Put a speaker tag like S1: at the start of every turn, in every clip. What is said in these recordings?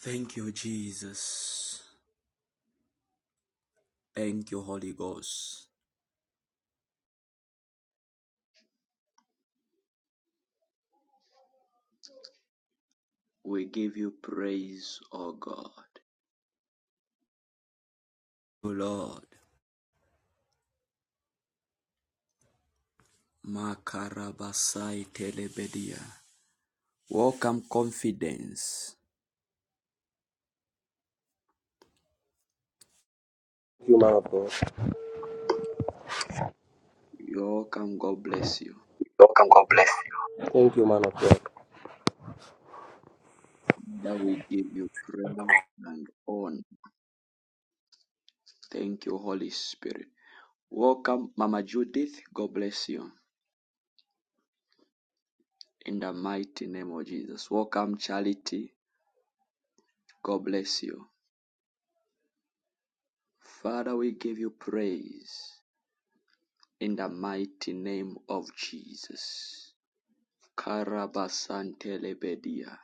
S1: Thank you, Jesus. Thank you, Holy Ghost. We give you praise, O God. O Lord. Makarabasai telebedia. Welcome, confidence.
S2: Thank you, man of God.
S1: welcome. God bless you.
S2: Welcome. God bless. Thank you, man of God.
S1: That we give you praise and honor. Thank you, Holy Spirit. Welcome, Mama Judith. God bless you. In the mighty name of Jesus. Welcome, Charity. God bless you. Father, we give you praise. In the mighty name of Jesus. Karabasantelebedia.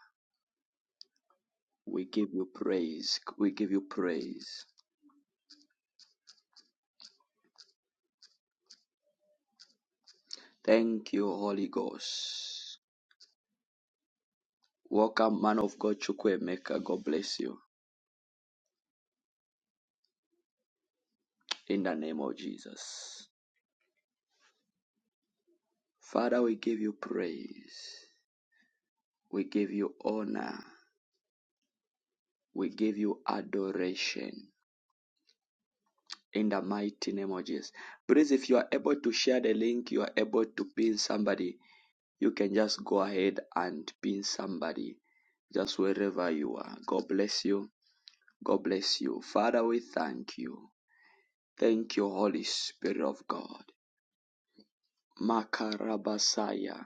S1: We give you praise. We give you praise. Thank you, Holy Ghost. Welcome, man of God, Chukwemeka. God bless you. In the name of Jesus. Father, we give you praise. We give you honor. We give you adoration. In the mighty name of Jesus. Please, if you are able to share the link, you are able to pin somebody You can just go ahead and pin somebody just wherever you are. God bless you. God bless you. Father, we thank you. Thank you, Holy Spirit of God. Makarabasaya.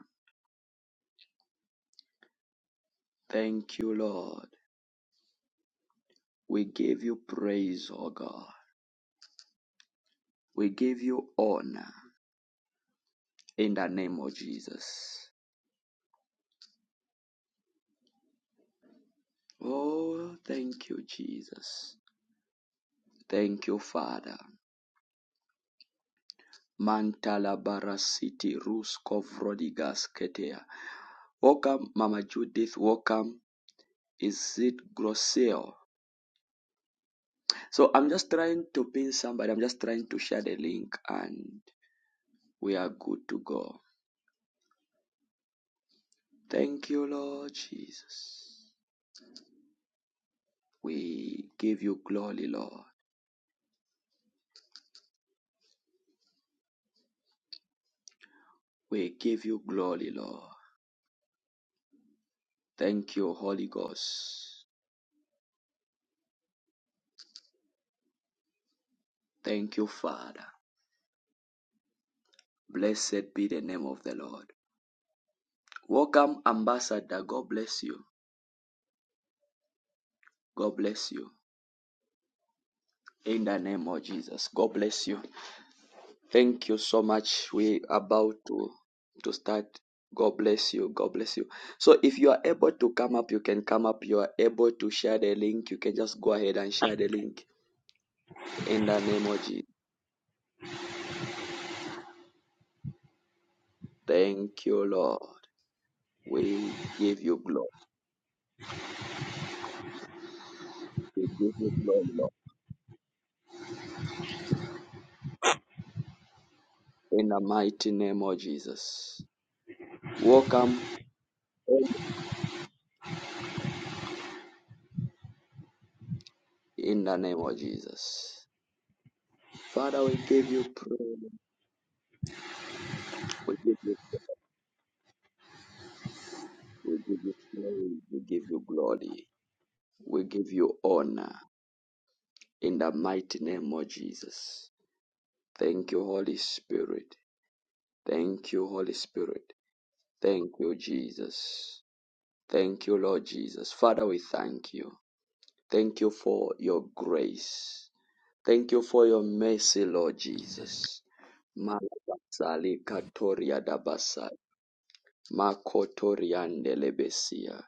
S1: Thank you, Lord. We give you praise, O God. We give you honor in the name of Jesus. Oh, thank you, Jesus. Thank you, Father. Mantalabarasiti Rus Kovrodigas Ketea. Welcome, Mama Judith. Welcome. Is it Grosseo? So I'm just trying to pin somebody. I'm just trying to share the link and we are good to go. Thank you, Lord Jesus. We give you glory, Lord. We give you glory, Lord. Thank you, Holy Ghost. Thank you, Father. Blessed be the name of the Lord. Welcome, Ambassador. God bless you. God bless you. In the name of Jesus. God bless you. Thank you so much. We are about to to start. God bless you. God bless you. So if you are able to come up, you can come up. You are able to share the link. You can just go ahead and share the link. In the name of Jesus. Thank you, Lord. We give you glory. We give you glory, Lord. In the mighty name of Jesus. Welcome in the name of Jesus. Father, we give you praise. We give you We give you praise. We give you glory. We give you honor in the mighty name of Jesus. Thank you, Holy Spirit. Thank you, Holy Spirit. Thank you, Jesus. Thank you, Lord Jesus. Father, we thank you. Thank you for your grace. Thank you for your mercy, Lord Jesus. Malabasali katoria dabasa. Makotoriandelebesia.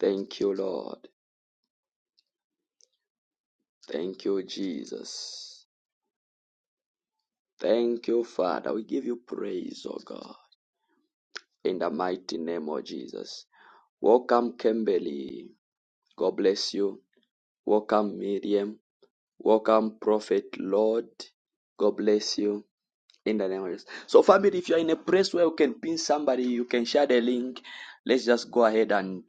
S1: Thank you, Lord. Thank you, Jesus. Thank you, Father. We give you praise, oh God, in the mighty name of Jesus. Welcome, Kimberly. God bless you. Welcome, Miriam. Welcome, Prophet Lord. God bless you. In the name of Jesus. So, family, if you're in a place where you can pin somebody, you can share the link. Let's just go ahead and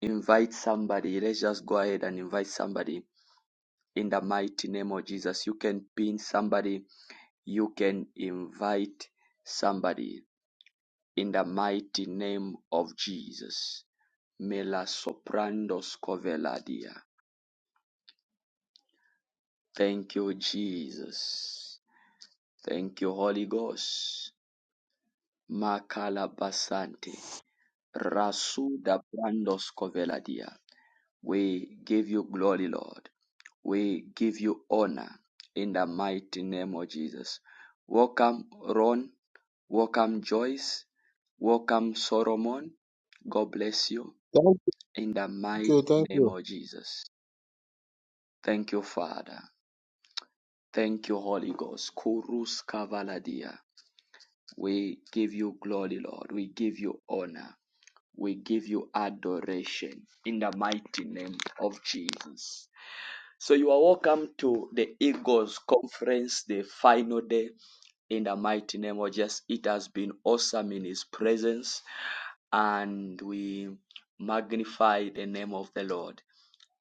S1: invite somebody. Let's just go ahead and invite somebody in the mighty name of Jesus. You can pin somebody. You can invite somebody. In the mighty name of Jesus. Melasoprandos Coveladia. Thank you, Jesus. Thank you, Holy Ghost. Makala basante. rasu da Brandos Coveladia. We give you glory, Lord. We give you honor in the mighty name of Jesus. Welcome, Ron. Welcome, Joyce. Welcome, Solomon. God bless you.
S3: Thank
S1: In the mighty
S3: you. Thank
S1: name
S3: you.
S1: of Jesus. Thank you, Father. Thank you, Holy Ghost. Kurus Kavaladia. We give you glory, Lord. We give you honor. We give you adoration in the mighty name of Jesus. So you are welcome to the Eagles Conference, the final day in the mighty name of Jesus. It has been awesome in His presence, and we magnify the name of the Lord.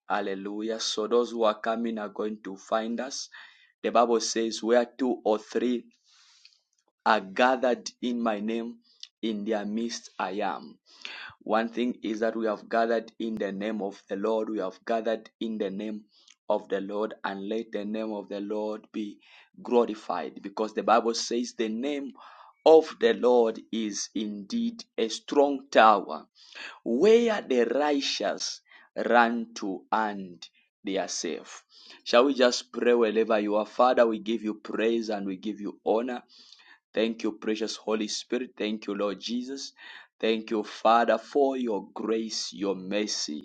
S1: Hallelujah. So those who are coming are going to find us. The Bible says, Where two or three are gathered in my name, in their midst I am. One thing is that we have gathered in the name of the Lord. We have gathered in the name of the Lord, and let the name of the Lord be glorified because the Bible says, The name of the Lord is indeed a strong tower where the righteous run to and they are safe. Shall we just pray wherever you are? Father, we give you praise and we give you honor. Thank you, precious Holy Spirit. Thank you, Lord Jesus. Thank you, Father, for your grace, your mercy.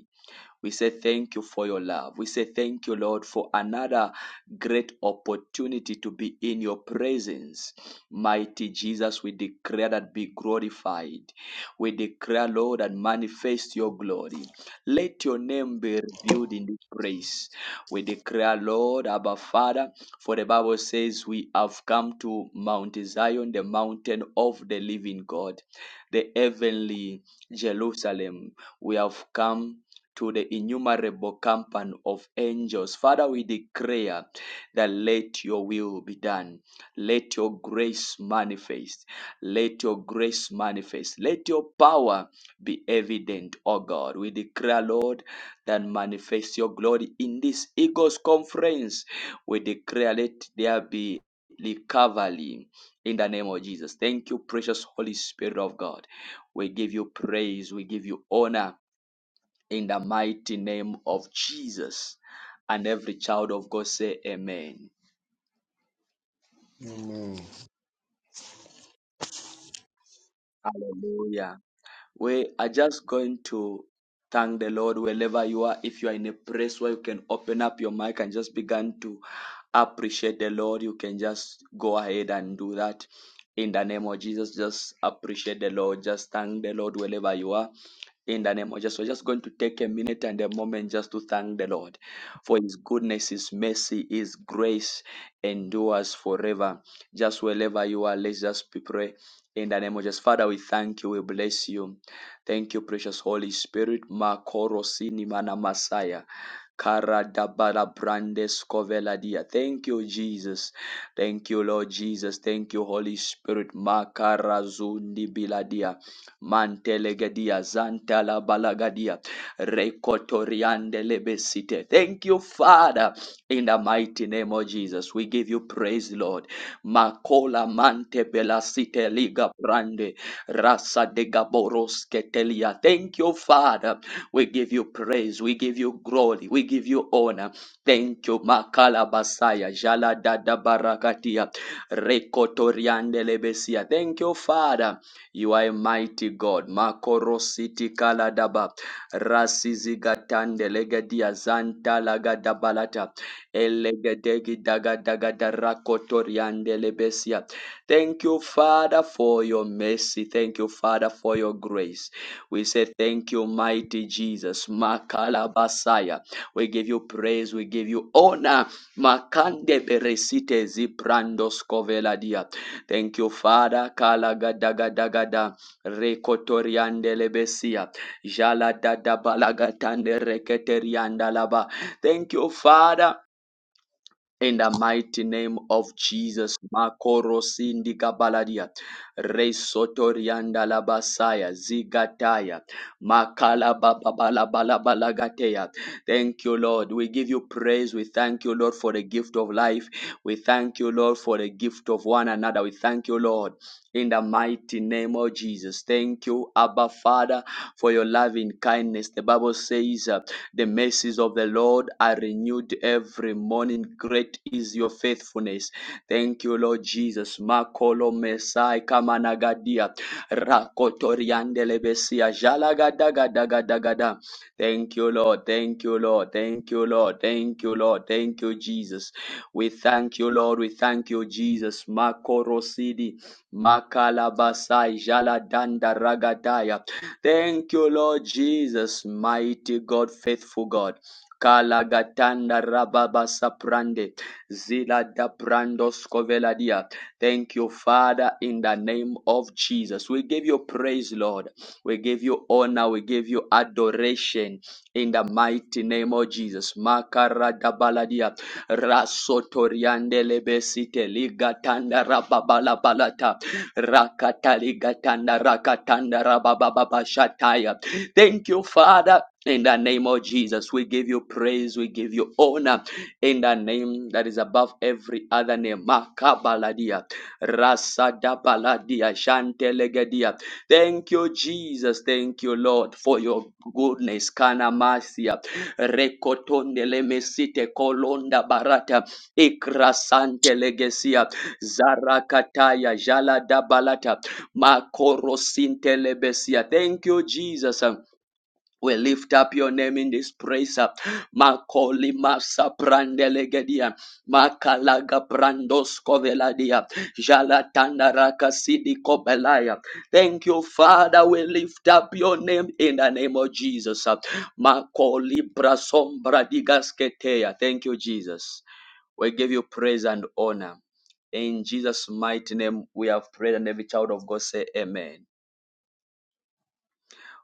S1: We say thank you for your love. We say thank you, Lord, for another great opportunity to be in your presence. Mighty Jesus, we declare that be glorified. We declare, Lord, and manifest your glory. Let your name be revealed in this place. We declare, Lord, Abba Father, for the Bible says we have come to Mount Zion, the mountain of the living God, the heavenly Jerusalem. We have come to the innumerable company of angels. Father, we declare that let your will be done. Let your grace manifest. Let your grace manifest. Let your power be evident, O God. We declare, Lord, that manifest your glory in this Eagles conference. We declare, let there be recovery in the name of Jesus. Thank you, precious Holy Spirit of God. We give you praise. We give you honor in the mighty name of Jesus. And every child of God say amen.
S3: Amen.
S1: Hallelujah. We are just going to thank the Lord wherever you are. If you are in a place where you can open up your mic and just begin to appreciate the Lord, you can just go ahead and do that. In the name of Jesus, just appreciate the Lord. Just thank the Lord wherever you are. In the name of Jesus, we're just going to take a minute and a moment just to thank the Lord for His goodness, His mercy, His grace endures forever. Just wherever you are, let's just be pray. In the name of Jesus, Father, we thank you, we bless you. Thank you, precious Holy Spirit. Makoro sinimana masaya. Kara dabala brandes kovela dia. Thank you, Jesus. Thank you, Lord Jesus. Thank you, Holy Spirit. Makara zundi biladia. Mantelegadia Zantala Balagadia Rekotoriande Lebesite. Thank you, Father, in the mighty name of Jesus. We give you praise, Lord. Makola Mante Belasite Liga Brande Rasa de Gaboros Ketelia. Thank you, Father. We give you praise. We give you glory. We give you honor. Thank you, Makala Basaya. Jala Dada Barakatia. Rekotoriande Lebesia. Thank you, Father you are a mighty God. Makoro siti kaladaba. Rasizigatande legedia zanta lagadabalata. Elegedegi dagadagadarako lebesia. Thank you, Father, for your mercy. Thank you, Father, for your grace. We say thank you, mighty Jesus. Makalabasaya. We give you praise. We give you honor. Makande beresite ziprandos koveladia. Thank you, Father. Kala gada gada gada. Rekotoriande lebesia. Jala dada balagatande reketerianda laba. Thank you, Father. In the mighty name of Jesus, Makoro Sindika Baladia, Resotorianda Labasaya, Zigataya, Makala Babalabalabalagatea. Thank you, Lord. We give you praise. We thank you, Lord, for the gift of life. We thank you, Lord, for the gift of one another. We thank you, Lord, in the mighty name of Jesus. Thank you, Abba Father, for your loving kindness. The Bible says, uh, The mercies of the Lord are renewed every morning. Great is your faithfulness. Thank you, Lord Jesus. Makolo Messiah, Kamanagadia, Rakotoriandelebesia, Jalagadagadagada. Thank you, Lord. Thank you, Lord. Thank you, Lord. Thank you, Lord. Thank you, Jesus. We thank you, Lord. We thank you, Jesus. Makorosidi, makalabasai, jaladanda ragadaya. Thank you, Lord Jesus, mighty God, faithful God. Kalagatanda rababa saprande zila da brando scoveladia. Thank you, Father, in the name of Jesus. We give you praise, Lord. We give you honor. We give you adoration in the mighty name of Jesus. Makarada baladia. Rasotoriande lebesite ligatanda rababala balata. Rakata ligatanda rakatanda rabababa shataya. Thank you, Father. In the name of Jesus, we give you praise, we give you honor in the name that is above every other name. Makabaladia, Rasadabaladia, Shantelegedia. Thank you, Jesus. Thank you, Lord, for your goodness. Kana mercy rekotondele mesite kolonda barata ikrasante legesia zarakataya jalada balata makorosinte lebesia. Thank you, Jesus. We lift up your name in this praise. uh, Makoli masa prandelegedia. Makalaga brandosko veladia. Jalatanda raka sidi kobelaya. Thank you, Father. We lift up your name in the name of Jesus. Makolibra sombra digasketeya. Thank you, Jesus. We give you praise and honor. In Jesus' mighty name, we have prayed, and every child of God say, Amen.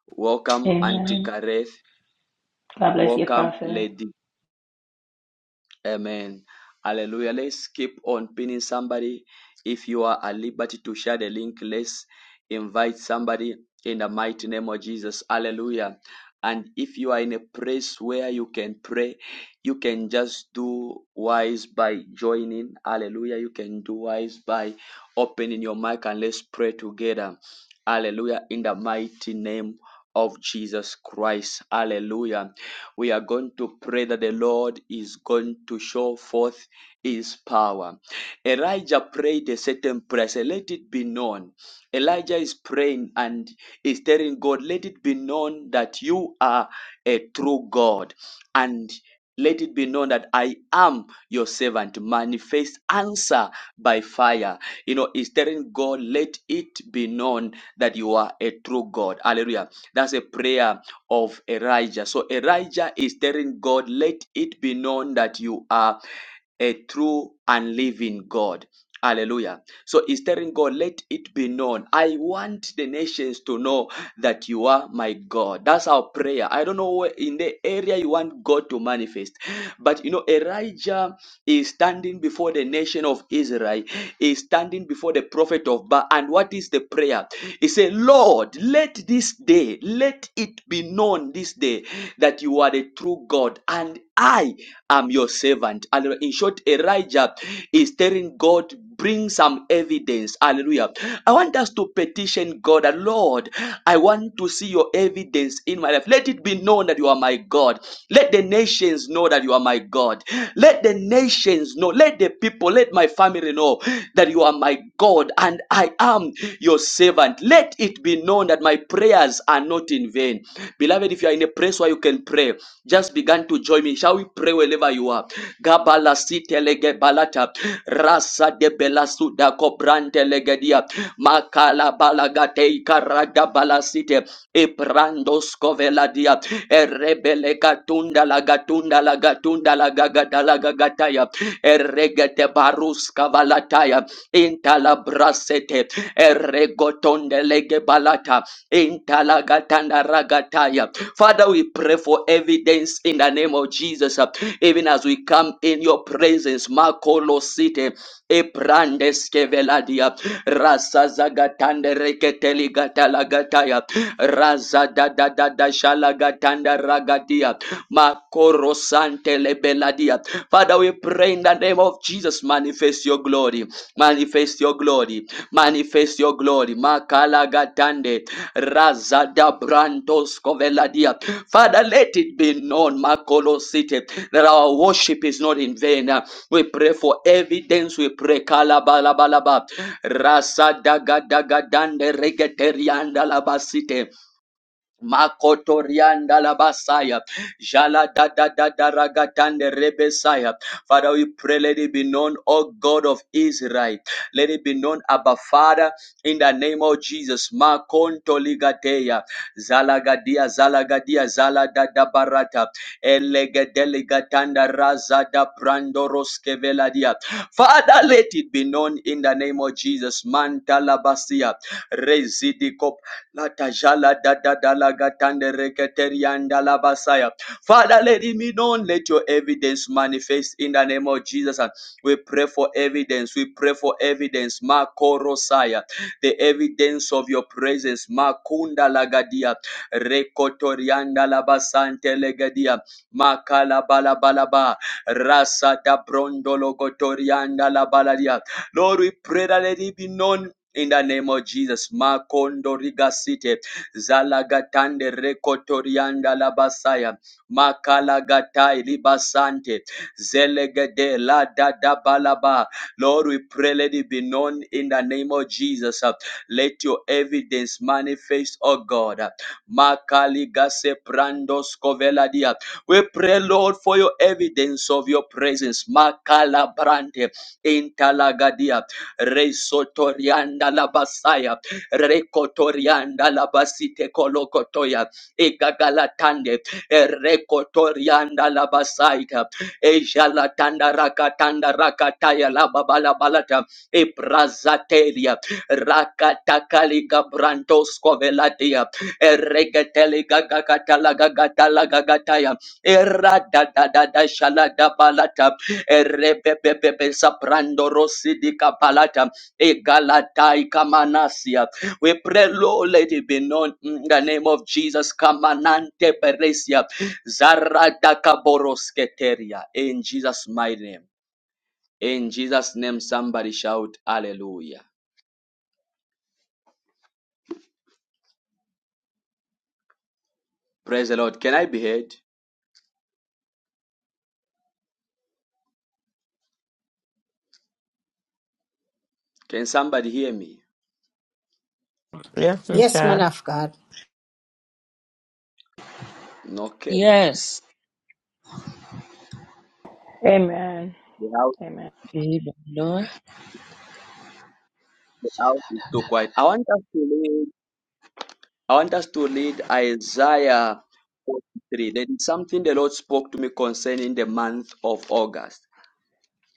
S1: Welcome, Auntie Kareth. Welcome, Lady Amen. Hallelujah. Let's keep on pinning somebody. If you are at liberty to share the link, let's invite somebody in the mighty name of Jesus. Hallelujah. And if you are in a place where you can pray, you can just do wise by joining. Hallelujah. You can do wise by opening your mic and let's pray together. Hallelujah. In the mighty name of Jesus Christ. Hallelujah. We are going to pray that the Lord is going to show forth his power. Elijah prayed a certain prayer. Say, let it be known. Elijah is praying and is telling God, let it be known that you are a true God and let it be known that I am your servant. Manifest answer by fire. You know, it's telling God, let it be known that you are a true God. Hallelujah. That's a prayer of Elijah. So Elijah is telling God, let it be known that you are a true and living God. Hallelujah. So he's telling God, let it be known. I want the nations to know that you are my God. That's our prayer. I don't know where in the area you want God to manifest. But you know, Elijah is standing before the nation of Israel, is standing before the prophet of Baal. And what is the prayer? He said, Lord, let this day, let it be known this day that you are the true God and I am your servant. Hallelujah. In short, Elijah is telling God, bring some evidence. Hallelujah. I want us to petition God, that, Lord, I want to see your evidence in my life. Let it be known that you are my God. Let the nations know that you are my are my God. Let the nations know, let the people, let my family know that you are my God and I am your servant. Let it be known that my prayers are not in vain. Beloved, if you are in a place where you can pray, just begin to join me. Shall we pray wherever you are? Gabala sitelege balata rasa de belasu da kobrante legedia makala balagate ikarada balasite ebrandos koveladia Erebele gatunda la gatunda la gatunda la gagata la gagataya. Eregete baruska valataya. Intala brasete. Eregotonde lege balata. Intala gatanda ragataya. Father, we pray for evidence in the name of Jesus. Even as we come in your presence, Makolo City, Ebrandes Keveladia, Rasa Zagatande Reketeli Gatala Gataya, Raza da da da da shalagatanda ragadia. Makoro sante lebeladia. Father, we pray in the name of Jesus, manifest your glory. Manifest your glory. Manifest your glory. Makala gatande. Raza da brantos koveladia. Father, let it be known, Makolo City, that our worship is not in vain. We pray for evidence. We pray. Kalabalabalaba. Rasa daga daga dande regeterianda labasite. Makotorianda labasaya. Jala da da da da ragatande rebesaya. Father, we pray, let it be known, O God of Israel. Let it be known, Abba Father, in the name of Jesus. Makonto ligateya. Zalagadia, zalagadia, zaladada barata. Elegedelegatanda razada brandoroskeveladia. Father, let it be known in the name of Jesus. Mantalabasia. Rezidiko Latajala da da da la gatande reketerianda la basaya. Father, let it be known. Let your evidence manifest in the name of Jesus. And we pray for evidence. We pray for evidence. Makorosaya. The evidence of your presence. Makunda lagadia. Rekotorianda la basante legadia. Makala bala bala ba. Rasa da brondolo kotorianda la baladia. Lord, we pray that let it be known in the name of Jesus. Makondo rigasite zalagatande rekotorianda labasaya makalagatai libasante zelegede la dadabalaba. Lord, we pray let it be known in the name of Jesus. Uh, Let your evidence manifest, oh God. Uh, makaligase brandos koveladia. We pray, Lord, for your evidence of your presence. Makalabrante intalagadia resotorianda labasaya rekotorianda labasite kolokotoya egagalatande rekotorianda labasaita ejalatanda rakatanda rakataya lababalabalata ebrazateria rakatakaliga brantoskovelatia eregeteligagagatalagatalagataya eradadadadashaladabalata Erebebebe saprando rosidika palata. Egalatai kamanasia. We pray, Lord, let it be known in the name of Jesus. Kamanante peresia. Zaradaka borosketeria. In Jesus' mighty name. In Jesus' name, somebody shout hallelujah. Praise the Lord. Can I be heard? Can somebody hear me?
S4: Yes, we
S5: Yes, man
S4: can.
S5: of God.
S1: Okay.
S6: Yes.
S1: The house,
S6: Amen, Lord.
S1: the house is too quiet. I want us to leave. I want us to read Isaiah 43. There is something the Lord spoke to me concerning the month of August.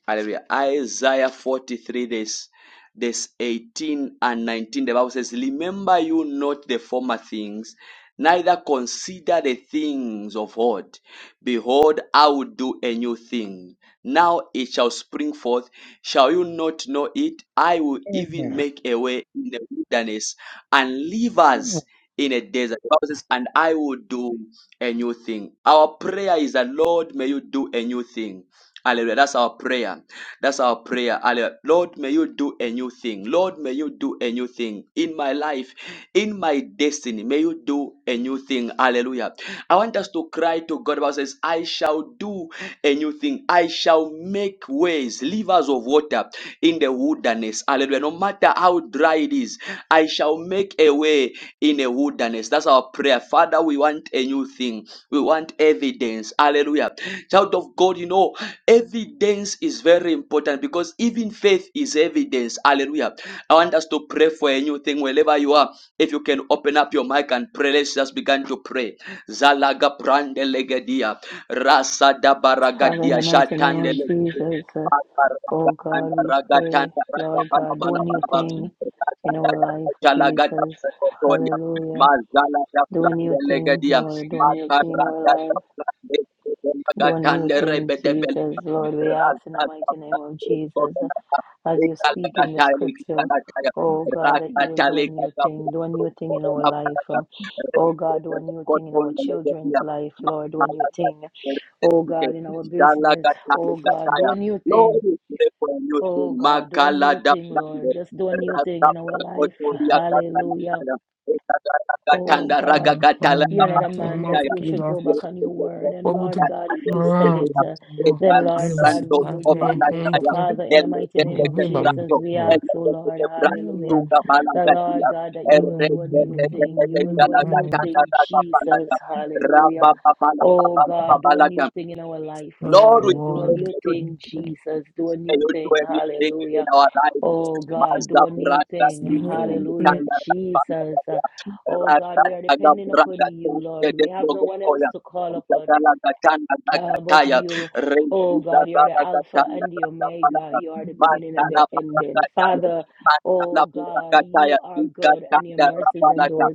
S1: Hallelujah. Isaiah 43, this, this 18 and 19. The Bible says, Remember you not the former things, neither consider the things of old. Behold, I will do a new thing. Now it shall spring forth. Shall you not know it? I will even
S6: Amen.
S1: make a way in the wilderness and leave us." in a desert. The Bible says, and I will do a new thing. Our prayer is that, Lord, may you do a new thing. Hallelujah. That's our prayer. That's our prayer. Hallelujah. Lord, may you do a new thing. Lord, may you do a new thing in my life, in my destiny. May you do a new thing. Hallelujah. I want us to to cry to God. The Bible says, I shall do a new thing. I shall make ways, rivers of water in the wilderness. Hallelujah. No matter how dry it is, I shall make a way in a wilderness. That's our prayer. Father, we want a new thing. We want evidence. Hallelujah. Child of God, you know, evidence is very important because even faith is evidence. Hallelujah. I want us to pray for a new thing wherever you are. If you can open up your mic and pray, let's just begin to pray. Zalaga prande legedia. Rasa da baragadia. Shatande legedia. Ragatanda ragatanda Jalagada pretoria. Mazala da prande legedia. Makarada da prande Gatande rebedebel. Rasa da prande legedia. Rakatale Lord, we pray for a new thing. Makala da brande, rasta brakotoria katana kaya, ekagara gatanda raga gatala da brandaya. Ekalma brando obana kaya. elme kete brando, elme kete brando, tunga bala Lord, we thank you yote yaliyowekwa na wadai mazabranda kanda na panda rata tagabranda tede progopoya Gatala gatanda gataya reziza zara gatanda rata panaka mantala paragataya mantala paragataya gatanda rapanaka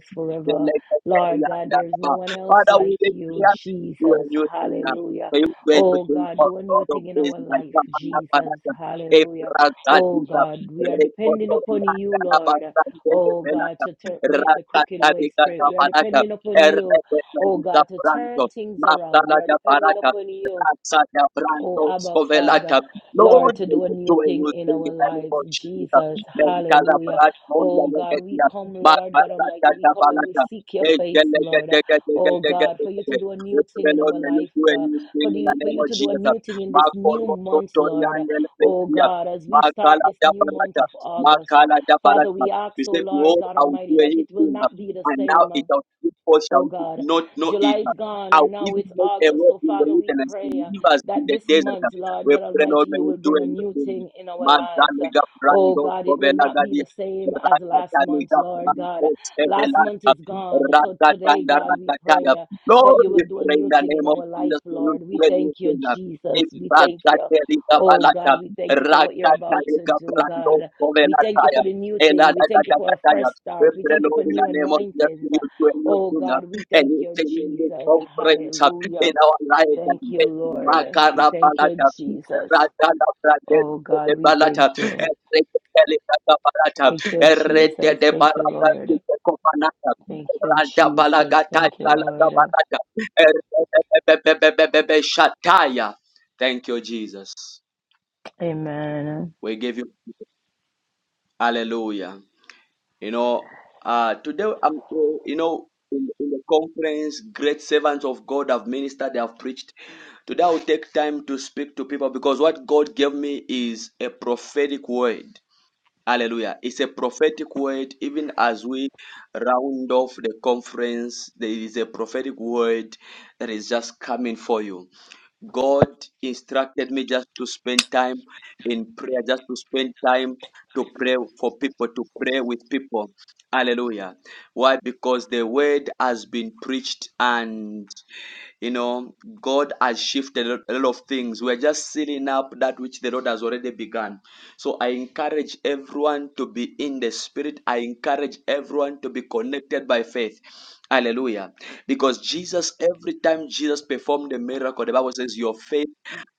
S1: Father, we declare you are using May you when you think of God of praise like Samana Panaka, Ebragatika, Rekotoraka, Nabasan, Velaka, Rakatarika, Nabaraka, Errebelalika Branco, Matala Nabaraka, Raksa Branco, Scovelata. Lord, may you do a new thing in the name of Jesus. Mentala Branco, Nalegatia, Makaraka, Nabaraka, Egelegedegedegedegede. Yesterday, Lord, may you do a new thing in the name of Jesus. Makoro Sotorian and Pesia. Makala Dabalata. Makala Dabalata. We say, Behold, I will do a new thing. uh, And now it shall people shall not know it. uh." I will even make a way in the wilderness to leave us in the desert. We pray, Lord, may you do a new thing. Magaliga Brando Sovelagadia. Rakataliga Brando Sovelagadia. Lord, we pray in the name of Jesus. We pray in the name of Rakatarika Balata, Rakatarika Brando Kovelataya, Eladatakataya. We pray, Lord, in the name of Jesus, we pray in your name. Anything in this conference uh, in our lives and destiny, Makara Balata, Radala Brande Balata, Erika Balata, Erika Balata, Erika Balata, Rada balagata balada balada. Erebebebebebebe shataya. Thank you, Jesus. We give you hallelujah. You know, uh, today, um, you know, in, in the conference, great servants of God have ministered, they have preached. Today, I will take time to speak to people because what God gave me is a prophetic word. Hallelujah. It's a prophetic word, even as we round off the conference, there is a prophetic word that is just coming for you. God instructed me just to spend time in prayer, just to spend time to pray for people, to pray with people. Hallelujah. Why? Because the word has been preached and. You know, God has shifted a lot of things. We're just sealing up that which the Lord has already begun. So I encourage everyone to be in the spirit. I encourage everyone to be connected by faith. Hallelujah. Because Jesus, every time Jesus performed a miracle, the Bible says, Your faith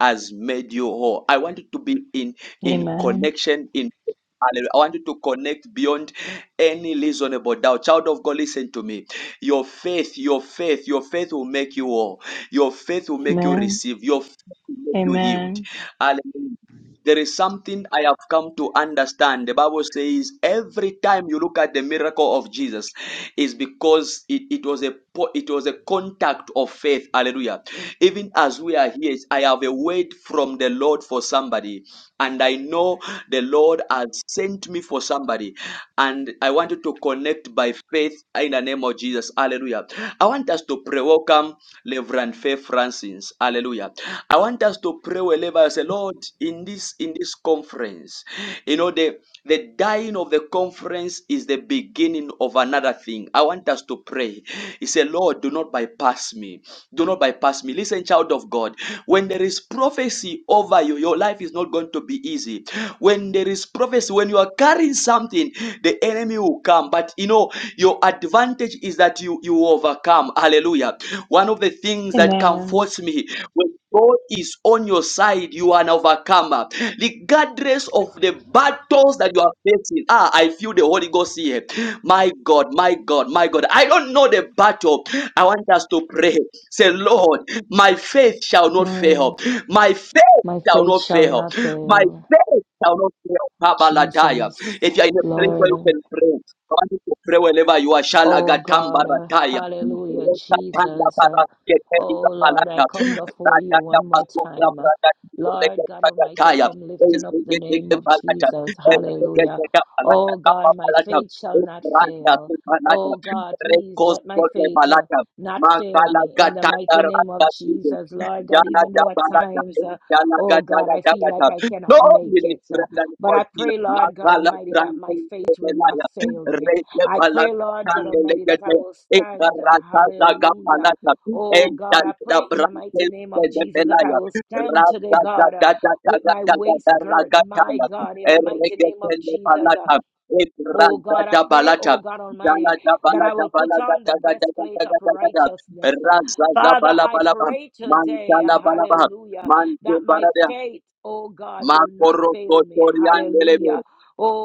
S1: has made you whole. I want you to be in in connection, in Hallelujah. I want you to connect beyond any reasonable doubt. Child of God, listen to me. Your faith, your faith, your faith will make you whole. Your faith will make you receive. Your faith will make you healed. Hallelujah. There is something I have come to understand. The Bible says every time you look at the miracle of Jesus, is because it, it was a po- it was a contact of faith. Hallelujah. Even as we are here, I have a word from the Lord for somebody, and I know the Lord has sent me for somebody and I want you to connect by faith in the name of Jesus. Hallelujah. I want us to pray. Welcome, Reverend Faith Francis. Hallelujah. I want us to pray wherever I say, Lord, in this in this conference, you know, the the dying of the conference is the beginning of another thing. I want us to pray. He said, Lord, do not bypass me. Do not bypass me. Listen, child of God, when there is prophecy over you, your life is not going to be easy. When there is prophecy, when you are carrying something, the enemy will come but you know your advantage is that you you overcome hallelujah one of the things that can force me when god is on your side you are an overcomer regardless of the battles that you are facing ah i feel the holy ghost here my god my god my god i don't know the battle i want us to pray say lord my faith shall not fail my faith shall not fail my faith shall not fail if you are in a place where you can pray, I want you to pray wherever you are. Shalagatam barataya. Rekatanda baraketeli kapalanda. Rakata basokra brakati. Rekataya. Ezekete balata. Ezekete balata. Kapa balata. Ubranda subalata. Rekos kote balata. Makala katanda rakati. Jana Jabala Jana Gajana Jabata. Lord, we lift Brandon for Jesus. Makala Brandon Sebelaya. Reke Bala Sande Legate. Ekarata Zaga Palata. Ejanda Brandon Sebelaya. Rasa Zaga Zaga Zaga Zaga Zaga Zaga. Ereke Sende Palata. Ekrasa Jabalata. Jana Jabala Jabala Gaga Gaga Gaga Gaga Gaga. Raza Zabala Balaba. Manchala Balabaha, Manche Barabia, Macorro Cotoriandelebe,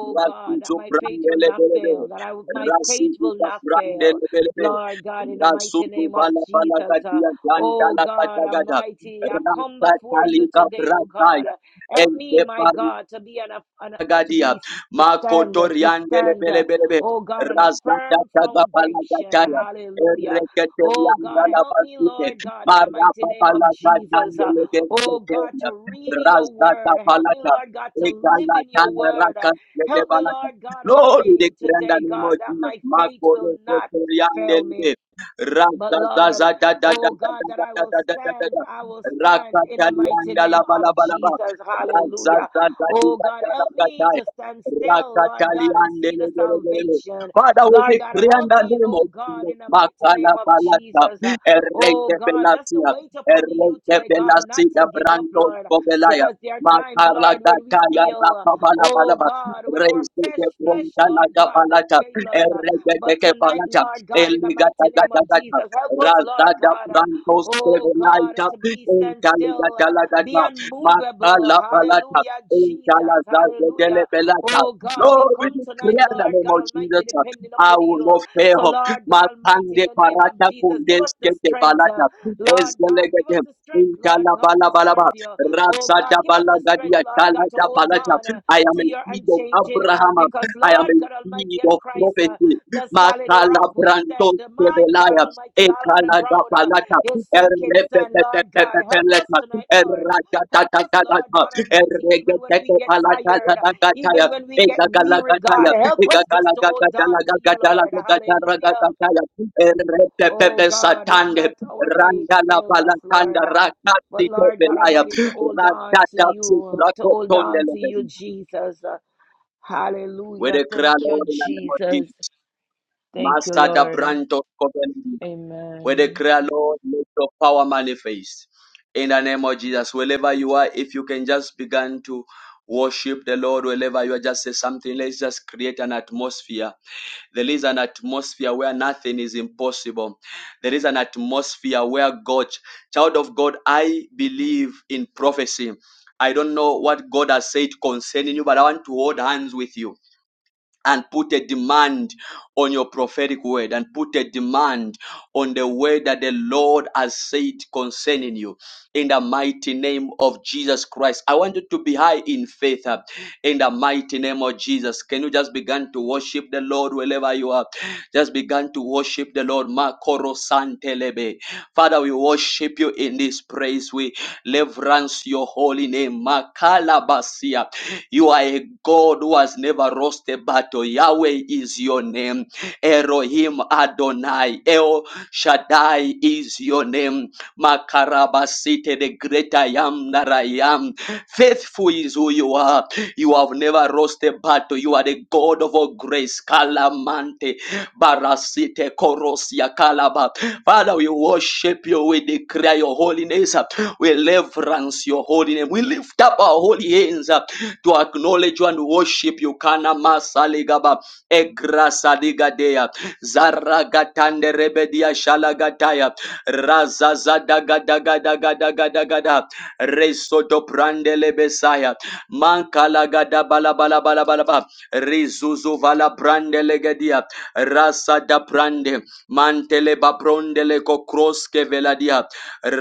S1: Rasuzu Brandelebelebe, Rasuza Brandelebelebe, Rasuzu Balabala Gadia Gantala Katagada, Rasa Talika Brataya, Gadia, Makotorian Delebelebelebe, Razata Gapalagataya, Ereketerian Galabasite, Marapapalagatandelegate, Razata Palata, Egalatan Rakan Lebalata. Lord, we declare in the name of Jesus, Makotorian Delebe, Razata Rakatalian Dalabalaba. Father, we decree in the name of Jesus. Makala palata, erreke pelatia, erreke pelasia, branco pobelaya, makarla kakaya, rapabala balaba, reise que pronta la capalata, erreke que palata, eligata gata gata, razada branco sebelaita, entaligatala gata, Alapalata, Intalazazedelevelata. Lord, we declare in the name of Jesus, uh, I will not fail. Matande parata kundeske de balata, ezdelegede, intalabalabalaba, razadabalagadia, talagabalata. I am a seed of Abraham. I am a seed of prophecy. Matala brantos Ekalagapalata, errepepepepepeteleta, erragatatatatatata, erregetekepalatatataya, egagalagataya, egagalagatagalagatagalagataragataya, errepepepesatande, rangalapalakanda, rakatitepelaya, ratatasitrakotondelebe. With a crown over the name of Jesus, Master the Branto Covenant. We declare, Lord, let your power manifest. In the name of Jesus, wherever you are, if you can just begin to worship the Lord, wherever you are, just say something. Let's just create an atmosphere. There is an atmosphere where nothing is impossible. There is an atmosphere where God, child of God, I believe in prophecy. I don't know what God has said concerning you, but I want to hold hands with you and put a demand on your prophetic word and put a demand on the word that the Lord has said concerning you in the mighty name of Jesus Christ. I want you to be high in faith uh, in the mighty name of Jesus. Can you just begin to worship the Lord wherever you are? Just begin to worship the Lord. Makoro santelebe. Father, we worship you in this praise. We reverence your holy name. Makalabasia. You are a God who has never lost a battle. Yahweh is your name. Elohim Adonai. El Shaddai is your name. Makarabasite, the great I am that I am. Faithful is who you are. You have never lost a battle. You are the God of all grace. Kalamante, Barasite, Korosia, Kalaba. Father, we worship you. We declare your holiness. We reverence your holy name. We lift up our holy hands to acknowledge you and worship you. Kana masaligaba egrasadigadea zaragatande rebedia shalagataya razazadagadagadagadagadagada resodobrandelebesaya mankalagadabalabalabalaba rizuzuvalabrandelegedia rasadabrande mantelebabrondelekokroskeveladiya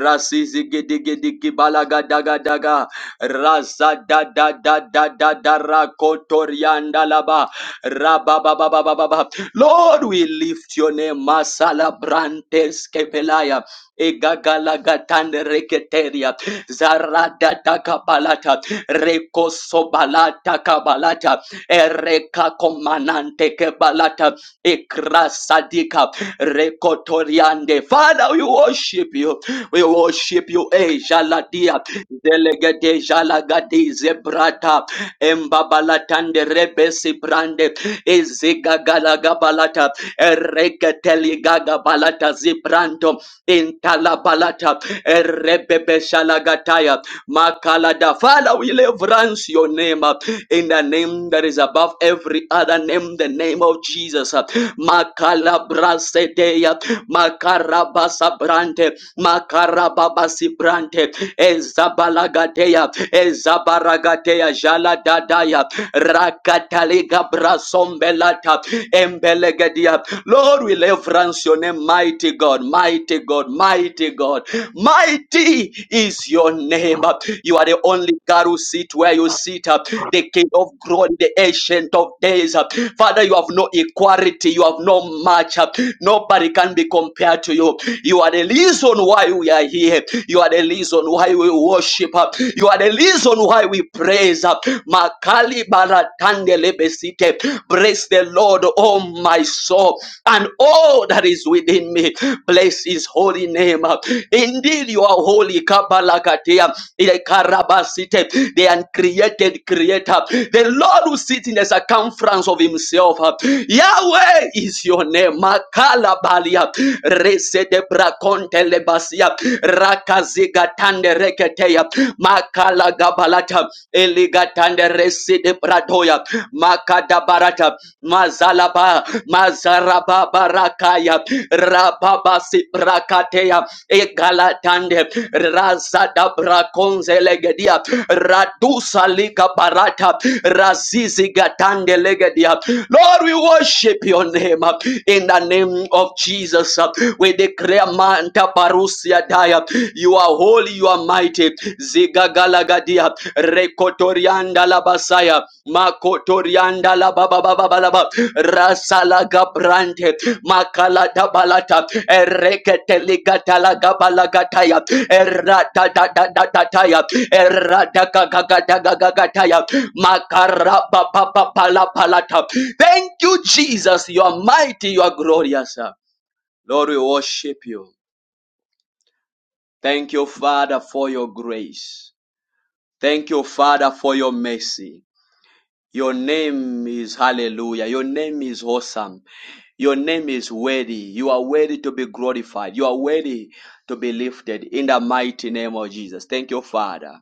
S1: rasizigidigidigibalagadagadagaha Raza da da da da da da rakotorianda laba. Rababababababa. Lord, we lift your name. Masala brantes kepelaya. Egagalagatande reketeria. Zarada takabalata. Rekosobalata kabalata. Ereka komanante kebalata. Ekrasadika. Rekotoriande. Father, we worship you. We worship you. Eh, Jaladia. Delegate Jalagati Zebrata Embabalatande Rebesi Brande eziga Ezigagalagabalata balata Zibranto Intalabalata Erebebe Shalagataya Makalada. Father, we reverence your name uh, in the name that is above every other name, the name of Jesus. uh, Makalabrasedeya Makarabasa Brante Makarababasi Brante Ezabalagateya, Ezabaragateya, Jaladadaya, Rakataliga Brasombelata, Embelegadia. Lord, we reverence your name, mighty God, mighty God, mighty God. Mighty is your name. You are the only God who sit where you sit, the King of glory, the ancient of days. Father, you have no equality, you have no match. Nobody can be compared to you. You are the reason why we are here. You are the reason why we worship. You are the reason why we praise. Makali baratande lebesite. Bless the Lord, oh my soul, and all that is within me. Bless his holy name. Indeed, you are holy. Kabalakatea. Ikarabasite, The uncreated creator. The Lord who sits in the circumference of himself. Yahweh is your name. Makala balia. Rese de braconte lebasia. Rakaziga tande reketeya. Makala gabalata. Eligatande rese de pradoya. Makada barata. Mazalaba. Mazaraba barakaya. Rababa si brakateya. Egalatande razada brakonze legedia radusa lika barata razizi gatande legedia lord we worship your name in the name of jesus we declare manta parusia daya you are holy you are mighty zigagalagadia rekotorianda labasaya makotorianda Rasala Gabrante Makala Dabalata Ereketeliga Talaga Balagataya Errata da da da da taya Errata Gagagataya Makara Papa Pala Palata Thank you, Jesus. You are mighty, you are glorious. Lord, we worship you. Thank you, Father, for your grace. Thank you, Father, for your mercy. Your name is hallelujah. Your name is awesome. Your name is worthy. You are worthy to be glorified. You are worthy to be lifted in the mighty name of Jesus. Thank you, Father.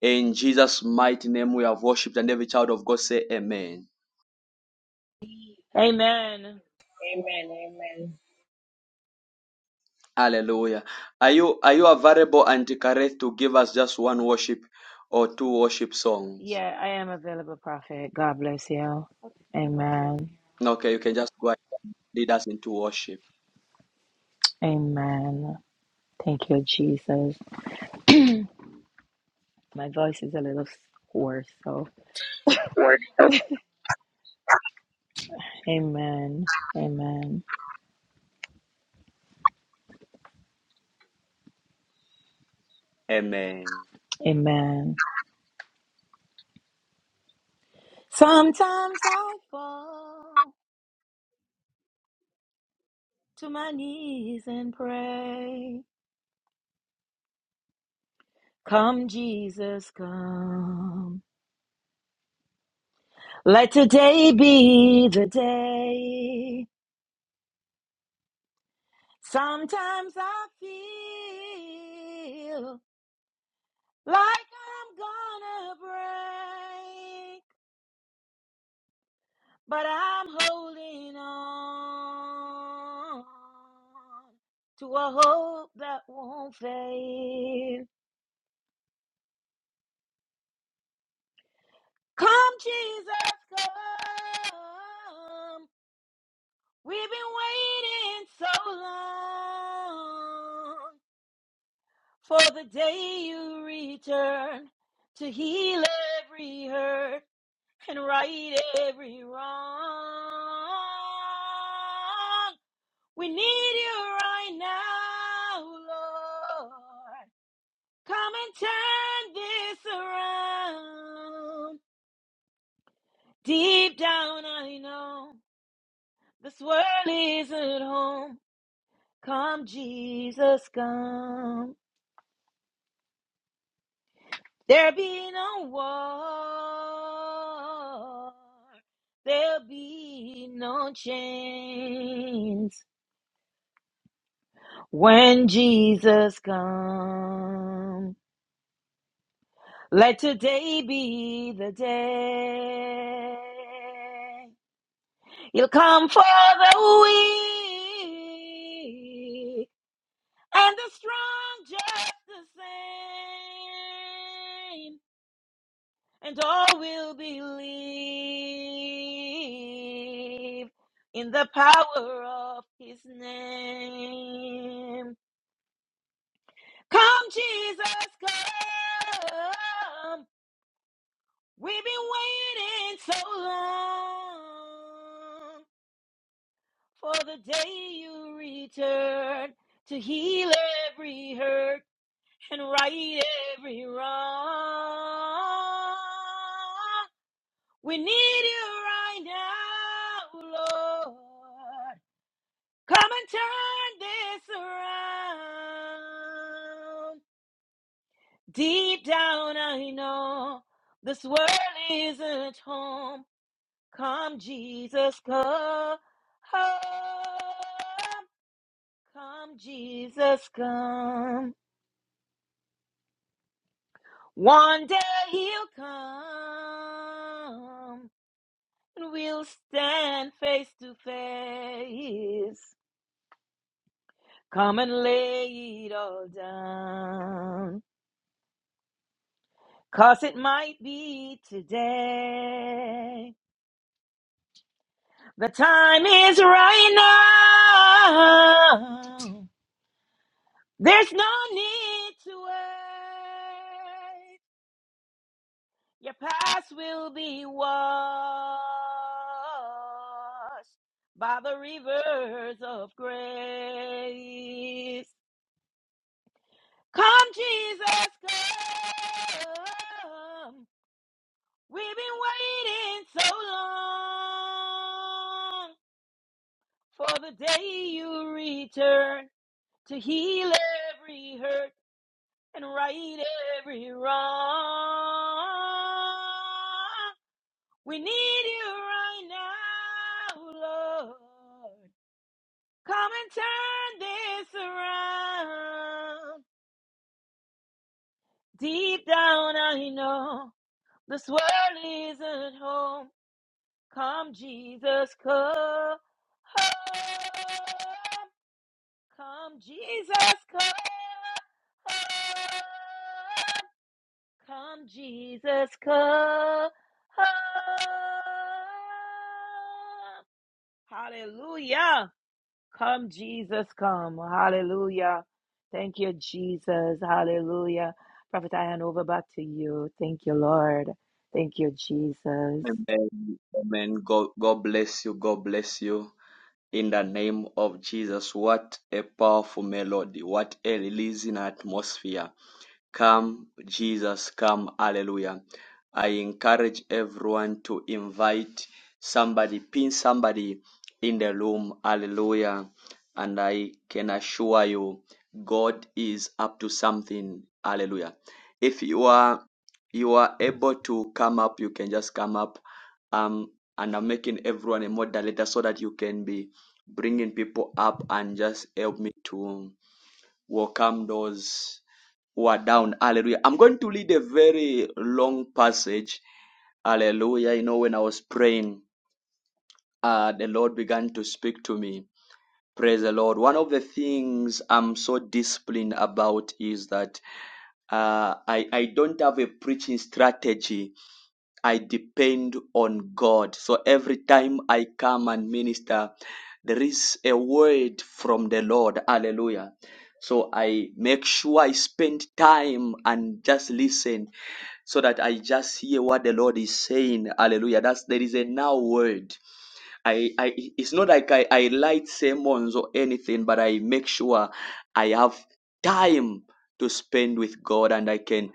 S1: In Jesus' mighty name we have worshipped and every child of God say amen.
S7: Amen. Amen.
S1: Hallelujah. Are you are you available, Auntie Kareth, to give us just one worship or two worship songs? Okay, you can just go ahead and lead us into worship.
S8: or
S1: Amen. Amen. God, God bless you. God bless you. In the name of Jesus, what a powerful melody, what a releasing atmosphere. Come, Jesus, come. Hallelujah. I encourage everyone to invite somebody, pin somebody in the room. Hallelujah. And I can assure you, God is up to something. Hallelujah. If you are you are able to come up, you can just come up. Um, and I'm making everyone a moderator so that you can be bringing people up and just help me to welcome those who are down. Hallelujah. I'm going to read a very long passage. Hallelujah. You know, when I was praying, uh, the Lord began to speak to me. Praise the Lord. One of the things I'm so disciplined about is that uh, I, I don't have a preaching strategy. I depend on God. So every time I come and minister, there is a word from the Lord. Hallelujah. So I make sure I spend time and just listen so that I just hear what the Lord is saying. Hallelujah. That's there is a now word. I, I it's not like I, I light sermons or anything, but I make sure I have time to spend with God and I can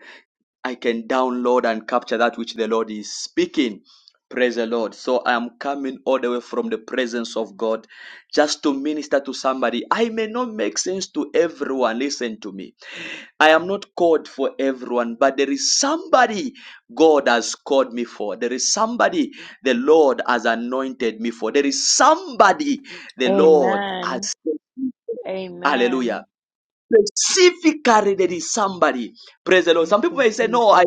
S1: I can download and capture that which the Lord is speaking. Praise the Lord. So I am coming all the way from the presence of God just to minister to somebody. I may not make sense to everyone. Listen to me. I am not called for everyone, but there is somebody God has called me for. There is somebody the Lord has anointed me for. There is somebody the Lord has. sent me. Hallelujah. Specifically, there is somebody. Praise the Lord. Some people may say, No, I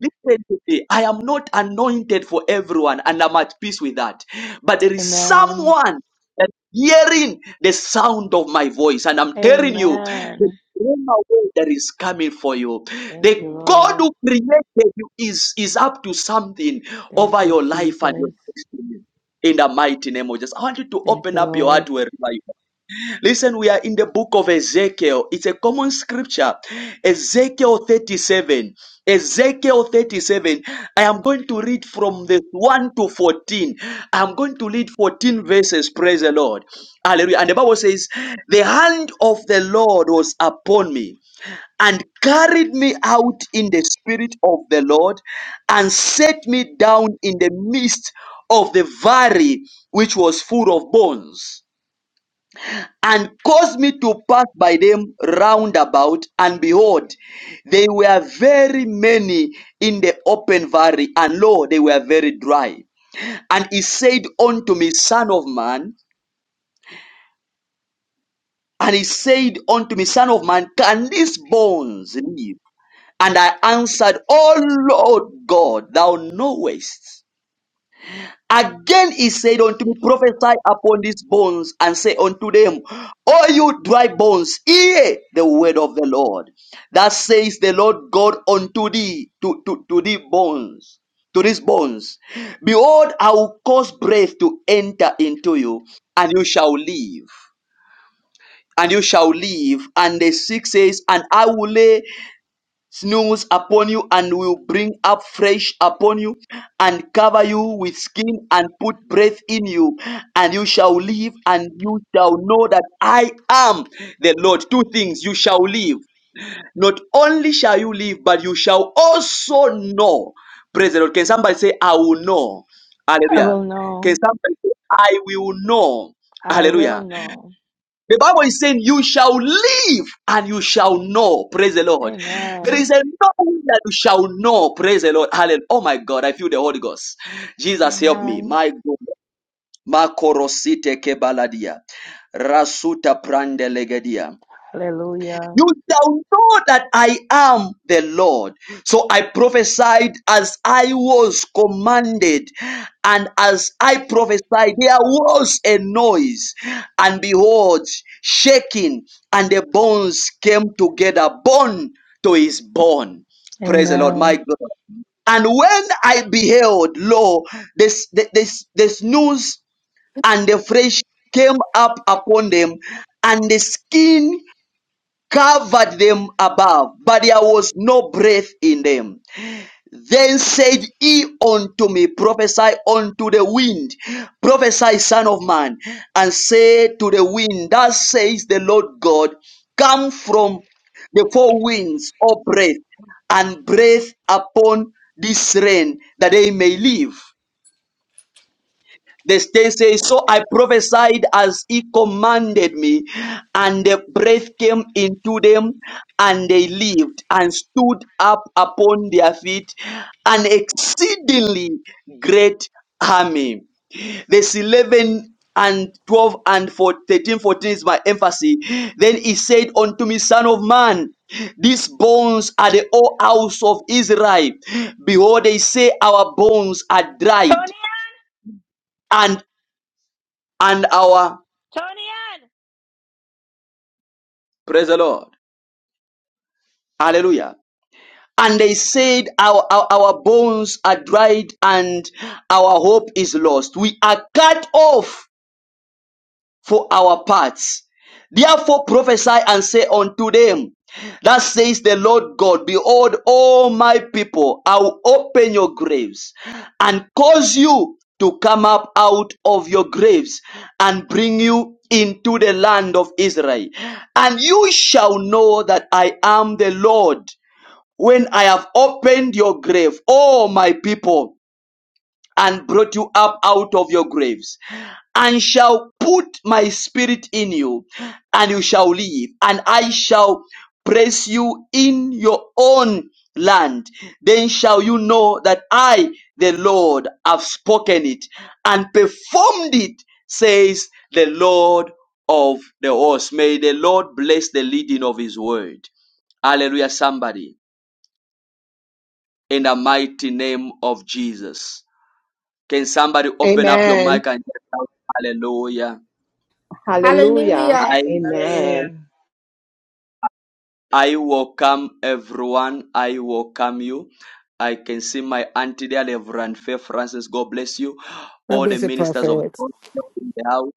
S1: listen to me. I am not anointed for everyone, and I'm at peace with that. But there is someone that is hearing the sound of my voice, and I'm telling you, the rhema word that is coming for you. The God who created you is, is up to something over your life and your destiny. In the mighty name of Jesus. I want you to open up your heart wherever you Listen, we are in the book of Ezekiel. It's a common scripture. Ezekiel 37. Ezekiel 37. I am going to read from the 1 to 14. I'm going to read 14 verses. Praise the Lord. Hallelujah. And the Bible says, The hand of the Lord was upon me and carried me out in the spirit of the Lord and set me down in the midst of the valley which was full of bones and caused me to pass by them round about, and behold, they were very many in the open valley, and lo, they were very dry. And he said unto me, Son of man, and he said unto me, Son of man, can these bones live? And I answered, O Lord God, thou knowest. Again he said unto me, Prophesy upon these bones, and say unto them, O you dry bones, hear the word of the Lord. That says the Lord God unto thee, to, to, to thee bones, to these bones. Behold, I will cause breath to enter into you, and you shall live. And you shall live. And the six says, And I will lay. Snows upon you and will bring up fresh upon you and cover you with skin and put breath in you and you shall live and you shall know that I am the Lord. Two things you shall live. Not only shall you live, but you shall also know. Praise the Lord. Can somebody say, I will know? Hallelujah. Can somebody say, I will know? Hallelujah. The Bible is saying, You shall live and you shall know. Praise the Lord. There is a knowing that you shall know. Praise the Lord. Hallelujah. Oh my God, I feel the Holy Ghost. Jesus, help me. My God. Makorosite kebaladia. Rasuta prandelegedia. You shall know that I am the Lord. So I prophesied as I was commanded, and as I prophesied, there was a noise, and behold, shaking, and the bones came together, bone to his bone. Praise the Lord, my God. And when I beheld, lo, this, this, this news and the flesh came up upon them, and the skin covered them above, but there was no breath in them. Then said he unto me, Prophesy unto the wind, prophesy, son of man, and say to the wind, Thus says the Lord God, Come from the four winds, O breath, and breathe upon this rain that they may live. The state says, So I prophesied as he commanded me, and the breath came into them, and they lived, and stood up upon their feet, an exceedingly great army. This 11 and 12 and 4, 13, fourteen is my emphasis. Then he said unto me, Son of man, these bones are the whole house of Israel. Behold, they say, Our bones are dried, and and our Praise the Lord. Hallelujah. And they said, our, our, our bones are dried and our hope is lost. We are cut off for our parts. Therefore prophesy and say unto them, Thus says the Lord God, Behold, all my people, I will open your graves and cause you to come up out of your graves and bring you into the land of Israel. And you shall know that I am the Lord when I have opened your grave, O my people, and brought you up out of your graves, and shall put my spirit in you, and you shall live, and I shall praise you in your own land. Then shall you know that I, the Lord, have spoken it and performed it, says the Lord of the hosts. May the Lord bless the leading of his word. Hallelujah, somebody in the mighty name of Jesus. Can somebody open up your
S9: Amen.
S1: mic and shout hallelujah?
S9: Hallelujah.
S10: Hallelujah.
S1: I
S9: Amen.
S7: Hallelujah. And
S1: I welcome everyone. I welcome you. I can see my auntie there, Reverend Faith Francis. God bless you.
S11: God
S1: All the
S11: bless you,
S1: ministers of
S11: prophet.
S1: the Lord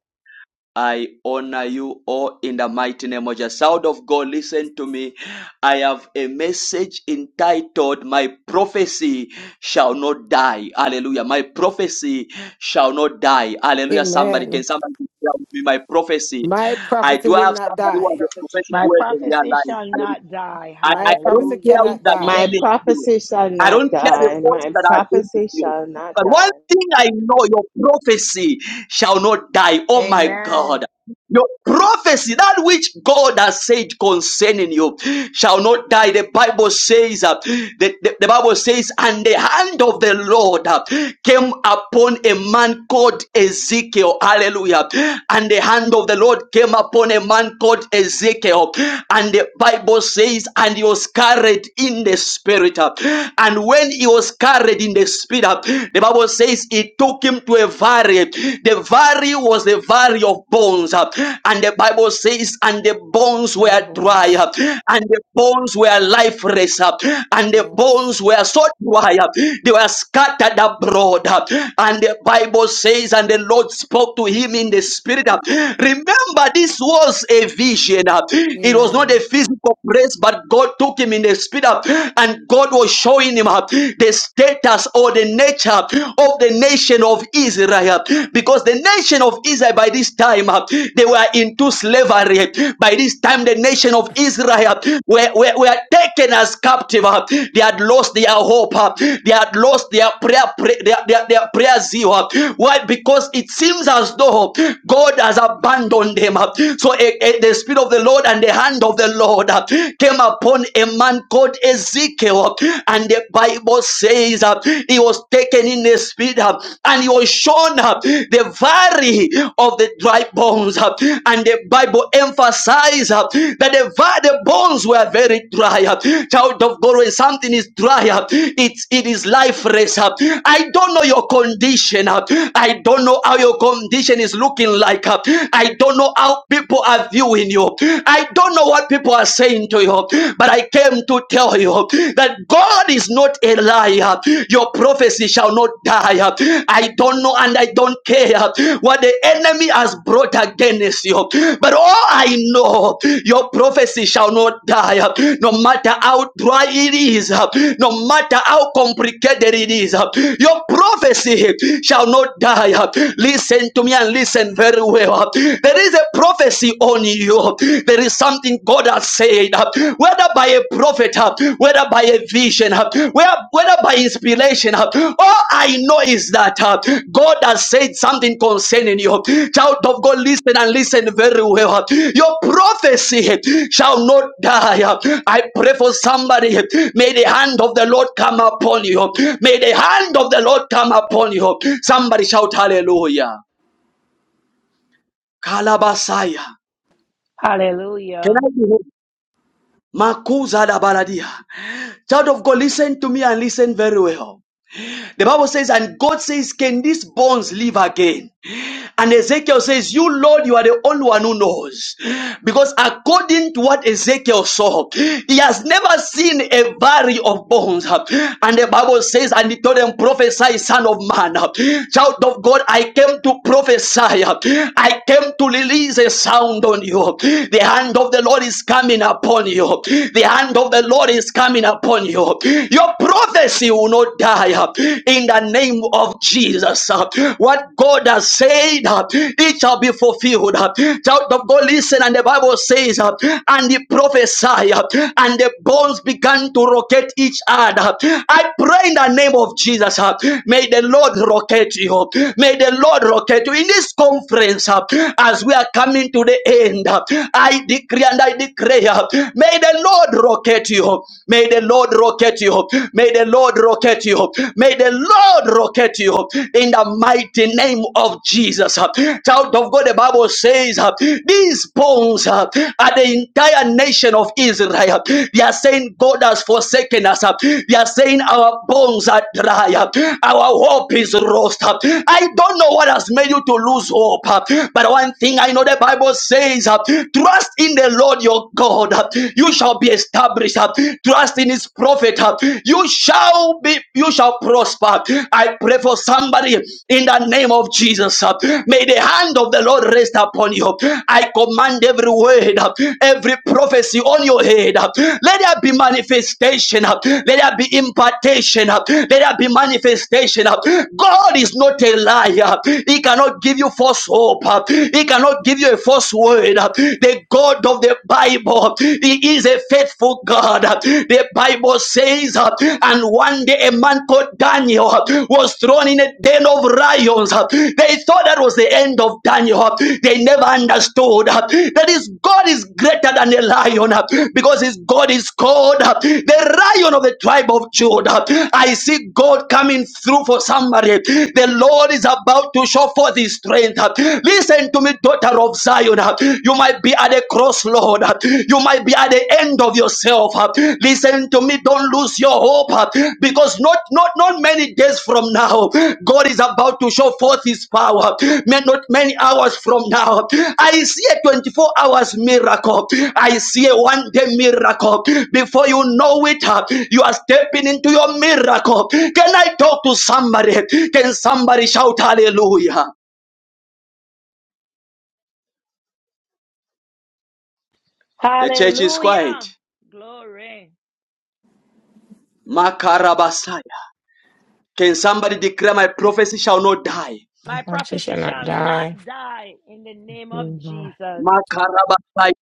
S1: I honor you all in the mighty name of Jesus. Sound of God, listen to me. I have a message entitled, My prophecy shall not die. Hallelujah. My prophecy shall not die. Hallelujah. Somebody, can
S11: Amen.
S1: somebody tell me my prophecy?
S11: My
S1: I
S11: prophecy
S1: do
S11: will
S1: have
S11: not
S1: somebody
S7: the
S1: who has
S11: die.
S1: a
S7: prophecy
S1: prophetic
S7: shall
S1: word
S7: not
S1: in their
S7: die.
S1: life. Hallelujah. I, I
S11: My
S1: I don't
S11: prophecy
S1: care who
S11: cannot
S1: that God
S11: die.
S9: My
S1: is to you.
S9: prophecy shall
S1: I
S9: not
S1: don't care
S7: Please
S1: the
S9: die.
S1: forces
S9: My
S1: that
S7: edify.
S1: are against
S9: prophecy
S1: you.
S9: shall not
S1: But one
S9: die.
S1: thing I know, your prophecy shall not die. Oh my God. Your prophecy, that which God has said concerning you, shall not die. The Bible says, uh, the, the, the Bible says, and the hand of the Lord uh, came upon a man called Ezekiel. Hallelujah. And the hand of the Lord came upon a man called Ezekiel. And the Bible says, and he was carried in the spirit. uh, And when he was carried in the spirit, uh, the Bible says, it took him to a valley the valley was the valley of bones. uh, And the Bible says, and the bones
S11: My
S1: were dry,
S11: bones.
S1: uh, and the bones were lifeless, uh, and the
S11: Yes.
S1: bones were so dry, uh, they were scattered abroad. uh, And the Bible says, and the Lord spoke to him in the spirit. uh, Remember, this was a vision. uh, It was not a
S11: Amen.
S1: physical place, but God took him in the spirit, uh, and God was showing him uh, the status or the the nature of the nation of Israel. Because the nation of Israel by this time, uh, they were into slavery. By this time, the nation of Israel were, were, were taken as captive. uh, They had lost their hope. uh, They had lost their prayer, their, their, their prayer zeal. uh. Why? Because it seems as though God has abandoned them. uh. So eh, eh, the Spirit of the Lord and the hand of the Lord uh, came upon a man called Ezekiel. Pharaoh. And the Bible says uh, he was taken in the spirit uh, and he was shown uh, the valley of the dry bones. uh, and the Bible emphasizes uh, that the, the bones were very dry. uh, child of God, when something is dry, uh, it's, it is lifeless. uh, I don't know your condition. uh, I don't know how your condition is looking like. uh, I don't know how people are viewing you. I don't know what people are saying was saying to you, but I came to tell you that God is not a liar. Your prophecy shall not die. I don't know and I don't care what the enemy has brought against you, but all I know, your prophecy shall not die. No matter how dry it is, no matter how complicated it is, your prophecy shall not die. Listen to me and listen very well. There is a prophecy prophecy on you. There is something God has said, uh, whether by a prophet, uh, whether by a vision, uh, whether by inspiration. uh, All I know is that uh, God has said something concerning you. Child of God, listen and listen very well. uh, Your prophecy uh, shall not die. uh, I pray for somebody. uh, May the hand of the Lord come upon you. May the hand of the Lord come upon you. Somebody shout hallelujah. Kalabasaya. Can I be Makuza da baladia. Child of God, listen to me and listen very well. The Bible says, and God says, Can these bones live again? And Ezekiel says, You, Lord, you are the only one who knows. Because according to what Ezekiel saw, he has never seen a valley of bones. And the Bible says, And he told them, Prophesy, son of man, child of God, I came to prophesy. I came to release a sound on you. The hand of the Lord is coming upon you. The hand of the Lord is coming upon you. Your prophecy will not die uh, in the name of Jesus. uh. What God has said, uh, it shall be fulfilled. uh. Child of God, listen, and the Bible says, uh, and the prophesied, uh, and the bones began to rocket each other. I pray in the name of Jesus, uh, may the Lord rocket you. May the Lord rocket you. In this conference, uh, as we are coming to the end, uh, I decree and I declare, uh, may the Lord rocket you you. May the Lord rocket you. May the Lord rocket you. May the Lord rocket you in the mighty name of Jesus. Child of God, the Bible says uh, these bones uh, are the entire nation of Israel. They are saying God has forsaken us. uh, They are saying our bones are dry. uh, Our hope is lost. uh. I don't know what has made you to lose hope, uh, but one thing I know the Bible says uh, trust in the Lord your God uh, you shall be established. uh, Trust in his prophet. uh, You shall be you shall prosper. I pray for somebody in the name of Jesus. uh, May the hand of the Lord rest upon you. I command every word, uh, every prophecy on your head. uh, Let there be manifestation. uh, Let there be impartation. uh, Let there be manifestation. uh. God is not a liar. He cannot give you false hope. uh, He cannot give you a false word the God of the Bible. He is a faithful God. The Bible says, uh, and one day a man called Daniel uh, was thrown in a den of lions. Uh, They thought that was the end of Daniel. Uh, They never understood uh, that his God is greater than a lion uh, because his God is called uh, the lion of the tribe of Judah. I see God coming through for somebody. The Lord is about to show forth his strength. Listen to me daughter of Zion. uh, You might be at a crossroad. uh, You might be at the end of yourself. uh, Listen to me. Don't lose your hope uh, because not not not many days from now, God is about to show forth His power. May not many hours from now. I see a 24 hours miracle. I see a one day miracle. Before you know it, uh, you are stepping into your miracle. Can I talk to somebody? Can somebody shout hallelujah? The church is quiet. Makarabasaya. Can somebody declare my prophecy shall not die?
S4: She shall not die.
S1: Makarabasaya.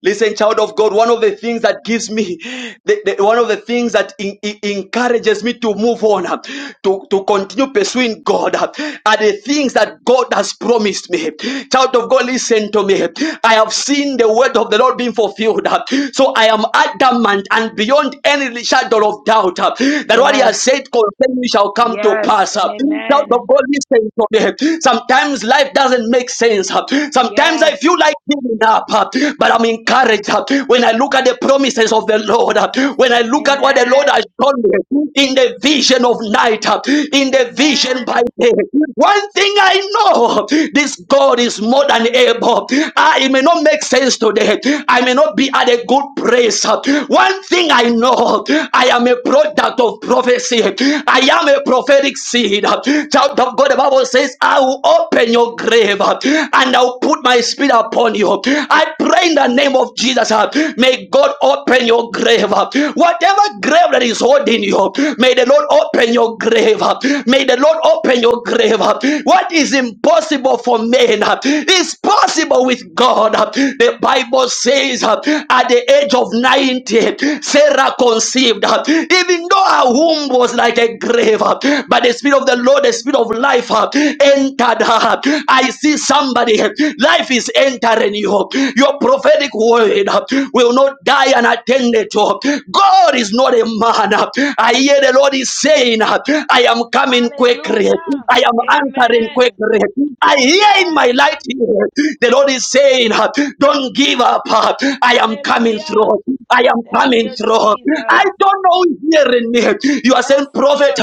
S1: Listen, child of God, one of the things that gives me, the, the- one of the things that en- en- encourages me to move on, uh, to, to continue pursuing God, uh, are the things that God has promised me. Child of God, listen to me. I have seen the word of the Lord being fulfilled. uh, So I am adamant and beyond any shadow of doubt uh, that what He has said concerning me shall come to pass. uh. Child of God, listen to me. Sometimes life doesn't make sense. uh. Sometimes I feel like giving up, uh, but but I'm encouraged uh, when I look at the promises of the Lord, uh, when I look at what the Lord has shown me in the vision of night, uh, in the vision by day. One thing I know this God is more than able. Ah, it may not make sense today, I may not be at a good place. uh, One thing I know I am a product of prophecy, I am a prophetic seed. uh, Child of God, the Bible says, I will open your grave uh, and I'll put my spirit upon you. I pray in the name of Jesus. uh, May God open your grave. uh, Whatever grave that is holding you, may the Lord open your grave. uh, May the Lord open your grave. uh. What is impossible for men uh, is possible with God. uh. The Bible says uh, at the age of 90, Sarah conceived. uh, Even though her womb was like a grave, uh, but the Spirit of the Lord, the Spirit of life uh, entered her. I see somebody, life is entering you. Your prophetic word will not die unattended to. God is not a man. I hear the Lord is saying, I am coming quickly. I am answering quickly. I hear in my light here, the Lord is saying, Don't give up. I am coming through. I am coming through. I don't know who is hearing me. You are saying, Prophet,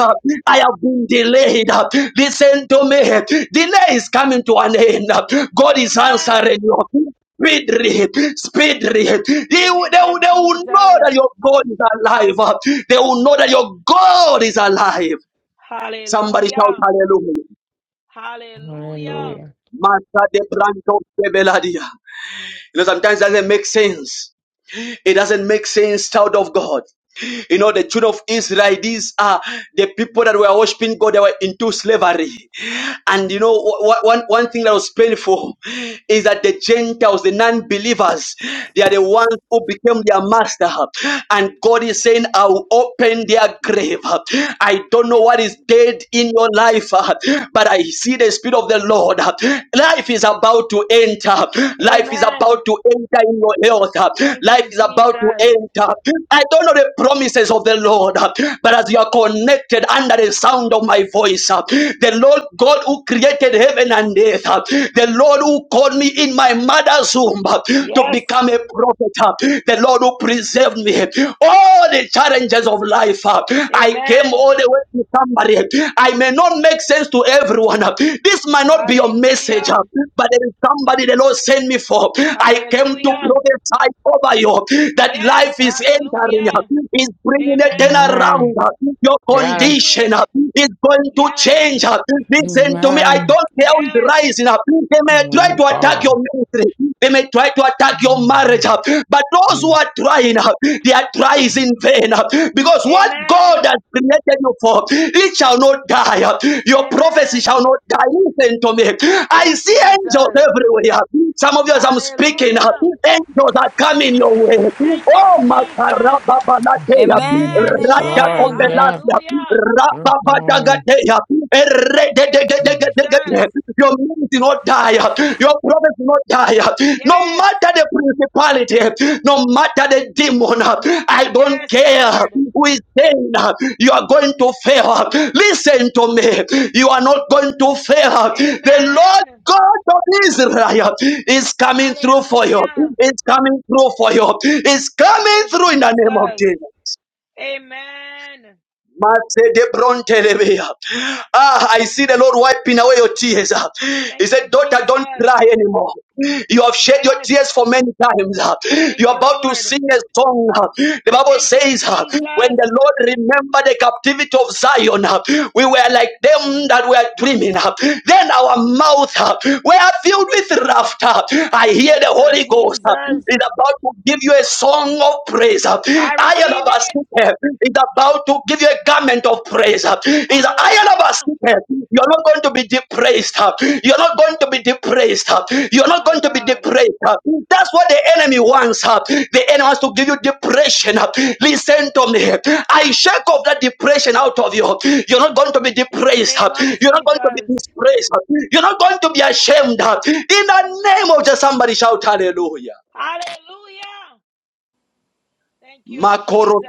S1: I have been delayed. Listen to me. Delay is coming to an end. God is answering you. Speedily, speedily. They will, they, will, they will know that your God is alive. They will know that your God is alive. Somebody shout hallelujah.
S4: Hallelujah.
S1: Master de Branco de Beladia. You know, sometimes it doesn't make sense. It doesn't make sense, child of God. You know, the children of Israel, these are the people that were worshiping God, they were into slavery. And you know, wh- wh- one, one thing that was painful is that the Gentiles, the non believers, they are the ones who became their master. And God is saying, I will open their grave. I don't know what is dead in your life, but I see the Spirit of the Lord. Life is about to enter. Life is about to enter in your health. Life is about to enter. I don't know the promises of the Lord. But as you are connected under the sound of my voice, the Lord God who created heaven and earth, the Lord who called me in my mother's womb to become a prophet, the Lord who preserved me. All the challenges of life, I came all the way to somebody. I may not make sense to everyone. This might not be your message, but there is somebody the Lord sent me for. I came to prophesy over you that life is entering is bringing a turnaround.
S4: Amen.
S1: Your
S4: Yes.
S1: condition is going to change. Listen to me. I
S4: Amen.
S1: don't care who is rising up. They may try
S4: Amen.
S1: to attack your
S4: God.
S1: ministry. They may try to attack your marriage. But those who are trying, they are trying in vain. Because what God has created you for, it shall not die. Your prophecy shall not die. Listen to me. I see angels everywhere. Some of you, as I'm speaking, angels are coming your way. Oh, my God! Gatea,
S4: Mm,
S12: Amen.
S4: Yes,
S1: Raja
S4: Lord.
S12: Amen.
S4: Yeah.
S1: Kopelasia,
S4: Yes, Lord.
S1: Rababadagatea,
S4: Mm.
S1: Erededededededede. Your means will not die, your promise will not die. No matter the principality, no matter the demon, I don't care who is saying you are going to fail. Listen to me, you are not going to fail. The Lord God of Israel is coming through for you. It's coming through for you. It's coming through in the name of Jesus. Masedebrontelebea. Ah, I see the Lord wiping away your tears. ah. He said, Daughter, don't cry anymore. You have shed your tears for many times. ah. You're about to sing a song. ah. The Bible says, ah, When the Lord remembered the captivity of Zion, ah, we were like them that were dreaming. ah. Then our mouth ah, were filled with laughter. I hear the Holy Ghost ah, is about to give you a song of praise. Ayanabasite is about to give you a garment of praise. Is Ayanabasite. You're not going to be depraised. You're not going to be depraised. You're not going to be depraised. That's what the enemy wants. The enemy wants to give you depression. Listen to me. I shake off that depression out of you. You're not going to be depraised. You're not going to be disgraced. You're not going to be ashamed. In the name of just somebody shout hallelujah. Makoro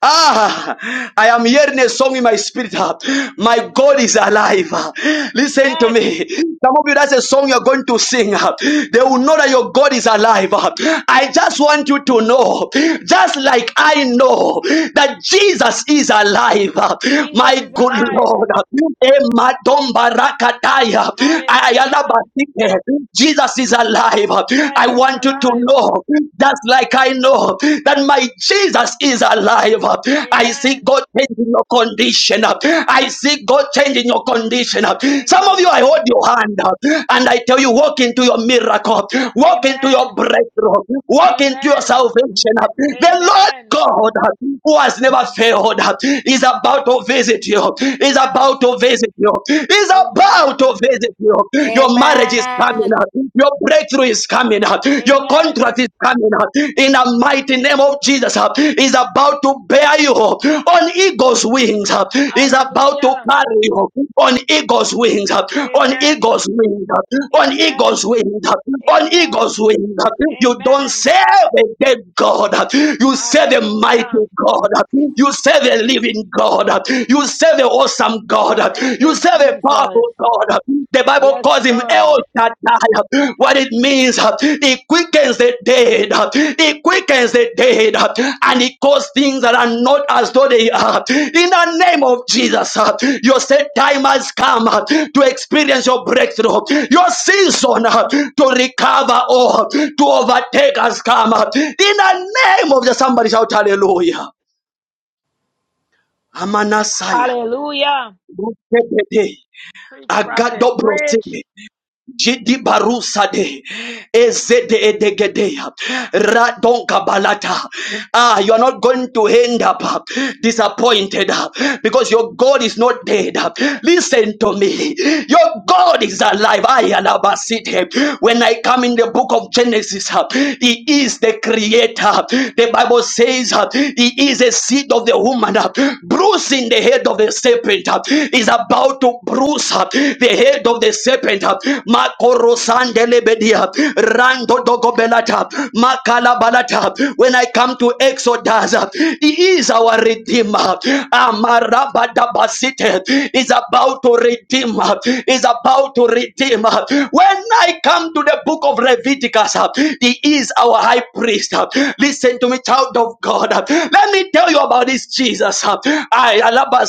S1: Ah, I am hearing a song in my spirit. ah. My God is alive. ah. Listen to me. Some of you, that's a song you're going to sing. ah. They will know that your God is alive. ah. I just want you to know, just like I know that Jesus is alive. ah. My good Lord. ah. Emma Domba Rakataya. Ayala Basike. Jesus is alive. Ah, I want you to know know, just like I know that my Jesus is alive. I see God changing your condition. I see God changing your condition. Some of you, I hold your hand and I tell you, walk into your miracle, walk into your breakthrough, walk into your salvation. The Lord God who has never failed is about to visit you, is about to visit you, is about to visit you. Your marriage is coming
S13: Amen.
S1: up, your breakthrough is coming up, your contract is coming up in the mighty name of Jesus. Is about to bear you on eagle's wings, is about to carry you, on eagle's wings, on eagle's wings, on eagle's wings, on eagle's wings. You don't serve a dead God, you serve a mighty God, you serve a living God, you serve an awesome God, you serve a powerful God. The Bible calls him El Shaddai. What it means. He quickens the dead. He quickens the dead. And he calls things that are not as though they are. In the name of Jesus, your set time has come to experience your breakthrough. Your season to recover or to overtake has come. In the name of the somebody shout hallelujah. Amanasaya. Agado brosime. Jidi barusade ezede edegedeya radonka balata. Ah, you are not going to end up uh, disappointed uh, because your God is not dead. uh. Listen to me, your God is alive. I alabasite. When I come in the book of Genesis, uh, He is the Creator. The Bible says uh, He is a seed of the woman, uh, bruising the head of the serpent. uh, Is about to bruise uh, the head of head of the serpent. uh, Makorosandelebedia, Randodogobelata, Makalabalata. When I come to Exodus, uh, he is our redeemer. Amarabadabasite is about to redeem, uh, is about to redeem. When I come to the book of Leviticus, uh, he is our high priest. Uh, Listen to me, child of God. Uh, Let me tell you about this Jesus. Uh, I Alaba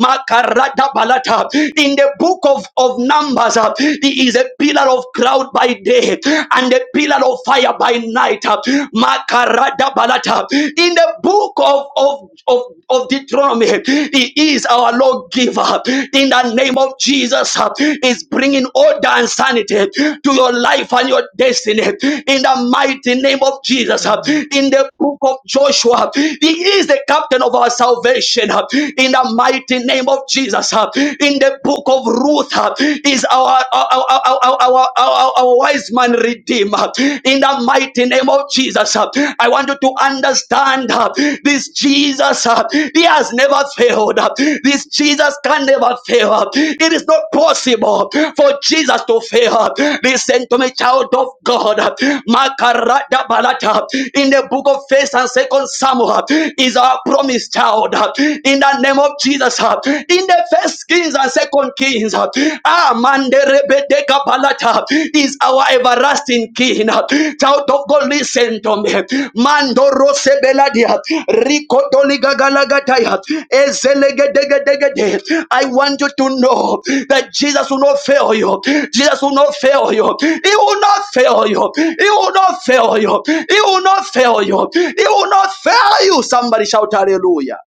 S1: Makarada Balata in the book of, of Numbers, uh, he is a pillar of cloud by day and a pillar of fire by night. uh, Makarada balata. In the book of, of, of, of Deuteronomy, he is our lawgiver. In the name of Jesus, uh, is bringing order and sanity to your life and your destiny. In the mighty name of Jesus, uh,
S11: Mm.
S1: in the book of Joshua, he is the captain of our salvation. uh, In the mighty name of of Jesus, uh, in the book of Ruth, uh, is our our, our, our, our, our, our wise man redeemer. In the mighty name of Jesus, uh, I want you to understand uh, this Jesus, uh, he has never failed. uh, This Jesus can never fail. uh, It is not possible for Jesus to fail. uh, Listen to me, child of God. uh, Makarada Balata, In the book of First and Second Samuel uh, is our promised child. uh, In the name name of Jesus. uh, In the first Kings and second Kings, uh, ah, man, the Rebede Kapalata is our everlasting King. uh, Child of God, listen to me. Mandoro Sebeladia, Rico Doligagalagataya, Ezelegedegedegede. I want you to know that Jesus will not fail you. Jesus will not fail you. He will not fail you. He will not fail you. He will not fail you. He will not fail you. Somebody shout hallelujah.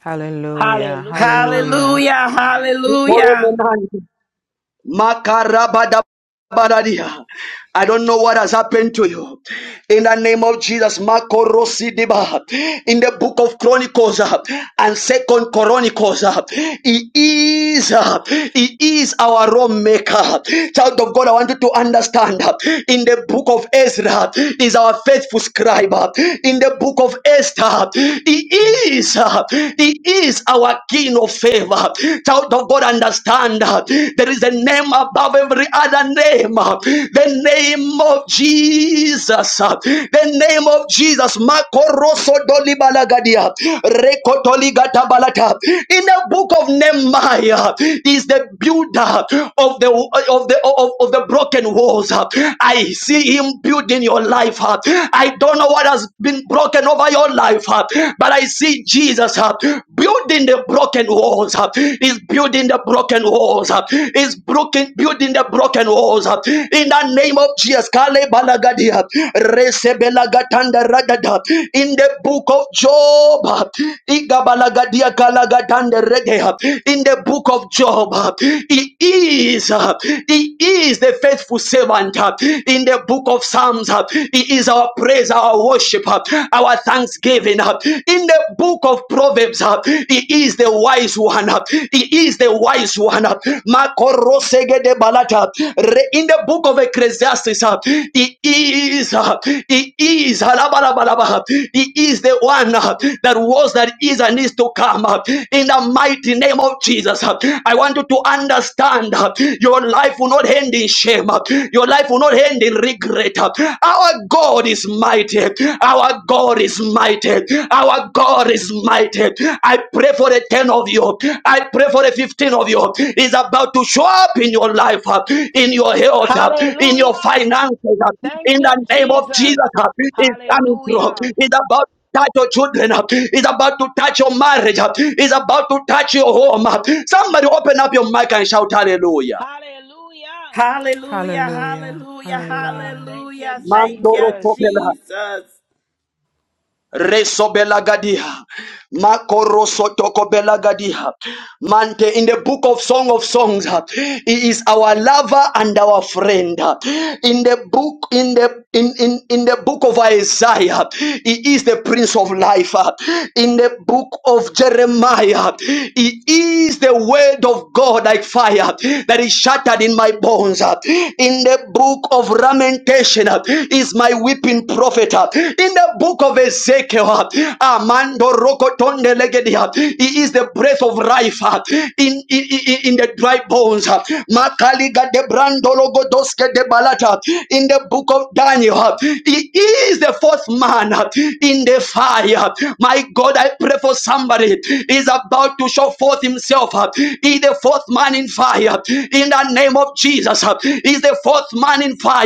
S14: Hallelujah. Hallelujah.
S15: Hallelujah, hallelujah,
S1: Makarabadabadadia. I don't know what has happened to you. In the name of Jesus, Marco Rossi Deba, in the book of Chronicles uh, and Second Chronicles, uh, he is uh, he is our Rome maker. Child of God, I want you to understand. uh, In the book of Ezra, is our faithful scribe. uh, In the book of Esther, he is uh, he is our King of favor. Child of God, and understand uh, there is a name above every other name. uh, The name of Jesus. uh, The name of Jesus. Makoroso dolibalagadia, rekotoligatabalaga. In the book of Nehemiah, is the builder of the of the of, of the broken walls. uh. I see him building your life. uh. I don't know what has been broken over your life, uh, but I see Jesus. uh, building the broken walls uh, is building the broken walls uh, is broken building the broken walls uh, in the name of Jesus Kale balagadia resebelagatanda ragada in the book of Job uh, igabalagadia kalagatanda regeha in the book of Job uh, he is uh, he is the faithful servant uh, in the book of Psalms uh, he is our praise our worship uh, our thanksgiving. uh, In the book of Proverbs, uh, he is the wise one. uh, He is the wise one. uh, Makorosegede balata. Re- In the book of Ecclesiastes, uh, he is, uh, he is, halabalabalaba, uh, he is the one uh, that was, that is, and is to come. uh, In the mighty name of Jesus, uh, I want you to understand uh, your life will not end in shame. uh, Your life will not end in Regret. Our God is mighty. Our God is mighty. Our God is mighty. I pray for the 10 of you. I pray for the 15 of you. Is about to show up in your life, uh, in your health, uh, in your finances. uh, In the name of Jesus, uh, is coming through. Is about touch your children up. It's about to touch your marriage up. It's about to touch your home up. Somebody open up your mic and shout hallelujah.
S15: hallelujah,
S14: Hallelujah.
S15: hallelujah,
S14: Hallelujah.
S15: hallelujah. Thank you, Jesus.
S1: Resobelagadia. Makorosotokobelagadia. Mante, in the book of Song of Songs, uh, he is our lover and our friend. uh. In the book, in the in, in, in the book of Isaiah, he is the Prince of Life. uh. In the book of Jeremiah, he is the word of God like fire that is shattered in my bones. uh. In the book of Lamentation, uh, is my weeping prophet. uh. In the book of Ezekiel, Ezekiel. Amando rokotonde legedia. He is the breath of life uh, in, in, in, in the dry bones. uh. Makaliga de brando logodoske de balata. In the book of Daniel, uh, he is the fourth man uh, in the fire. My God, I pray for somebody is about to show forth himself. uh, He the fourth man in fire. In the name of Jesus, uh, the fourth man in fire.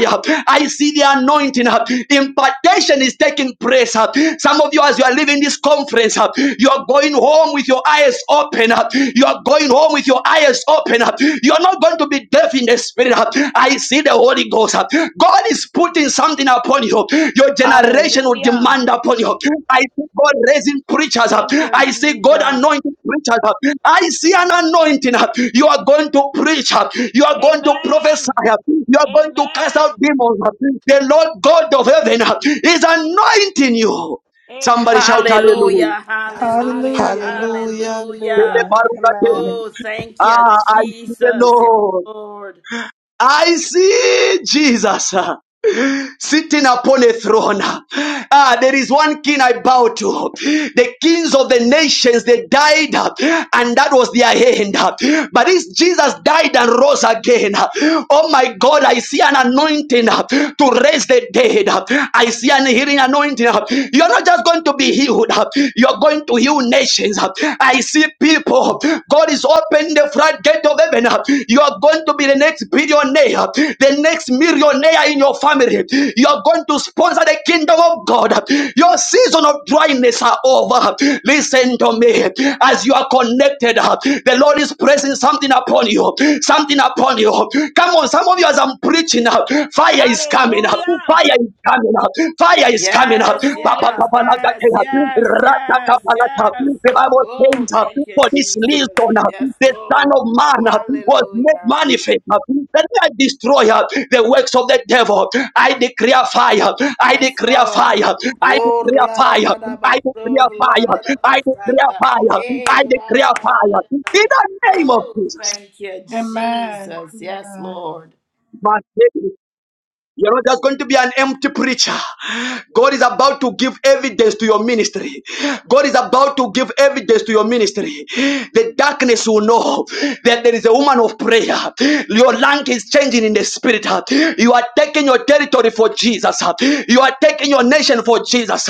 S1: I see the anointing. uh, Impartation is taking place. uh, some of you, as you are leaving this conference, uh, you are going home with your eyes open up. Uh, You are going home with your eyes open up. Uh, You are not going to be deaf in the spirit. uh. I see the Holy Ghost. uh. God is putting something upon you. Your generation will demand upon you. I see God raising preachers up. Uh, I see God anointing preachers up. Uh, I see an anointing up. Uh, You are going to preach up. Uh, You are going to prophesy up. Uh, You are going to cast out demons up. The Lord God of heaven up is anointing you. Somebody shout hallelujah.
S15: Hallelujah, hallelujah,
S16: Hallelujah.
S17: Hallelujah.
S15: hallelujah.
S16: Hallelujah. Amen.
S15: Oh, thank you,
S1: Ah, I see the
S15: Jesus. Yes,
S1: Lord.
S15: Lord.
S1: I see Jesus uh, sitting upon a throne. Ah, there is one king I bow to. The kings of the nations, they died uh, and that was their end. Uh, But this Jesus died and rose again. uh, Oh my God, I see an anointing uh, to raise the dead. Uh, I see an healing anointing. Uh, You're not just going to be healed, uh, you're going to heal nations. Uh, I see people God is opening the floodgate of heaven. You are going to be the next billionaire, the next millionaire in your family. You are going to sponsor the kingdom of God. Your season of dryness are over. Listen to me. As you are connected, the Lord is pressing something upon you. Something upon you. Come on, some of you as I'm preaching, fire is coming up. Fire is coming up. Fire is coming up.
S15: Yes,
S1: Ba- ba-
S15: yes,
S1: ba- ba- la- ga-
S15: yes,
S1: de-
S15: yes,
S1: la. Ra- ta- ka-
S15: yes,
S1: ba- la- ta.
S15: yes.
S1: The Bible
S15: Oh,
S1: says, uh,
S15: thank you,
S1: For this
S15: Jesus.
S1: reason, uh,
S15: Yes,
S1: the Son
S15: Lord.
S1: of Man uh, was made
S15: Hallelujah.
S1: manifest uh, that I destroy uh, the works of the devil. I declare fire. I
S15: Yes,
S1: declare
S15: Lord.
S1: fire. I
S15: Oh,
S1: declare
S15: la da
S1: fire.
S15: da da
S1: I
S15: ba, so,
S1: declare fire.
S15: la da da ba,
S1: I declare
S15: sanda.
S1: fire.
S15: Eh,
S1: I
S15: la da
S1: declare
S15: da da da
S1: fire. In
S15: da.
S1: the name of
S15: Oh,
S1: Jesus.
S15: thank you,
S16: Amen.
S15: Jesus. Yes,
S16: Amen.
S15: Lord.
S1: You're not just going to be an empty preacher. God is about to give evidence to your ministry. God is about to give evidence to your ministry. The darkness will know that there is a woman of prayer. Your rank is changing in the spirit. You are taking your territory for Jesus. You are taking your nation for Jesus.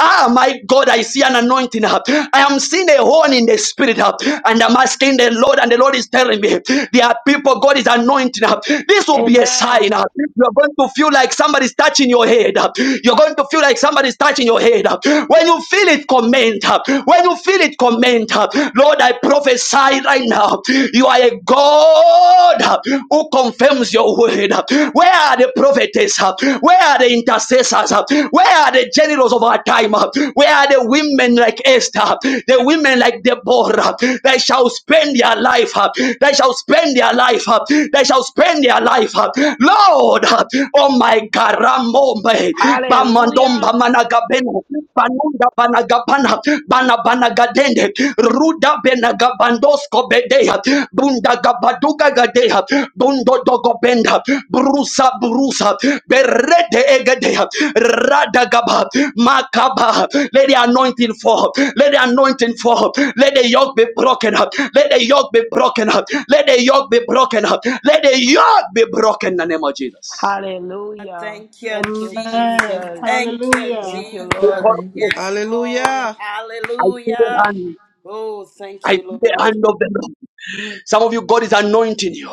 S1: Ah, my God, I see an anointing. I am seeing a horn in the spirit. And I'm asking the Lord, and the Lord is telling me there are people God is anointing. This will be a sign. You are going going to feel like somebody's touching your head. You're going to feel like somebody's touching your head. When you feel it, comment. When you feel it, comment. Lord, I prophesy right now. You are a God who confirms your word. Where are the prophetess? Where are the intercessors? Where are the generals of our time? Where are the women like Esther? The women like Deborah? They shall spend their life. They shall spend their life. They shall spend their life. Lord, Oh my God, Ramombe, Bamandomba Managabena, Banunda Banagabana, Bana Banagadende, Ruda Benagabandosko Bedea, Bunda Gabaduga Gadea, Bundo Dogobenda, Brusa Brusa, Berete Egadea, Radagaba, Makaba, let the anointing fall, let the anointing fall, let the yoke be broken up, let the yoke be broken up, let the yoke be broken up, let the yoke be broken in the name of Jesus.
S15: Thank you,
S16: Amen.
S15: Jesus. Thank you,
S16: Hallelujah.
S15: Jesus.
S16: Amen.
S1: because
S15: Yes, Lord.
S17: Hallelujah.
S1: I see the
S15: Hallelujah.
S1: hand.
S15: Oh,
S1: I
S15: thank
S1: see
S15: you,
S1: the
S15: Lord.
S1: hand of the Lord. Some of you, God is anointing you.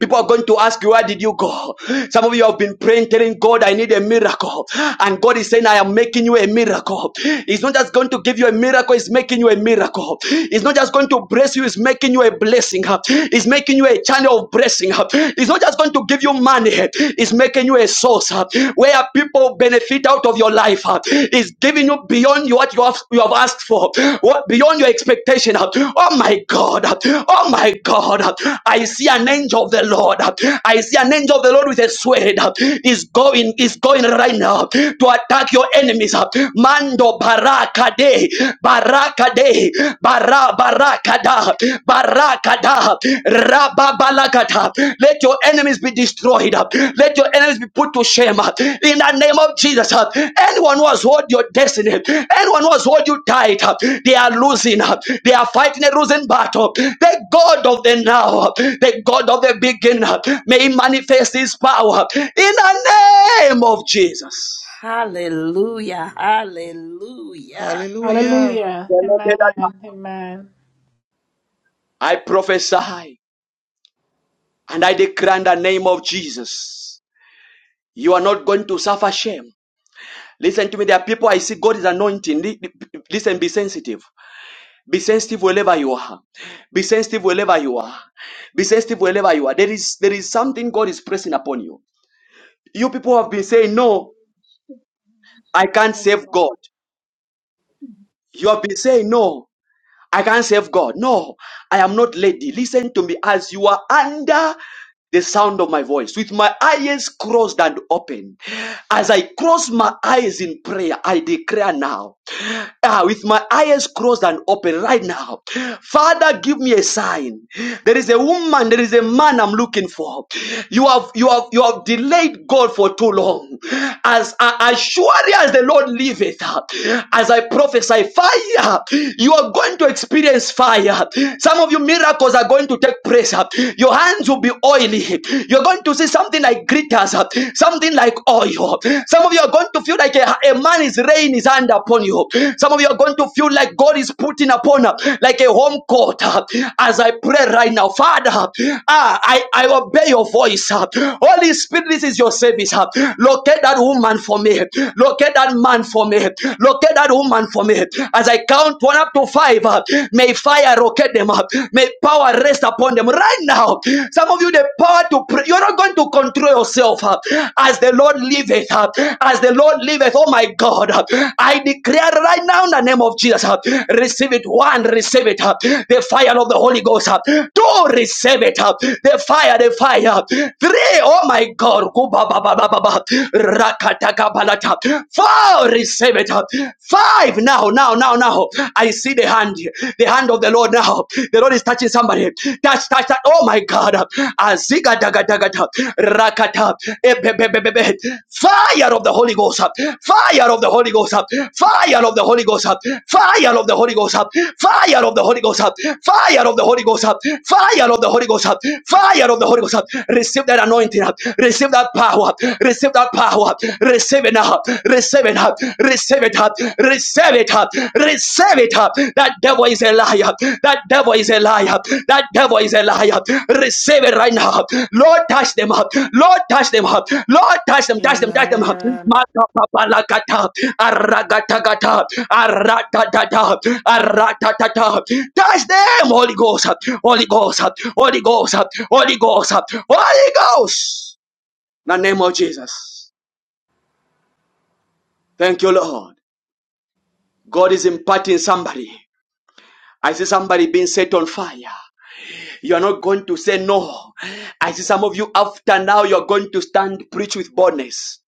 S1: People are going to ask you, Where did you go? Some of you have been praying, telling God, I need a miracle. And God is saying, I am making you a miracle. He's not just going to give you a miracle, He's making you a miracle. He's not just going to bless you, He's making you a blessing. He's making you a channel of blessing. He's not just going to give you money, He's making you a source where people benefit it out of your life. uh, is giving you beyond what you have, you have asked for, what beyond your expectation. uh. Oh my God. uh, Oh my God. uh, I see an angel of the Lord. uh, I see an angel of the Lord with a sword. uh, Is going, is going right now to attack your enemies. uh. Mando baraka de baraka de bara baraka da Akada, rababalakata. Let your enemies be destroyed. Let your enemies be put to shame. In the name of Jesus, anyone who has hold your destiny, anyone who has hold you tight, they are losing. They are fighting a losing battle. The God of the now, the God of the beginning, may He manifest His power in the name of Jesus.
S15: Hallelujah. Hallelujah.
S17: Hallelujah.
S16: Hallelujah. Amen. Amen.
S1: I prophesy and I declare in the name of Jesus, you are not going to suffer shame. Listen to me. There are people I see God is anointing. Listen, be sensitive. Be sensitive wherever you are. Be sensitive wherever you are. Be sensitive wherever you are. There is there is something God is pressing upon you. You people have been saying
S18: Oh,
S1: no, I can't save
S18: Hallelujah.
S1: God. You have been saying no. I can't save God. No, I am not lady. Listen to me as you are under the sound of my voice with my eyes crossed and open. As I cross my eyes in prayer, I declare now, ah, with my eyes crossed and open right now, Father, give me a sign. There is a woman, there is a man I'm looking for. You have, you have, you have delayed God for too long. As, as surely as the Lord liveth, as I prophesy, Father fire. You are going to experience fire. Some of you miracles are going to take place. Your hands will be oily. You're going to see something like glitters, something like oil. Some of you are going to feel like a, a man is rain his hand upon you. Some of you are going to feel like God is putting upon uh, like a home court. uh, As I pray right now, Father, ah, I, I obey your voice. uh. Holy Spirit, this is your service. uh. Locate that woman for me. Locate that man for me. Locate that woman for me. As I count one up to five, uh, may fire locate them up. May power rest upon them right now. Some of you, the power to pray. You're not going to control yourself uh, as the Lord liveth. uh, As the Lord liveth, oh my God, uh, I declare right now in the name of Jesus, uh, receive it. One, receive it. uh, The fire of the Holy Ghost. uh, Two, receive it. uh, The fire, the fire. Three, oh my God. Kuba ba ba ba ba ba it. Four, receive it. Five, now, now, now, now. I see the hand, the hand of the Lord now. The Lord is touching somebody. Touch, touch, touch. Oh my God. Aziga daga daga da. Rakata. Ebebebebebe. Fire of the Holy Ghost. Fire of the Holy Ghost. Fire of the Holy Ghost. Fire of the Holy Ghost. Fire of the Holy Ghost. Fire of the Holy Ghost. Fire of the Holy Ghost. Fire of the Holy Ghost. Receive that anointing. Receive that power. Receive that power. Receive it now. Receive it up. Receive it up. Receive it up. Receive it up. That devil is a liar. That devil is a liar. That devil is a liar. Receive it right now. Lord, touch them up. Lord, touch them up. Lord, touch them. Touch them. Touch them up.
S13: Amen.
S1: Makapapalakata. Aragatagata. Aratatata. Aratatata. Touch them, Holy Ghost. Holy Ghost. Holy Ghost. up. Holy Ghost. up. Holy Ghost. up. Holy Ghost. In the name of Jesus. Thank you, Lord. God is imparting somebody. I see somebody being set on fire. You are not going to say no. I see some of you after now, you're going to stand, preach with boldness.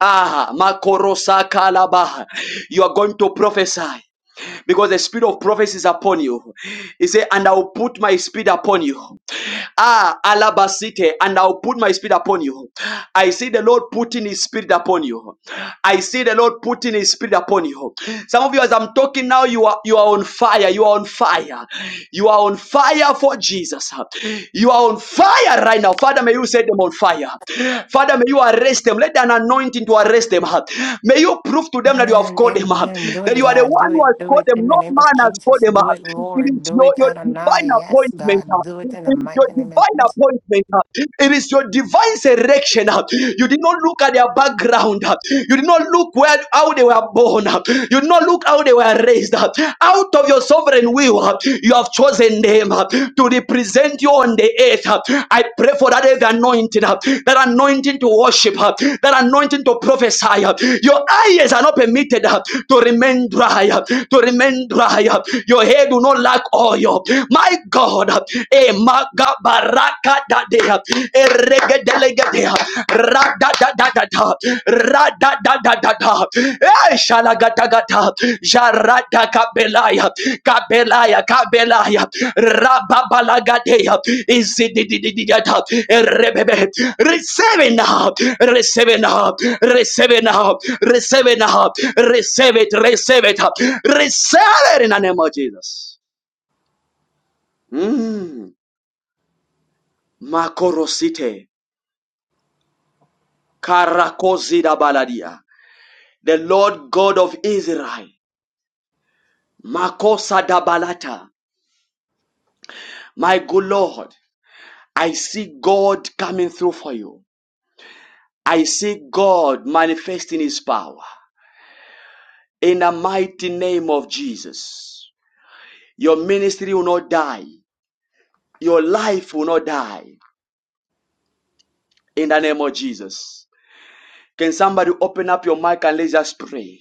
S1: Ah, Makorosa Kalaba. You are going to prophesy because the spirit of prophecy is upon you. He said, And I will put my spirit upon you. Ah, alabasite, and I'll put my spirit upon you. I see the Lord putting his spirit upon you. I see the Lord putting his spirit upon you. Some of you, as I'm talking now, you are you are on fire. You are on fire. You are on fire for Jesus. You are on fire right now. Father, may you set them on fire. Father, may you arrest them. Let an anointing to arrest them. May you prove to them that you have
S13: Amen.
S1: called them
S13: Amen. Do
S1: That
S13: it,
S1: you are the
S13: God. Do
S1: one who
S13: it.
S1: has
S13: Do
S1: called
S13: it
S1: them.
S13: in
S1: No
S13: the name of
S1: man has called
S13: Jesus.
S1: them
S13: Do it,
S1: It is
S13: Lord. Do
S1: your,
S13: it,
S1: your divine
S13: Adonai. Yes,
S1: appointment appointment.
S13: God. Do
S1: uh,
S13: it in the
S1: It is your
S13: mighty name of
S1: divine
S13: Jesus.
S1: appointment. uh, It is your divine selection. uh, You did not look at their background. uh, You did not look where how they were born. uh, You did not look how they were raised. uh, Out of your sovereign will, uh, you have chosen them uh, to represent you on the earth. uh. I pray for that heavy anointing, uh, that anointing to worship, uh, that anointing to prophesy. uh. Your eyes are not permitted uh, to remain dry, uh, to remain dry. uh. Your hair do not lack oil. My God, eh, maga baraka da dea, eh, rege delege dea, ra da da da da da, ra da da da da da, eh, shalagata gata, jarada kabelaya, kabelaya, kabelaya, rababalagadea, izidididididata, eh, rebebe. Receive it now, receive it now, receive it now, receive it now, receive it, receive it, receive it in the name of Jesus. Mm. Makorosite, Karakozida Baladia, the Lord God of Israel, Makosa Dabalata, my good Lord, I see God coming through for you. I see God manifesting his power in the mighty name of Jesus. Your ministry will not die, your life will not die in the name of Jesus. Can somebody open up your mic and let's just pray?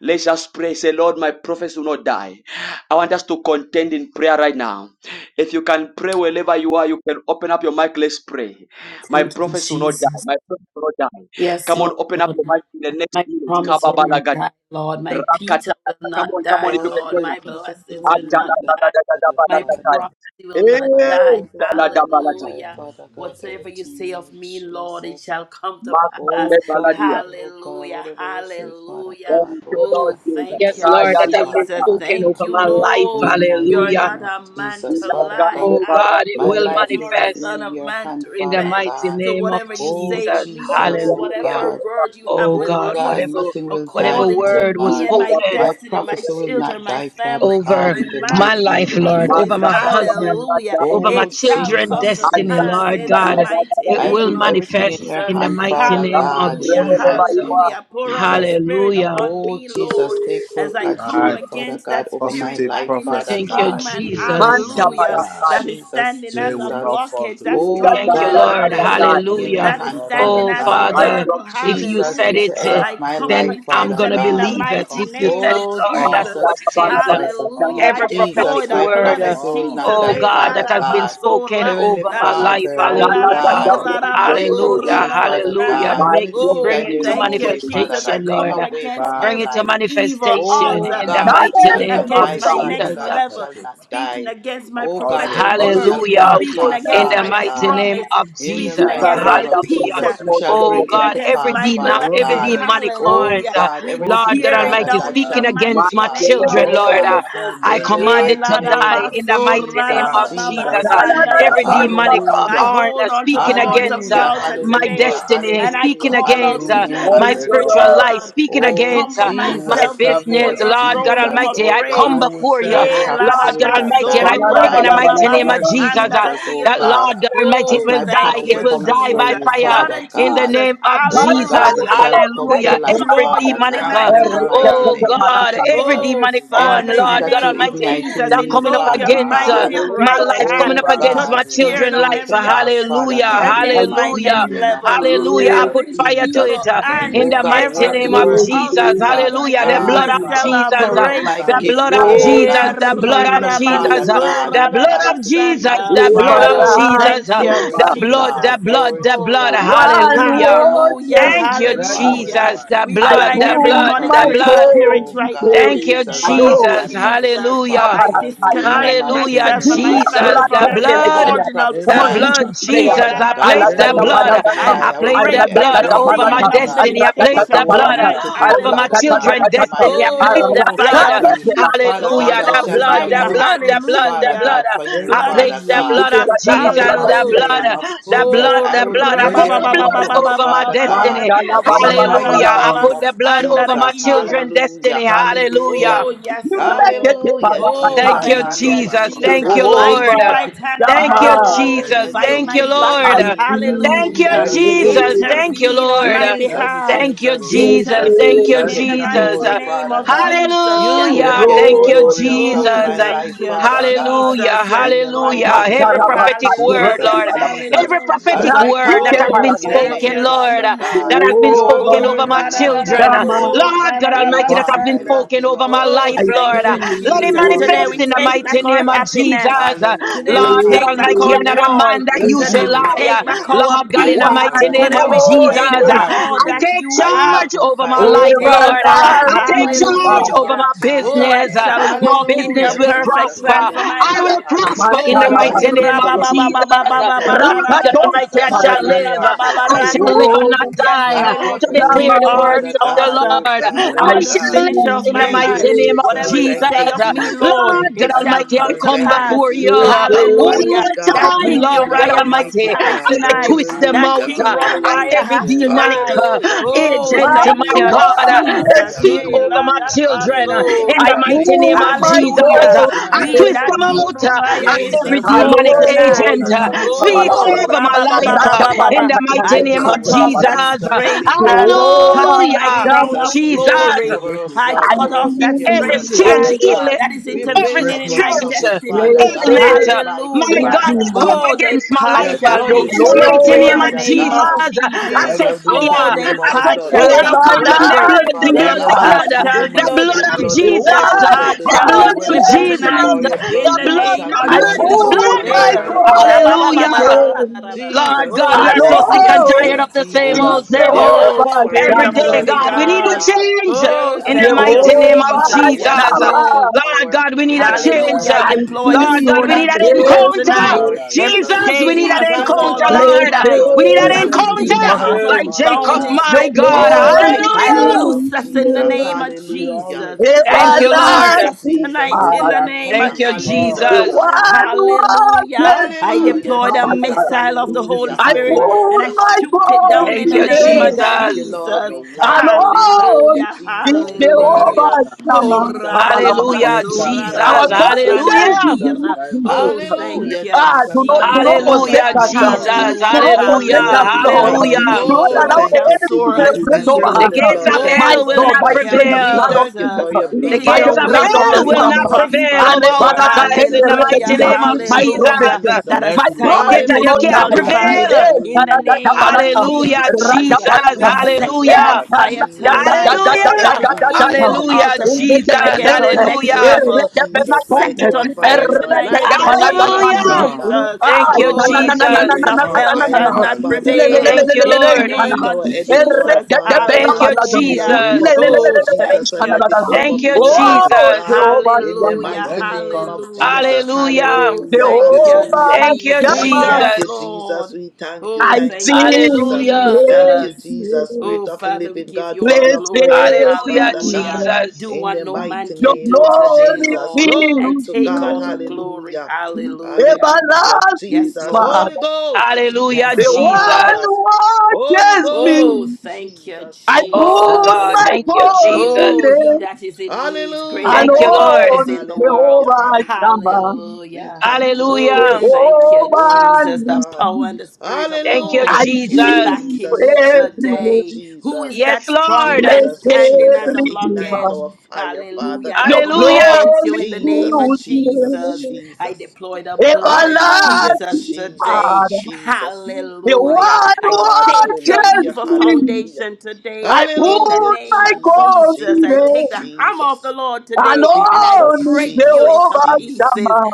S1: Let's just pray. Say, Lord, my prophets will not die. I want us to contend in prayer right now. If you can pray wherever you are, you can open up your mic. Let's pray. My
S15: Thank you,
S1: prophets will not
S15: Jesus.
S1: die. My prophets will not die.
S15: Yes,
S1: Come on,
S15: Lord.
S1: open up your mic in the next
S15: My
S1: minute.
S15: promise will not
S1: Kababalagada.
S15: die, Lord. My Peter
S1: Rakatakata.
S15: will
S1: Come
S15: not
S1: on, come on,
S15: die,
S1: if you can
S17: Lord,
S15: Lord.
S1: join
S17: my
S1: us.
S15: My
S17: prophet
S15: blessings
S17: will
S15: will
S17: not
S15: not
S17: die,
S15: die.
S17: Father
S15: My
S17: God.
S1: Adalagadagadabalagataya.
S15: prophecy will not
S17: My
S1: Eh,
S15: die.
S17: prophet will not
S1: daladabalata.
S17: die,
S15: Hallelujah.
S17: Father God.
S15: Whatsoever you
S17: Everything,
S15: say of
S17: Lord
S15: me, Lord, it
S17: Jesus.
S15: shall come to pass.
S17: Oh
S1: Makandebaladia.
S17: God, oh God,
S15: Hallelujah.
S17: whatever you say, Father
S15: Hallelujah.
S17: God,
S1: Thank you,
S17: oh
S15: Oh,
S1: Lord
S17: God, bring
S1: Jesus.
S15: thank you,
S17: everything to pass,
S15: Jesus.
S1: Kayalagata.
S17: Father
S15: Thank
S17: God.
S15: you,
S17: In
S15: Lord.
S17: the mighty
S15: You're not
S17: name of
S15: a man
S17: Jesus,
S15: to
S17: Father
S15: lie.
S17: God, my
S15: Hallelujah.
S17: life
S1: Ilagandebarasobeladia.
S17: will
S15: Nor a
S17: be
S15: son
S17: in
S15: of
S17: your
S15: man
S17: hand,
S15: to
S17: Father
S15: repent.
S17: God.
S15: So whatever you
S17: Oh
S15: say of me,
S17: Jesus,
S15: Lord,
S17: oh God.
S15: whatever word you have
S17: Oh God,
S15: released
S17: nothing will die,
S15: according to
S17: Father
S15: me
S17: God.
S15: and my
S17: My
S15: destiny, my
S17: prophecy will
S15: children,
S17: not
S15: my
S17: die, Father
S15: family,
S17: God,
S15: my
S17: in the mighty
S15: marriage, my
S17: name of
S15: business,
S1: Manta
S17: Jesus.
S15: hallelujah, it
S17: Oh
S15: shall come
S17: Jesus,
S15: to
S17: Jesus,
S15: pass in the
S17: Jesus.
S15: mighty
S17: I
S15: name
S17: put
S15: of
S17: everything in your
S15: Jesus.
S17: hand, Father God, in
S15: Hallelujah,
S17: the mighty name of
S15: hallelujah. Pour out your
S17: Jesus.
S15: spirit upon
S17: Oh
S15: me,
S17: Jesus,
S15: Lord,
S17: take full
S15: as I come up
S17: control,
S19: My
S17: Father
S15: against
S17: God,
S15: that
S17: over my
S15: spirit
S19: positive
S17: life,
S15: back in that
S17: Father
S19: prophecies
S15: strong
S17: God.
S15: man.
S19: will not
S15: Hallelujah
S1: para
S19: die.
S17: Jesus,
S1: kai,
S15: that is
S17: Jesus,
S15: standing as
S19: They
S15: a
S19: will
S17: Jesus.
S19: not fall
S15: blockage,
S19: to the
S15: that
S1: ini
S19: ground.
S17: Oh
S15: strong
S1: gajang
S15: man,
S17: God, I
S1: darah
S17: place
S1: kacai,
S15: hallelujah,
S17: everything
S19: They
S17: in your
S15: that
S19: will
S15: is
S17: hand,
S19: not fall
S17: Father
S15: standing
S19: to
S15: as a
S19: the
S17: God.
S1: I
S19: ground.
S15: hurdle,
S1: promise,
S17: Jesus, use
S15: hallelujah.
S17: the head of
S15: I
S19: Ah,
S17: my
S15: come up
S17: life,
S15: against
S17: Father
S15: them
S19: they
S15: in the
S19: will
S17: God.
S15: mighty
S19: accomplish
S15: name of
S17: Oh
S15: Jesus.
S19: all,
S17: Jesus,
S1: kata bana bana
S17: Jesus,
S1: gajang
S15: Hallelujah.
S19: all,
S15: I
S1: darah kacai,
S15: deploy
S17: Jesus,
S15: the
S17: my
S15: blood of
S17: prophecy will not
S19: all
S15: Jesus.
S17: die,
S15: Eh, la,
S17: Father
S15: da, ba,
S17: God.
S15: so, la,
S17: Heavenly
S19: that
S15: la, ba,
S17: Father, oh
S15: sanda,
S1: dana
S15: da,
S19: the
S15: he,
S1: gajah
S17: God,
S19: Lord
S15: la, da,
S1: berangkat
S15: ba,
S17: make a
S15: ho,
S19: wants
S1: lebih
S15: la,
S17: way,
S19: to
S15: da, ba,
S17: Father
S15: sanda.
S17: God.
S1: My
S17: When it seems
S15: Oh,
S17: like
S1: property,
S17: there is
S1: my
S17: no
S15: thank
S19: accomplish.
S15: you,
S17: way,
S1: property.
S17: Father
S15: Jesus. I
S17: God, make
S15: come
S17: a
S15: up
S17: way
S15: against
S17: for my
S19: Father,
S15: every
S17: life.
S15: evil
S17: Oh
S15: altar
S19: Father,
S17: God, it
S1: Nada
S17: shall
S1: es
S15: speaking
S19: let there
S17: not
S1: como
S19: be
S15: against
S17: die,
S19: a
S15: my
S1: tal,
S17: Father
S19: speedy
S15: next
S17: God, it
S15: level,
S17: shall
S19: manifestation
S17: not
S15: speaking
S17: die.
S15: against
S19: of
S15: my
S17: Oh
S19: all
S17: God,
S19: those
S15: prophetic
S1: no
S17: everything
S19: positive
S1: es
S15: word,
S17: shall come to
S19: prophecies.
S1: caudo
S15: speaking
S17: pass,
S1: ya,
S15: against
S19: Yes,
S17: Father
S15: my
S19: Lord.
S17: God.
S15: promise,
S17: In the
S15: speaking
S1: y
S17: mighty
S15: against
S17: name
S19: Father,
S15: my
S1: carrata
S17: of
S19: show me
S1: pronto
S15: Peter
S17: Jesus, you
S1: todo
S19: mercy.
S17: shall bring
S15: speaking
S17: it to
S15: against
S17: pass,
S15: my
S17: Father
S19: Show me
S15: blessing.
S17: God.
S19: mercy.
S17: Oh
S15: Hallelujah.
S17: God,
S15: We
S19: Hope
S17: everything,
S15: tear
S19: defend
S15: it
S17: Father
S19: mercy
S15: down
S17: God,
S15: in
S19: has
S15: the
S17: shall come to
S20: my
S15: mighty
S17: pass,
S15: name of
S20: children,
S17: Father
S19: All
S20: Lord.
S1: se
S20: Uh,
S17: God.
S19: the
S15: Jesus.
S19: time
S20: I
S19: makes
S17: In
S19: the
S17: the
S20: command it
S17: mighty
S20: to
S19: happy.
S17: name
S20: die
S15: I
S17: of
S20: in the mighty name
S17: Jesus,
S20: of
S19: Father, you said
S20: Jesus.
S1: La la
S17: Jesus,
S20: Uh,
S19: after we
S1: la la
S17: Jesus.
S19: suffer
S20: every
S19: the
S1: ba la ba
S19: little
S20: demonic
S1: la
S19: one,
S20: uh,
S1: ba.
S17: Hallelujah.
S20: arm
S15: hold
S20: uh,
S15: on to the
S20: speaking
S19: after we
S15: horns of
S19: have
S20: against
S15: the
S20: uh,
S17: Hallelujah,
S19: suffered
S15: altar
S19: the
S20: my
S19: little
S15: today
S17: hallelujah,
S19: one,
S20: destiny,
S15: and I
S20: speaking
S17: hallelujah,
S15: call
S19: you
S15: out
S20: against
S15: to
S20: uh,
S15: you,
S17: hallelujah,
S19: will
S20: my
S1: Thank
S19: make
S1: you,
S15: mighty
S19: us
S20: spiritual
S17: hallelujah.
S1: Lord.
S20: life,
S15: God.
S19: perfect.
S20: speaking
S15: I
S17: Oh,
S20: against
S15: humble
S20: uh,
S19: You
S20: my
S19: will
S17: Jesus,
S15: myself
S19: establish
S15: before
S20: business,
S17: Jesus,
S15: your
S19: us.
S20: Lord God
S15: throne
S17: Jesus,
S15: room of
S20: Almighty.
S17: oh
S20: I
S15: grace.
S19: You
S20: come
S17: God.
S19: will
S20: before you,
S17: My
S19: settle
S17: prophecy
S20: Lord
S19: us.
S20: God
S17: will not
S20: Almighty,
S17: die
S20: and
S1: La
S20: I
S17: in
S1: la
S17: the
S1: la
S20: pray
S1: ba
S20: in the
S1: la
S17: mighty
S19: You
S1: ba la
S20: mighty
S19: will
S1: ba
S17: name
S20: name
S1: la
S17: of
S20: of
S1: ba.
S19: strengthen
S20: Jesus
S19: us.
S20: uh,
S17: Jesus, oh
S20: that,
S17: God.
S19: Father,
S20: Lord God Almighty, it
S17: As
S15: Oh,
S20: will
S17: my
S20: die.
S15: thank
S19: your
S17: prophecy
S20: It
S15: you,
S19: words
S20: will
S17: come
S19: can
S20: die
S19: never
S17: before
S20: by
S15: Jesus.
S17: you,
S19: return to
S20: fire
S19: you.
S15: Blood
S17: Father
S15: of
S20: in the
S17: God.
S15: Jesus.
S20: name of
S17: Oh
S19: My
S20: Jesus.
S17: God, it
S15: Hallelujah.
S19: prophecies
S17: shall
S19: can
S1: Matanabo
S17: come
S15: I
S19: never
S17: to
S1: teke
S20: Hallelujah.
S19: die.
S1: mo
S17: life,
S20: Every
S15: deplore
S1: atman.
S15: you
S17: Father
S20: demonic,
S17: God,
S19: Can
S20: uh,
S15: tonight.
S17: in the
S1: Erre
S19: never
S1: teke
S17: mighty
S19: die.
S20: oh
S1: teke
S17: name
S15: Hallelujah.
S17: of
S20: God,
S1: marata.
S20: every
S17: Jesus.
S15: Oh,
S20: demonic
S19: You
S20: on,
S19: Lord
S15: Father,
S19: is
S15: in
S17: Anything
S15: the
S19: still
S20: Lord
S19: in
S17: that
S20: God
S19: the
S17: you
S15: name
S19: throne.
S15: of
S20: Almighty,
S17: ignite
S15: Jesus,
S17: in
S20: that
S17: me,
S20: coming up
S15: invoke your
S17: Father
S20: against.
S19: Father,
S20: uh,
S15: mighty
S17: God.
S20: my
S15: right
S1: Jehovah,
S20: life coming
S15: hand
S17: Oh
S20: up
S19: Father,
S20: against
S15: to
S17: God,
S20: my
S19: let it
S17: please
S15: tear
S20: children's
S19: happen.
S17: bring
S15: down
S17: it
S20: life.
S17: to
S15: every
S17: pass,
S15: altar
S17: Father
S20: Hallelujah.
S15: speaking
S19: Let
S17: God,
S19: the
S17: in the
S1: I
S15: against my
S1: see
S17: mighty
S20: Hallelujah.
S15: next
S17: name
S19: manifestation
S17: of
S15: level
S20: Hallelujah.
S19: come.
S20: I
S17: Jesus,
S20: put
S15: every
S20: fire to
S15: evil
S17: Jesus.
S20: it uh,
S19: Let it
S15: and
S20: in
S17: Oh
S20: the
S19: come
S17: God,
S19: to
S20: mighty
S15: every
S19: pass,
S17: work the
S19: O
S20: name of
S15: evil
S19: Lord.
S17: work in
S20: Jesus.
S15: altar
S17: me,
S15: speaking
S17: Father
S20: Hallelujah. The
S15: against
S19: Any
S15: my
S20: blood
S17: God.
S20: of
S1: you.
S19: power
S20: Jesus.
S17: Stir
S20: uh,
S17: up my
S20: The
S15: celebration.
S19: standing
S17: gift,
S20: blood of
S19: between me
S17: Father
S19: and
S1: Lord,
S20: Jesus.
S15: Eh,
S17: God.
S19: the
S20: The
S17: Stir
S20: blood
S17: it
S20: of
S17: up,
S19: manifestation,
S17: Father
S20: Jesus. uh,
S15: ra-ra-ra-baso,
S17: God,
S20: The
S17: in the
S20: blood of
S17: mighty name
S20: Jesus.
S17: of
S15: ra-ra-ra-basanda.
S20: The blood of
S19: fire,
S17: Jesus.
S15: Oh, thank
S20: Jesus. uh,
S1: everlasting
S15: you,
S17: Glory
S20: The
S1: Father,
S19: clear
S17: to
S19: the
S20: blood.
S19: way.
S15: Jesus.
S20: The
S17: God,
S15: Yes,
S20: blood.
S17: glory
S20: The
S17: to
S20: blood.
S15: Lord.
S17: God,
S19: Fire,
S17: glory
S1: one
S19: clear
S17: to
S19: the
S20: Hallelujah.
S19: way.
S17: God.
S15: Hallelujah,
S1: worship
S17: Stir
S20: Thank
S17: it
S20: you,
S17: up,
S19: Clear the
S17: Father
S19: way,
S15: hallelujah.
S17: God.
S20: Jesus.
S19: fire.
S20: The
S15: We
S1: I
S17: Stir
S20: blood,
S17: up
S15: blind
S17: the
S20: the
S15: every
S17: gift,
S1: put
S20: blood,
S19: In
S1: my
S20: the
S17: Father
S15: monitoring
S19: Jesus'
S20: blood.
S17: God.
S1: phone
S15: spirit
S19: name,
S17: Oh
S1: to
S15: right
S17: God,
S15: now
S20: Thank
S15: in the
S1: play
S20: you,
S17: Jesus,
S15: name
S19: fire,
S17: bring
S15: of
S19: clear
S17: my
S20: Jesus.
S19: the way.
S15: Jesus.
S17: prophecy to
S20: Hallelujah.
S15: I
S17: pass.
S19: Clear the
S1: alone.
S19: way.
S17: In the
S15: disconnect
S17: mighty
S20: Hallelujah,
S15: myself
S1: Come
S17: name
S15: and
S17: of
S15: my
S19: Fire,
S15: family
S20: Jesus,
S19: clear the
S20: the
S15: from
S19: way.
S17: Jesus,
S15: every
S17: I
S20: blood.
S17: shall
S15: cardinal
S20: The
S19: Every
S1: on,
S15: point.
S17: prophesy,
S1: push
S20: blood,
S1: and
S19: obstacle,
S1: pray.
S20: Jesus,
S15: Hey,
S17: Father
S20: I
S15: Lada
S20: place
S17: God. I
S20: the
S19: every
S1: Alagata
S17: will
S15: Basola.
S20: blood.
S19: wall of
S1: palagata,
S15: I
S20: I
S17: prophesy.
S19: Jericho,
S17: I will
S20: place
S17: bring
S20: the
S15: break
S20: blood
S15: every
S1: aragata
S17: everything,
S19: every
S20: over my
S1: parata,
S15: ceiling
S17: Father
S15: of
S19: demonic
S17: God,
S20: destiny. I place
S17: what
S1: aragata
S17: you
S20: the
S15: limitation
S17: want
S20: blood
S1: palata,
S17: me
S15: tonight.
S17: to
S19: obstacle,
S17: do,
S20: over my
S17: Father
S1: aragata
S17: God,
S15: Hallelujah.
S20: children's
S17: in the
S1: palata,
S20: destiny. I
S17: mighty
S19: every
S17: name
S20: place
S15: Oh,
S17: of
S20: the
S19: yoke
S1: aragata
S20: blood.
S15: fire
S19: of
S15: of
S17: Jesus.
S19: the,
S1: bela.
S15: Jesus.
S17: Father
S15: Holy
S17: God,
S20: Hallelujah.
S17: I
S20: The
S15: Ghost
S17: shall be
S20: blood,
S19: every
S17: a
S20: the
S15: fire.
S19: yoke,
S20: blood, the
S17: mouthpiece,
S20: blood, the
S17: Father
S15: Hallelujah.
S20: blood.
S17: God, for you,
S20: I
S15: Blood
S19: every
S15: of
S17: Father
S20: place the
S19: yoke
S17: God.
S20: blood of
S15: Jesus.
S1: Ibigata
S17: In the
S20: Jesus,
S19: of
S20: the
S17: mighty
S1: palagatia,
S19: the
S20: blood,
S17: name
S15: Hallelujah.
S19: enemy,
S17: of
S20: the
S17: Jesus,
S20: blood,
S17: I
S20: the
S17: will
S20: blood.
S17: be
S20: I put
S17: your
S20: the
S19: every
S20: blood
S19: yoke.
S17: mouthpiece,
S20: over my
S17: Father
S20: destiny.
S17: God.
S1: manchala
S19: of
S17: In
S1: bara
S17: the
S1: bara
S19: evil
S17: mighty
S20: Hallelujah.
S1: bara.
S20: I
S17: name
S20: put
S19: covenant,
S20: the
S17: of
S20: blood over my
S17: Jesus,
S20: children's destiny.
S17: hallelujah,
S19: standing
S20: Hallelujah.
S17: hallelujah,
S19: between
S1: Mirakete
S17: hallelujah,
S19: the
S20: Thank
S1: palata,
S17: Jesus,
S20: you,
S19: fulfillment of my
S20: Jesus.
S17: hallelujah,
S20: Thank
S19: prophecy.
S20: you, Lord.
S1: Jehovah,
S17: hallelujah,
S20: Thank you,
S1: Yama,
S19: Father, let
S17: hallelujah,
S19: the
S20: Jesus.
S19: yoke
S20: Thank
S19: be
S20: you,
S17: Jesus,
S1: I
S20: Lord.
S19: broken.
S17: Jesus,
S20: Thank
S1: see
S20: you,
S19: Let the
S17: Jesus,
S19: yoke be
S20: Jesus.
S1: you.
S17: Jesus,
S19: broken.
S20: Thank you, Lord.
S19: Let the
S17: Jesus,
S19: shame
S20: Thank
S19: be
S20: you,
S17: Jesus,
S19: broken.
S20: Jesus.
S17: Jesus, you
S20: Thank you,
S17: shall
S1: Blessed
S19: Let the
S17: get the
S1: be
S19: shackles
S20: Jesus.
S19: be
S17: glory,
S19: broken,
S17: Father
S19: O Lord.
S17: God. You
S1: your
S17: will
S20: Hallelujah.
S17: get the
S20: Thank
S19: Every
S20: you,
S17: glory
S1: glory.
S19: obstacle,
S17: out of
S20: Jesus.
S17: my life,
S1: be.
S17: Father
S19: Father,
S17: God.
S20: Hallelujah.
S17: In the
S20: Hallelujah.
S17: mighty
S19: let them
S20: Every
S17: name
S19: be
S17: of
S1: Jehovah,
S20: prophetic word,
S19: broken
S17: Jesus,
S20: Lord.
S19: now in
S17: Jesus,
S19: Jesus'
S20: Every
S19: name.
S17: as
S20: prophetic
S17: I
S20: word
S17: call
S20: that has
S15: Oh,
S20: been
S17: upon your
S15: thank
S19: Every
S17: name,
S20: spoken,
S15: you,
S20: Lord,
S17: Father
S19: prophecy,
S17: God,
S20: that
S15: Jesus.
S20: has been
S17: you are
S20: spoken
S15: Oh,
S20: over my
S17: worthy,
S19: every
S17: Lord, you are
S20: children.
S1: Dama,
S15: ra-da-da-da-ba-so,
S17: worthy.
S20: Lord God
S17: Oh
S20: Almighty, that
S17: God,
S20: have
S19: positive,
S20: been
S17: I
S15: ra-da-da-ba-sanda.
S17: love
S20: spoken
S17: you,
S20: over my
S17: Lord. I
S15: Oh,
S1: I
S20: life,
S1: see
S20: Lord.
S15: thank you,
S17: oh
S20: Let
S19: every
S20: it
S15: Jesus.
S17: Jesus,
S15: Today
S1: you,
S20: manifest
S15: we
S19: positive
S20: in the
S17: Jesus,
S15: take
S20: mighty
S15: back
S19: prophetic
S15: our
S20: name
S19: word
S20: of
S17: Jesus.
S19: of our
S20: Jesus.
S15: happiness.
S19: life,
S20: Uh,
S15: Today
S19: let
S17: Hallelujah,
S15: we
S20: Lord
S19: it
S20: God
S19: come
S15: take
S19: to
S15: back
S19: pass.
S20: Almighty,
S15: our
S20: you're not
S1: Lady
S17: hallelujah,
S20: a
S15: joy.
S20: man that
S19: Let
S17: hallelujah.
S20: you
S19: it
S17: I
S20: shall
S15: Today
S19: come
S15: we
S19: to
S1: Redeemer,
S20: lie.
S17: praise
S19: pass,
S20: Uh,
S15: take
S17: your
S19: O
S15: back
S19: Lord.
S17: name.
S15: our
S20: Lord
S1: the
S20: God,
S17: I
S20: in the
S15: peace.
S17: lift
S1: one
S20: mighty
S19: Father,
S17: you
S19: your
S20: name
S17: up,
S15: Today
S20: of
S19: word
S15: we
S17: Lord.
S1: who
S19: says,
S20: Jesus,
S17: I
S15: take
S20: uh,
S1: saves
S15: back
S19: ask,
S17: worship
S1: me,
S15: all
S20: I
S17: you.
S15: that
S20: take
S15: you
S17: I
S15: have
S20: charge over
S17: magnify
S20: my
S17: you,
S19: ask,
S20: life,
S19: and you
S15: ordained
S20: Lord.
S17: Father
S20: Uh,
S15: for
S19: shall
S15: us.
S17: God,
S20: I
S17: in
S19: receive.
S17: the
S20: take
S1: everlasting
S17: mighty
S20: charge
S17: name
S20: over
S1: Father,
S17: of
S15: Hallelujah.
S20: my
S15: Oh,
S17: Jesus.
S19: Father,
S15: I
S20: business.
S19: let
S20: Uh,
S15: shall
S19: this
S20: My
S15: walk in
S19: positive
S15: your
S20: business
S17: Hallelujah,
S20: will
S19: prophetic
S17: Jesus.
S15: perfect
S19: word
S20: prosper.
S15: plan
S19: come.
S15: for my
S20: I will
S17: Hallelujah,
S15: life.
S20: prosper in the
S17: hallelujah,
S15: Oh,
S19: Let there
S20: mighty
S15: ra
S20: name
S19: be a
S20: of
S15: ra ra
S17: hallelujah.
S15: ra
S1: Matarabasi,
S15: ra
S20: Jesus.
S15: ba ba ba ba
S19: manifestation
S17: I
S20: Uh,
S15: ba ba
S17: thank you,
S20: Lord God
S1: Rakaton,
S15: ba
S17: Jesus.
S20: Almighty,
S15: ba
S20: I
S17: I
S19: from
S20: shall
S17: thank
S1: Separati,
S17: you,
S20: live.
S19: prayers
S20: Uh,
S19: to
S17: Jesus.
S20: I
S17: I
S20: shall
S19: answers,
S20: live and
S17: worship
S1: Jehovah,
S20: not
S17: you.
S15: Yes,
S20: die
S19: from
S17: I
S15: Lord,
S20: to
S17: lift you
S19: prophecies
S1: Dama,
S17: up,
S15: you
S20: declare the
S15: are
S19: to
S20: works
S17: Father
S15: the
S20: of the
S17: God,
S15: author,
S17: oh
S20: Lord.
S15: you
S17: God,
S1: I
S17: oh
S20: I
S15: are
S19: reality.
S15: the
S1: see
S20: shall
S17: God.
S15: finisher
S20: live
S1: you,
S15: of
S20: in the
S15: my
S17: Thank you,
S15: life.
S19: Let
S20: mighty name
S19: me
S20: of
S17: Jesus.
S15: Whatever
S19: carry
S1: Lady
S15: you
S19: my
S20: Jesus.
S17: Thank you,
S15: say of
S19: head.
S15: me,
S17: Jesus.
S15: Lord,
S20: Lord
S17: Thank
S20: God
S17: you,
S15: it
S19: Let me
S15: shall
S20: Almighty, I
S15: come
S17: Jesus.
S19: carry
S15: to
S19: my
S20: come
S17: Thank you,
S15: pass.
S20: before
S19: evidence,
S20: you
S19: O
S17: Jesus.
S19: Lord.
S20: one
S1: Redeemer.
S20: more
S17: Mighty
S15: Hallelujah. That
S17: God,
S20: time,
S19: Father,
S15: King
S17: mighty
S19: we
S1: the
S20: Lord God
S19: have
S15: Uriah
S17: God,
S15: must
S17: mighty
S20: Almighty.
S19: suffered.
S15: die
S17: God.
S20: I
S15: tonight.
S20: twist
S19: I
S20: them
S19: have
S15: That
S17: Hallelujah,
S20: out.
S15: King
S20: I
S19: suffered. Your word
S15: Uriah
S17: hallelujah.
S20: every
S15: have to
S19: says,
S20: demonic
S19: after you
S15: die.
S20: uh,
S17: Hallelujah,
S19: suffered the little
S17: Jesus.
S15: Oh,
S1: What
S19: while.
S20: agent,
S15: thank
S1: do
S20: my
S15: you,
S17: Hallelujah,
S20: God, uh,
S1: I
S20: that
S19: Father,
S15: Jesus.
S17: hallelujah,
S20: speak
S15: Eh,
S1: it?
S20: over
S15: la
S20: my
S15: da
S17: hallelujah,
S15: ba
S19: say
S20: children uh,
S19: your
S17: hallelujah.
S15: so
S20: in
S1: I
S20: the
S15: ra.
S19: word.
S20: mighty name
S1: put
S20: of
S17: Jesus,
S1: my
S20: Jesus.
S19: Your
S17: Jesus,
S20: uh,
S15: Hallelujah.
S1: coat
S20: I
S15: We
S1: in
S17: Jesus,
S20: twist
S19: word.
S15: that
S20: them
S17: Jesus.
S20: out
S15: kingdom
S20: uh,
S15: fire
S20: as
S15: is
S19: Even
S20: every
S17: Jesus,
S19: heaven and
S15: dethroned
S20: demonic
S17: Jesus,
S19: earth
S15: tonight.
S20: agent
S19: shall
S17: Jesus.
S20: uh,
S1: alone.
S19: pass
S17: Oh
S19: away,
S20: speak
S19: but
S17: God,
S15: Oh,
S19: your
S20: over
S19: word
S20: my
S19: shall
S17: Jesus,
S19: never.
S20: life uh,
S17: Jesus.
S20: in
S15: rabba
S20: the
S17: Bring
S20: mighty
S15: I
S17: them
S20: name
S19: Your
S17: in
S20: of
S15: cut
S17: from
S19: word
S17: the
S15: off
S20: Jesus.
S19: says
S15: that
S17: fields of
S20: uh,
S15: strange
S17: sin,
S19: that
S15: hand
S17: Father
S19: after I
S17: God.
S1: Jehovah,
S15: touching
S19: suffer,
S15: my
S20: Hallelujah.
S19: this thing,
S15: crown
S1: Shammah,
S17: Jesus,
S15: of
S17: Jesus,
S19: you
S20: Jesus
S19: will
S15: glory.
S17: cover
S19: make me
S17: us,
S15: I
S17: Lord.
S1: I
S19: perfect.
S15: cut
S17: Cover us
S15: off
S17: with
S1: feel
S15: that
S17: your
S19: You
S20: every
S19: will
S17: blood,
S15: strange
S20: strange
S17: Father
S19: establish
S15: hand
S19: me.
S1: it.
S17: God.
S20: healing,
S15: that is
S17: We
S19: You will
S17: pray
S20: every
S15: intervening
S17: for
S15: in
S19: strengthen
S17: blood
S15: my
S19: me.
S20: strange uh,
S17: coverage,
S19: And
S15: destiny.
S19: you
S17: Father
S19: will say
S17: God,
S19: me,
S17: in
S1: Blessed
S20: ailment,
S17: the
S20: uh,
S17: mighty
S20: my
S17: name
S19: Father,
S15: Hallelujah.
S20: God,
S17: of
S20: come
S1: Redeemer,
S20: up
S15: Oh, their
S17: Jesus.
S20: against my
S15: path
S17: Your
S20: life.
S19: let
S20: uh,
S15: shall
S19: there
S17: blood
S1: your
S19: be
S15: be
S19: a
S17: is
S20: In
S17: the
S20: the
S19: speedy
S17: remedy,
S20: mighty
S15: slippery
S20: name
S15: in the
S1: glory
S20: of
S17: Father
S19: manifestation.
S15: name
S20: Jesus,
S15: of
S17: God.
S20: uh,
S15: Jesus.
S1: is
S20: I
S19: Let
S20: said
S19: there
S17: Jesus,
S19: be
S17: we
S19: a
S15: Oh,
S20: fire,
S17: thank you
S15: their
S19: speedy
S17: for
S20: I
S17: the
S20: said
S15: path
S17: blood. We
S15: shall
S20: fire, I
S15: be
S19: manifestation.
S17: thank you
S20: call
S17: for the
S20: on the
S15: slippery.
S17: blood,
S20: blood, the
S1: everlasting
S17: Father
S19: Let
S15: Their
S20: blood,
S19: there
S20: the
S17: God.
S19: be a
S20: blood,
S15: path
S20: uh,
S1: Father.
S17: The
S15: shall
S19: speedy
S15: be
S20: the
S17: blood, the
S20: blood
S19: manifestation,
S20: of
S15: slippery.
S17: blood,
S19: O
S17: the
S20: Jesus,
S19: Lord.
S15: Their
S17: blood, the
S20: uh,
S1: What
S17: blood,
S15: path
S17: the
S20: the
S15: shall
S17: blood.
S15: be
S20: blood
S19: Your
S1: was
S20: of
S19: words
S15: slippery
S17: Thank
S20: Jesus,
S19: makes
S17: you
S19: it
S15: tonight
S17: for
S1: it?
S17: your
S20: uh,
S19: clear.
S15: in
S17: blood,
S20: the
S15: the
S17: Lord.
S20: blood,
S15: name
S17: Thank
S20: the
S17: you
S15: of
S1: I
S19: It
S17: for
S20: blood,
S17: the
S20: the
S19: makes
S15: Jesus.
S19: it
S17: blood.
S1: put
S17: Thank
S20: blood.
S17: you
S1: my
S15: Eh,
S17: for
S19: clear,
S17: the blood,
S19: Father.
S1: coat
S17: Father
S20: Hallelujah.
S17: God.
S1: in
S15: rababababababababa.
S20: Lord
S17: Jesus,
S20: God, we
S15: Oh,
S19: Your
S20: are
S1: Hello,
S20: so
S19: words
S15: thank
S17: Jesus,
S20: sick
S15: you,
S19: makes
S20: and
S19: it
S17: Jesus,
S20: tired
S19: clear.
S15: Jesus.
S20: of the same
S19: In
S17: Jesus.
S20: old, same
S17: There
S19: Isaiah.
S20: old.
S17: is
S15: Oh,
S1: Jehovah
S17: power in
S15: Spirit
S17: your
S20: Every
S15: of the
S1: Shammah,
S20: day,
S19: 55
S17: blood,
S15: Living
S20: God, we
S19: 11.
S17: Father
S20: need a
S15: God.
S17: God.
S20: change
S17: There
S15: Oh,
S17: is
S20: in the
S15: thank
S17: power.
S19: Isaiah
S15: you,
S20: mighty
S17: There
S20: name
S17: is
S20: of
S19: 55
S1: Jehovah
S15: Jesus.
S17: power. What
S15: Yes,
S19: 11.
S17: that
S20: Jesus.
S17: works in
S15: Lord.
S1: Shammah,
S20: Lord
S17: power
S20: God, we need
S17: in
S20: a
S17: the blood
S20: change.
S15: Hallelujah.
S17: of
S15: I
S19: Isaiah
S1: I
S15: deploy the
S17: Jesus.
S19: fifty-five
S20: Lord
S17: We
S20: God,
S15: sword
S20: we
S1: sing
S19: eleven.
S20: need
S17: thank
S15: of
S17: you
S20: an
S17: for
S15: Gideon
S17: the
S1: praise to
S17: blood,
S20: encounter.
S15: tonight.
S1: you,
S17: Lord
S19: Father, your
S15: Every
S17: Jesus.
S19: word
S20: Jesus, we
S19: makes
S15: chain
S19: it
S20: need
S17: We
S15: has
S20: an
S15: to
S17: thank you
S15: fall
S20: encounter,
S19: clear.
S17: for
S15: off
S17: your
S20: Lord.
S17: blood,
S1: blessed
S15: tonight.
S17: Lord.
S20: We
S17: We
S20: need
S19: You
S20: an
S17: thank
S19: said
S17: you.
S19: it will
S15: Everything
S17: We
S19: be
S15: that
S20: encounter
S1: Redeemer,
S17: thank
S15: has
S17: you,
S19: saved
S15: us
S20: like
S19: with my
S17: Father
S20: Jacob,
S15: bound
S17: God.
S19: word.
S15: is
S1: your
S20: my
S15: getting
S20: God.
S17: In the
S19: I
S1: glory
S15: loose.
S1: to
S19: send it
S17: mighty
S15: I
S17: name
S20: Hallelujah.
S19: out,
S17: of
S15: loose us in the
S17: Jesus.
S1: you,
S19: and
S15: name
S19: it
S15: of
S19: will
S17: Hallelujah.
S15: Jesus.
S19: always
S15: I
S19: produce
S20: Thank you,
S19: fruit.
S20: Lord.
S15: loose
S17: Hallelujah,
S15: us
S1: everlasting
S17: Jesus.
S15: tonight
S19: It
S15: in
S1: God,
S19: will
S15: the name
S17: Hallelujah.
S20: Thank
S15: of
S19: accomplish
S20: you,
S19: all
S1: the
S15: Jesus.
S19: I
S17: Hallelujah.
S20: Jesus.
S1: one
S19: want it
S1: who
S19: to.
S17: Hallelujah.
S1: was
S15: Hallelujah. I
S19: Father,
S17: Hallelujah,
S15: deploy the
S19: this,
S1: blessed.
S17: Jesus.
S19: I,
S15: missile of the
S19: this
S15: Holy
S17: Hallelujah.
S19: is
S1: I
S19: your
S15: Spirit
S19: word.
S15: and
S1: put
S15: I
S17: Hallelujah.
S1: my
S15: shoot it
S17: Hallelujah.
S15: down in
S20: Thank
S19: Heaven
S15: the
S20: you,
S19: and earth
S15: name
S17: We
S1: confidence
S15: of
S19: can
S17: thank
S19: pass
S17: you,
S20: Jesus.
S19: away,
S17: Lord.
S19: but
S15: Jesus.
S19: your
S17: We thank
S19: word
S17: you. We
S19: can.
S17: thank you,
S1: Alone,
S15: Hallelujah,
S1: in
S17: Jesus. We
S19: Your
S17: lift
S19: word
S17: you
S1: Jehovah
S15: hallelujah.
S17: up.
S19: can
S15: Oh,
S1: Shammah,
S19: never.
S17: Jesus,
S1: Kabalabalaba.
S20: Hallelujah,
S19: It
S17: Jesus,
S15: rabababaso,
S19: can
S17: Jesus,
S1: Our
S20: Jesus.
S19: never.
S17: Jesus,
S1: confidence
S15: rararabasandara.
S20: Hallelujah.
S1: is
S17: Jesus.
S1: in you,
S19: That's what
S1: Jesus.
S15: oh,
S19: you said.
S15: thank
S17: Hallelujah,
S15: you,
S1: Ah,
S17: Jesus.
S1: do not,
S19: You are the
S1: do not
S15: Jesus.
S17: Hallelujah,
S19: covenant
S1: forsake
S20: Hallelujah,
S1: us,
S19: keeping
S1: Lord.
S19: God.
S17: hallelujah,
S20: Jesus.
S1: Do
S15: Hallelujah,
S1: not
S20: Hallelujah.
S17: hallelujah.
S1: forsake
S19: You are
S1: us,
S19: the
S1: Lord.
S15: hallelujah.
S17: Thank
S20: Hallelujah.
S19: covenant
S17: you,
S1: Do
S19: keeping
S1: not
S15: Oh,
S17: Jesus.
S15: we
S1: allow
S19: God.
S17: Thank
S1: the
S15: shall
S17: you,
S1: enemy to
S15: soar
S19: It
S17: Jesus.
S15: as
S19: is the
S1: celebrate
S17: Thank you
S1: over
S19: same
S17: for
S20: The
S19: with
S17: the
S15: eagles.
S1: us.
S19: my
S20: gates
S17: blood.
S20: of
S19: word.
S17: Thank
S1: My
S17: you
S15: Oh,
S20: hell
S17: for
S20: will
S17: the
S1: God,
S20: not
S1: by
S19: I
S15: thank
S17: blood.
S15: you,
S19: send
S1: the
S19: it
S17: We
S1: blood
S20: prevail.
S1: of
S19: out
S17: thank you
S1: Jesus,
S17: for
S15: Jesus.
S17: your
S19: and it
S15: It
S20: The
S17: blood,
S19: will
S15: is
S1: by the
S15: your
S20: gates
S17: Lord.
S20: of
S19: always
S15: will
S1: blood
S17: Thank you
S1: of
S15: for
S1: the
S19: produce
S17: for
S20: hell
S15: us
S17: your
S20: will
S15: to
S19: fruit.
S1: Lamb,
S20: not
S17: blood.
S20: prevail
S15: prosper.
S20: over our
S17: Jesus,
S19: Father,
S20: lives in the
S17: Jesus,
S15: Hallelujah,
S20: mighty
S1: Alebadagatenderebedia.
S19: let
S20: name
S17: Jesus,
S20: of
S19: me,
S1: my
S20: Jesus.
S17: Jesus,
S1: prophet,
S15: hallelujah. That
S17: Jesus.
S1: my
S19: let me
S1: prophet
S15: assignment
S20: Satan,
S1: will
S15: is
S20: you
S1: not
S17: Hallelujah,
S20: can't
S19: carry
S1: die.
S17: Jesus.
S15: nullified
S20: prevail.
S1: Eh,
S15: in the
S17: Hallelujah,
S15: name
S19: the
S15: of
S1: Kadagadabalata,
S19: harvest.
S17: hallelujah,
S20: Hallelujah,
S15: Jesus.
S20: Jesus.
S17: hallelujah,
S19: The
S15: We
S1: Radabalata.
S15: set
S19: harvest of
S17: hallelujah.
S15: them on
S19: my
S20: Hallelujah.
S1: Oh,
S19: fruit,
S15: fire
S17: Jesus,
S19: oh
S15: tonight.
S20: Hallelujah.
S17: Jesus,
S15: Every
S19: Father, let
S17: Jesus,
S19: me,
S15: evil
S20: Hallelujah,
S15: altar
S17: Jesus.
S19: let me
S15: speaking
S19: carry
S20: Jesus.
S15: against
S19: my
S15: our
S17: Jesus,
S15: next
S20: Hallelujah.
S15: level,
S17: Jesus,
S19: evidence.
S15: we
S17: Jesus, light
S15: set it
S17: our
S15: on
S17: fire,
S15: fire
S19: Let
S17: Lord.
S19: the
S15: tonight
S17: Light
S15: in the
S17: our
S19: prophecy
S15: name
S17: fire,
S15: of
S17: Father
S20: Hallelujah.
S17: God.
S19: become,
S15: Jesus.
S20: Thank you,
S17: Oh
S15: Oh,
S17: God,
S15: the
S17: more
S15: gates
S20: Jesus.
S17: grace,
S15: of
S19: becomes
S17: more
S15: hell
S19: my
S17: oil
S15: shall
S17: on us,
S15: not
S19: reality.
S17: Father
S15: prevail
S17: God.
S20: Thank you,
S15: in the
S20: Lord.
S17: Anoint
S15: name
S19: In
S15: of
S17: our head with
S19: Jesus'
S17: oil,
S19: mighty
S15: Jesus.
S19: name.
S17: Father
S20: Thank you,
S17: God. Fill our
S15: Hallelujah.
S19: In
S17: cup,
S20: Jesus.
S17: Lord
S15: Oh,
S19: Jesus' mighty
S17: Jesus,
S15: thank
S17: and
S15: you,
S19: name.
S17: let it
S19: Father.
S20: Thank you,
S17: overflow,
S15: Jesus.
S19: Let it
S17: Father
S19: come to
S20: Jesus.
S17: God.
S19: pass.
S1: Jehovah
S17: In the
S1: Shammah,
S15: Hallelujah,
S17: mighty
S19: Let it
S17: name
S19: come
S17: of
S19: to
S15: hallelujah.
S19: pass.
S17: Jesus.
S20: Hallelujah.
S15: Oh,
S17: Hallelujah,
S19: In
S15: thank
S19: Jesus'
S15: you,
S19: mighty
S17: hallelujah.
S1: Jehovah
S20: Thank you,
S17: We
S19: name.
S15: Jesus.
S19: Amen.
S1: Shammah,
S17: thank
S15: Yes,
S17: you,
S20: Jesus.
S17: Jesus.
S15: Lord.
S17: We thank you.
S15: Oh,
S1: I
S17: Thank you,
S15: thank you,
S17: Jesus.
S1: sing
S20: Hallelujah.
S17: Thank you,
S15: Jesus.
S17: Jesus.
S1: praise,
S17: Spirit
S15: Oh,
S17: of the
S15: Father, we
S17: living
S15: give
S17: God,
S15: you all the
S17: fall afresh
S15: glory.
S17: on us,
S1: praise,
S20: Hallelujah,
S17: Father
S15: Hallelujah.
S17: God,
S1: praise,
S15: Do
S20: Jesus.
S17: in
S15: what
S17: the
S15: no man
S17: mighty
S1: Your
S15: can
S17: name
S15: do
S17: of
S15: today,
S1: glory
S17: Jesus.
S15: Lord,
S17: Glory
S15: and
S1: fills
S17: to
S15: take
S17: God.
S15: all the
S1: me.
S15: glory.
S17: Hallelujah.
S15: Hallelujah.
S17: Hallelujah.
S1: Everlasting
S15: Yes,
S17: Jesus.
S1: Father,
S17: Holy
S15: Lord.
S17: Ghost.
S20: Hallelujah,
S15: Yes,
S1: the
S17: Jesus.
S15: Lord.
S20: Jesus.
S1: one
S17: Jesus.
S1: who
S17: Holy
S1: watches
S15: Oh,
S1: me.
S17: Ghost.
S15: thank you,
S17: Jesus.
S1: I
S20: Oh,
S17: Jesus.
S1: put
S20: God.
S15: Jesus.
S1: my
S20: Thank you,
S17: Hallelujah.
S15: Oh,
S20: Jesus.
S15: he
S17: Hallelujah.
S1: confidence
S15: that is in me is
S17: Hallelujah.
S15: greater
S20: Thank you,
S15: than he that
S20: Lord.
S17: Jesus.
S15: is
S1: alone in
S15: in the world.
S17: Hallelujah.
S1: Jehovah
S17: Hallelujah.
S1: Shammah.
S17: We
S15: Hallelujah.
S17: thank you. We
S15: Oh,
S20: Hallelujah.
S17: worship
S15: thank
S17: you.
S15: you,
S17: Glory
S1: Jehovah
S17: to
S15: Jesus.
S1: Nissi.
S15: The
S17: God.
S15: power and the Spirit of the
S20: Thank you,
S15: Lord
S1: I
S17: Hallelujah.
S15: is
S20: Jesus.
S15: backing
S1: give
S15: me
S17: Jesus, Jesus,
S1: everyone,
S15: today. Who is
S17: Jesus,
S15: that
S20: Yes,
S15: strong
S20: Lord.
S1: bless
S15: man
S17: Jesus,
S15: standing as a
S17: Jesus.
S1: every
S17: Ignite
S15: blockage?
S17: our
S1: demon.
S17: fire,
S15: Hallelujah.
S17: Father
S15: I
S1: Your
S15: come
S17: God.
S15: up
S20: Hallelujah.
S15: against you
S1: glory
S15: in the name of
S17: Jesus,
S1: fills
S17: Jesus,
S15: Jesus.
S1: me.
S15: I
S17: Jesus.
S15: deploy the blood of
S17: Hallelujah.
S15: Jesus
S1: Everlasting
S15: today.
S1: Father.
S17: Jesus, Jesus.
S1: The
S15: Hallelujah.
S17: Mighty
S1: one
S15: I
S1: who
S17: God.
S15: shake your
S1: watches
S17: Hallelujah.
S15: evil
S1: me.
S17: Hallelujah.
S15: foundation today
S1: I
S15: in the
S1: put
S17: Hallelujah.
S15: name
S1: my
S15: of
S17: Jesus,
S15: Jesus. I take
S17: Jesus,
S15: the
S1: confidence
S15: hammer of the
S17: Jesus.
S15: Lord today and I
S1: alone
S17: Jesus,
S1: in
S15: break you
S17: Jesus,
S15: into
S1: Jehovah
S17: Jesus.
S15: pieces.
S1: Shammah.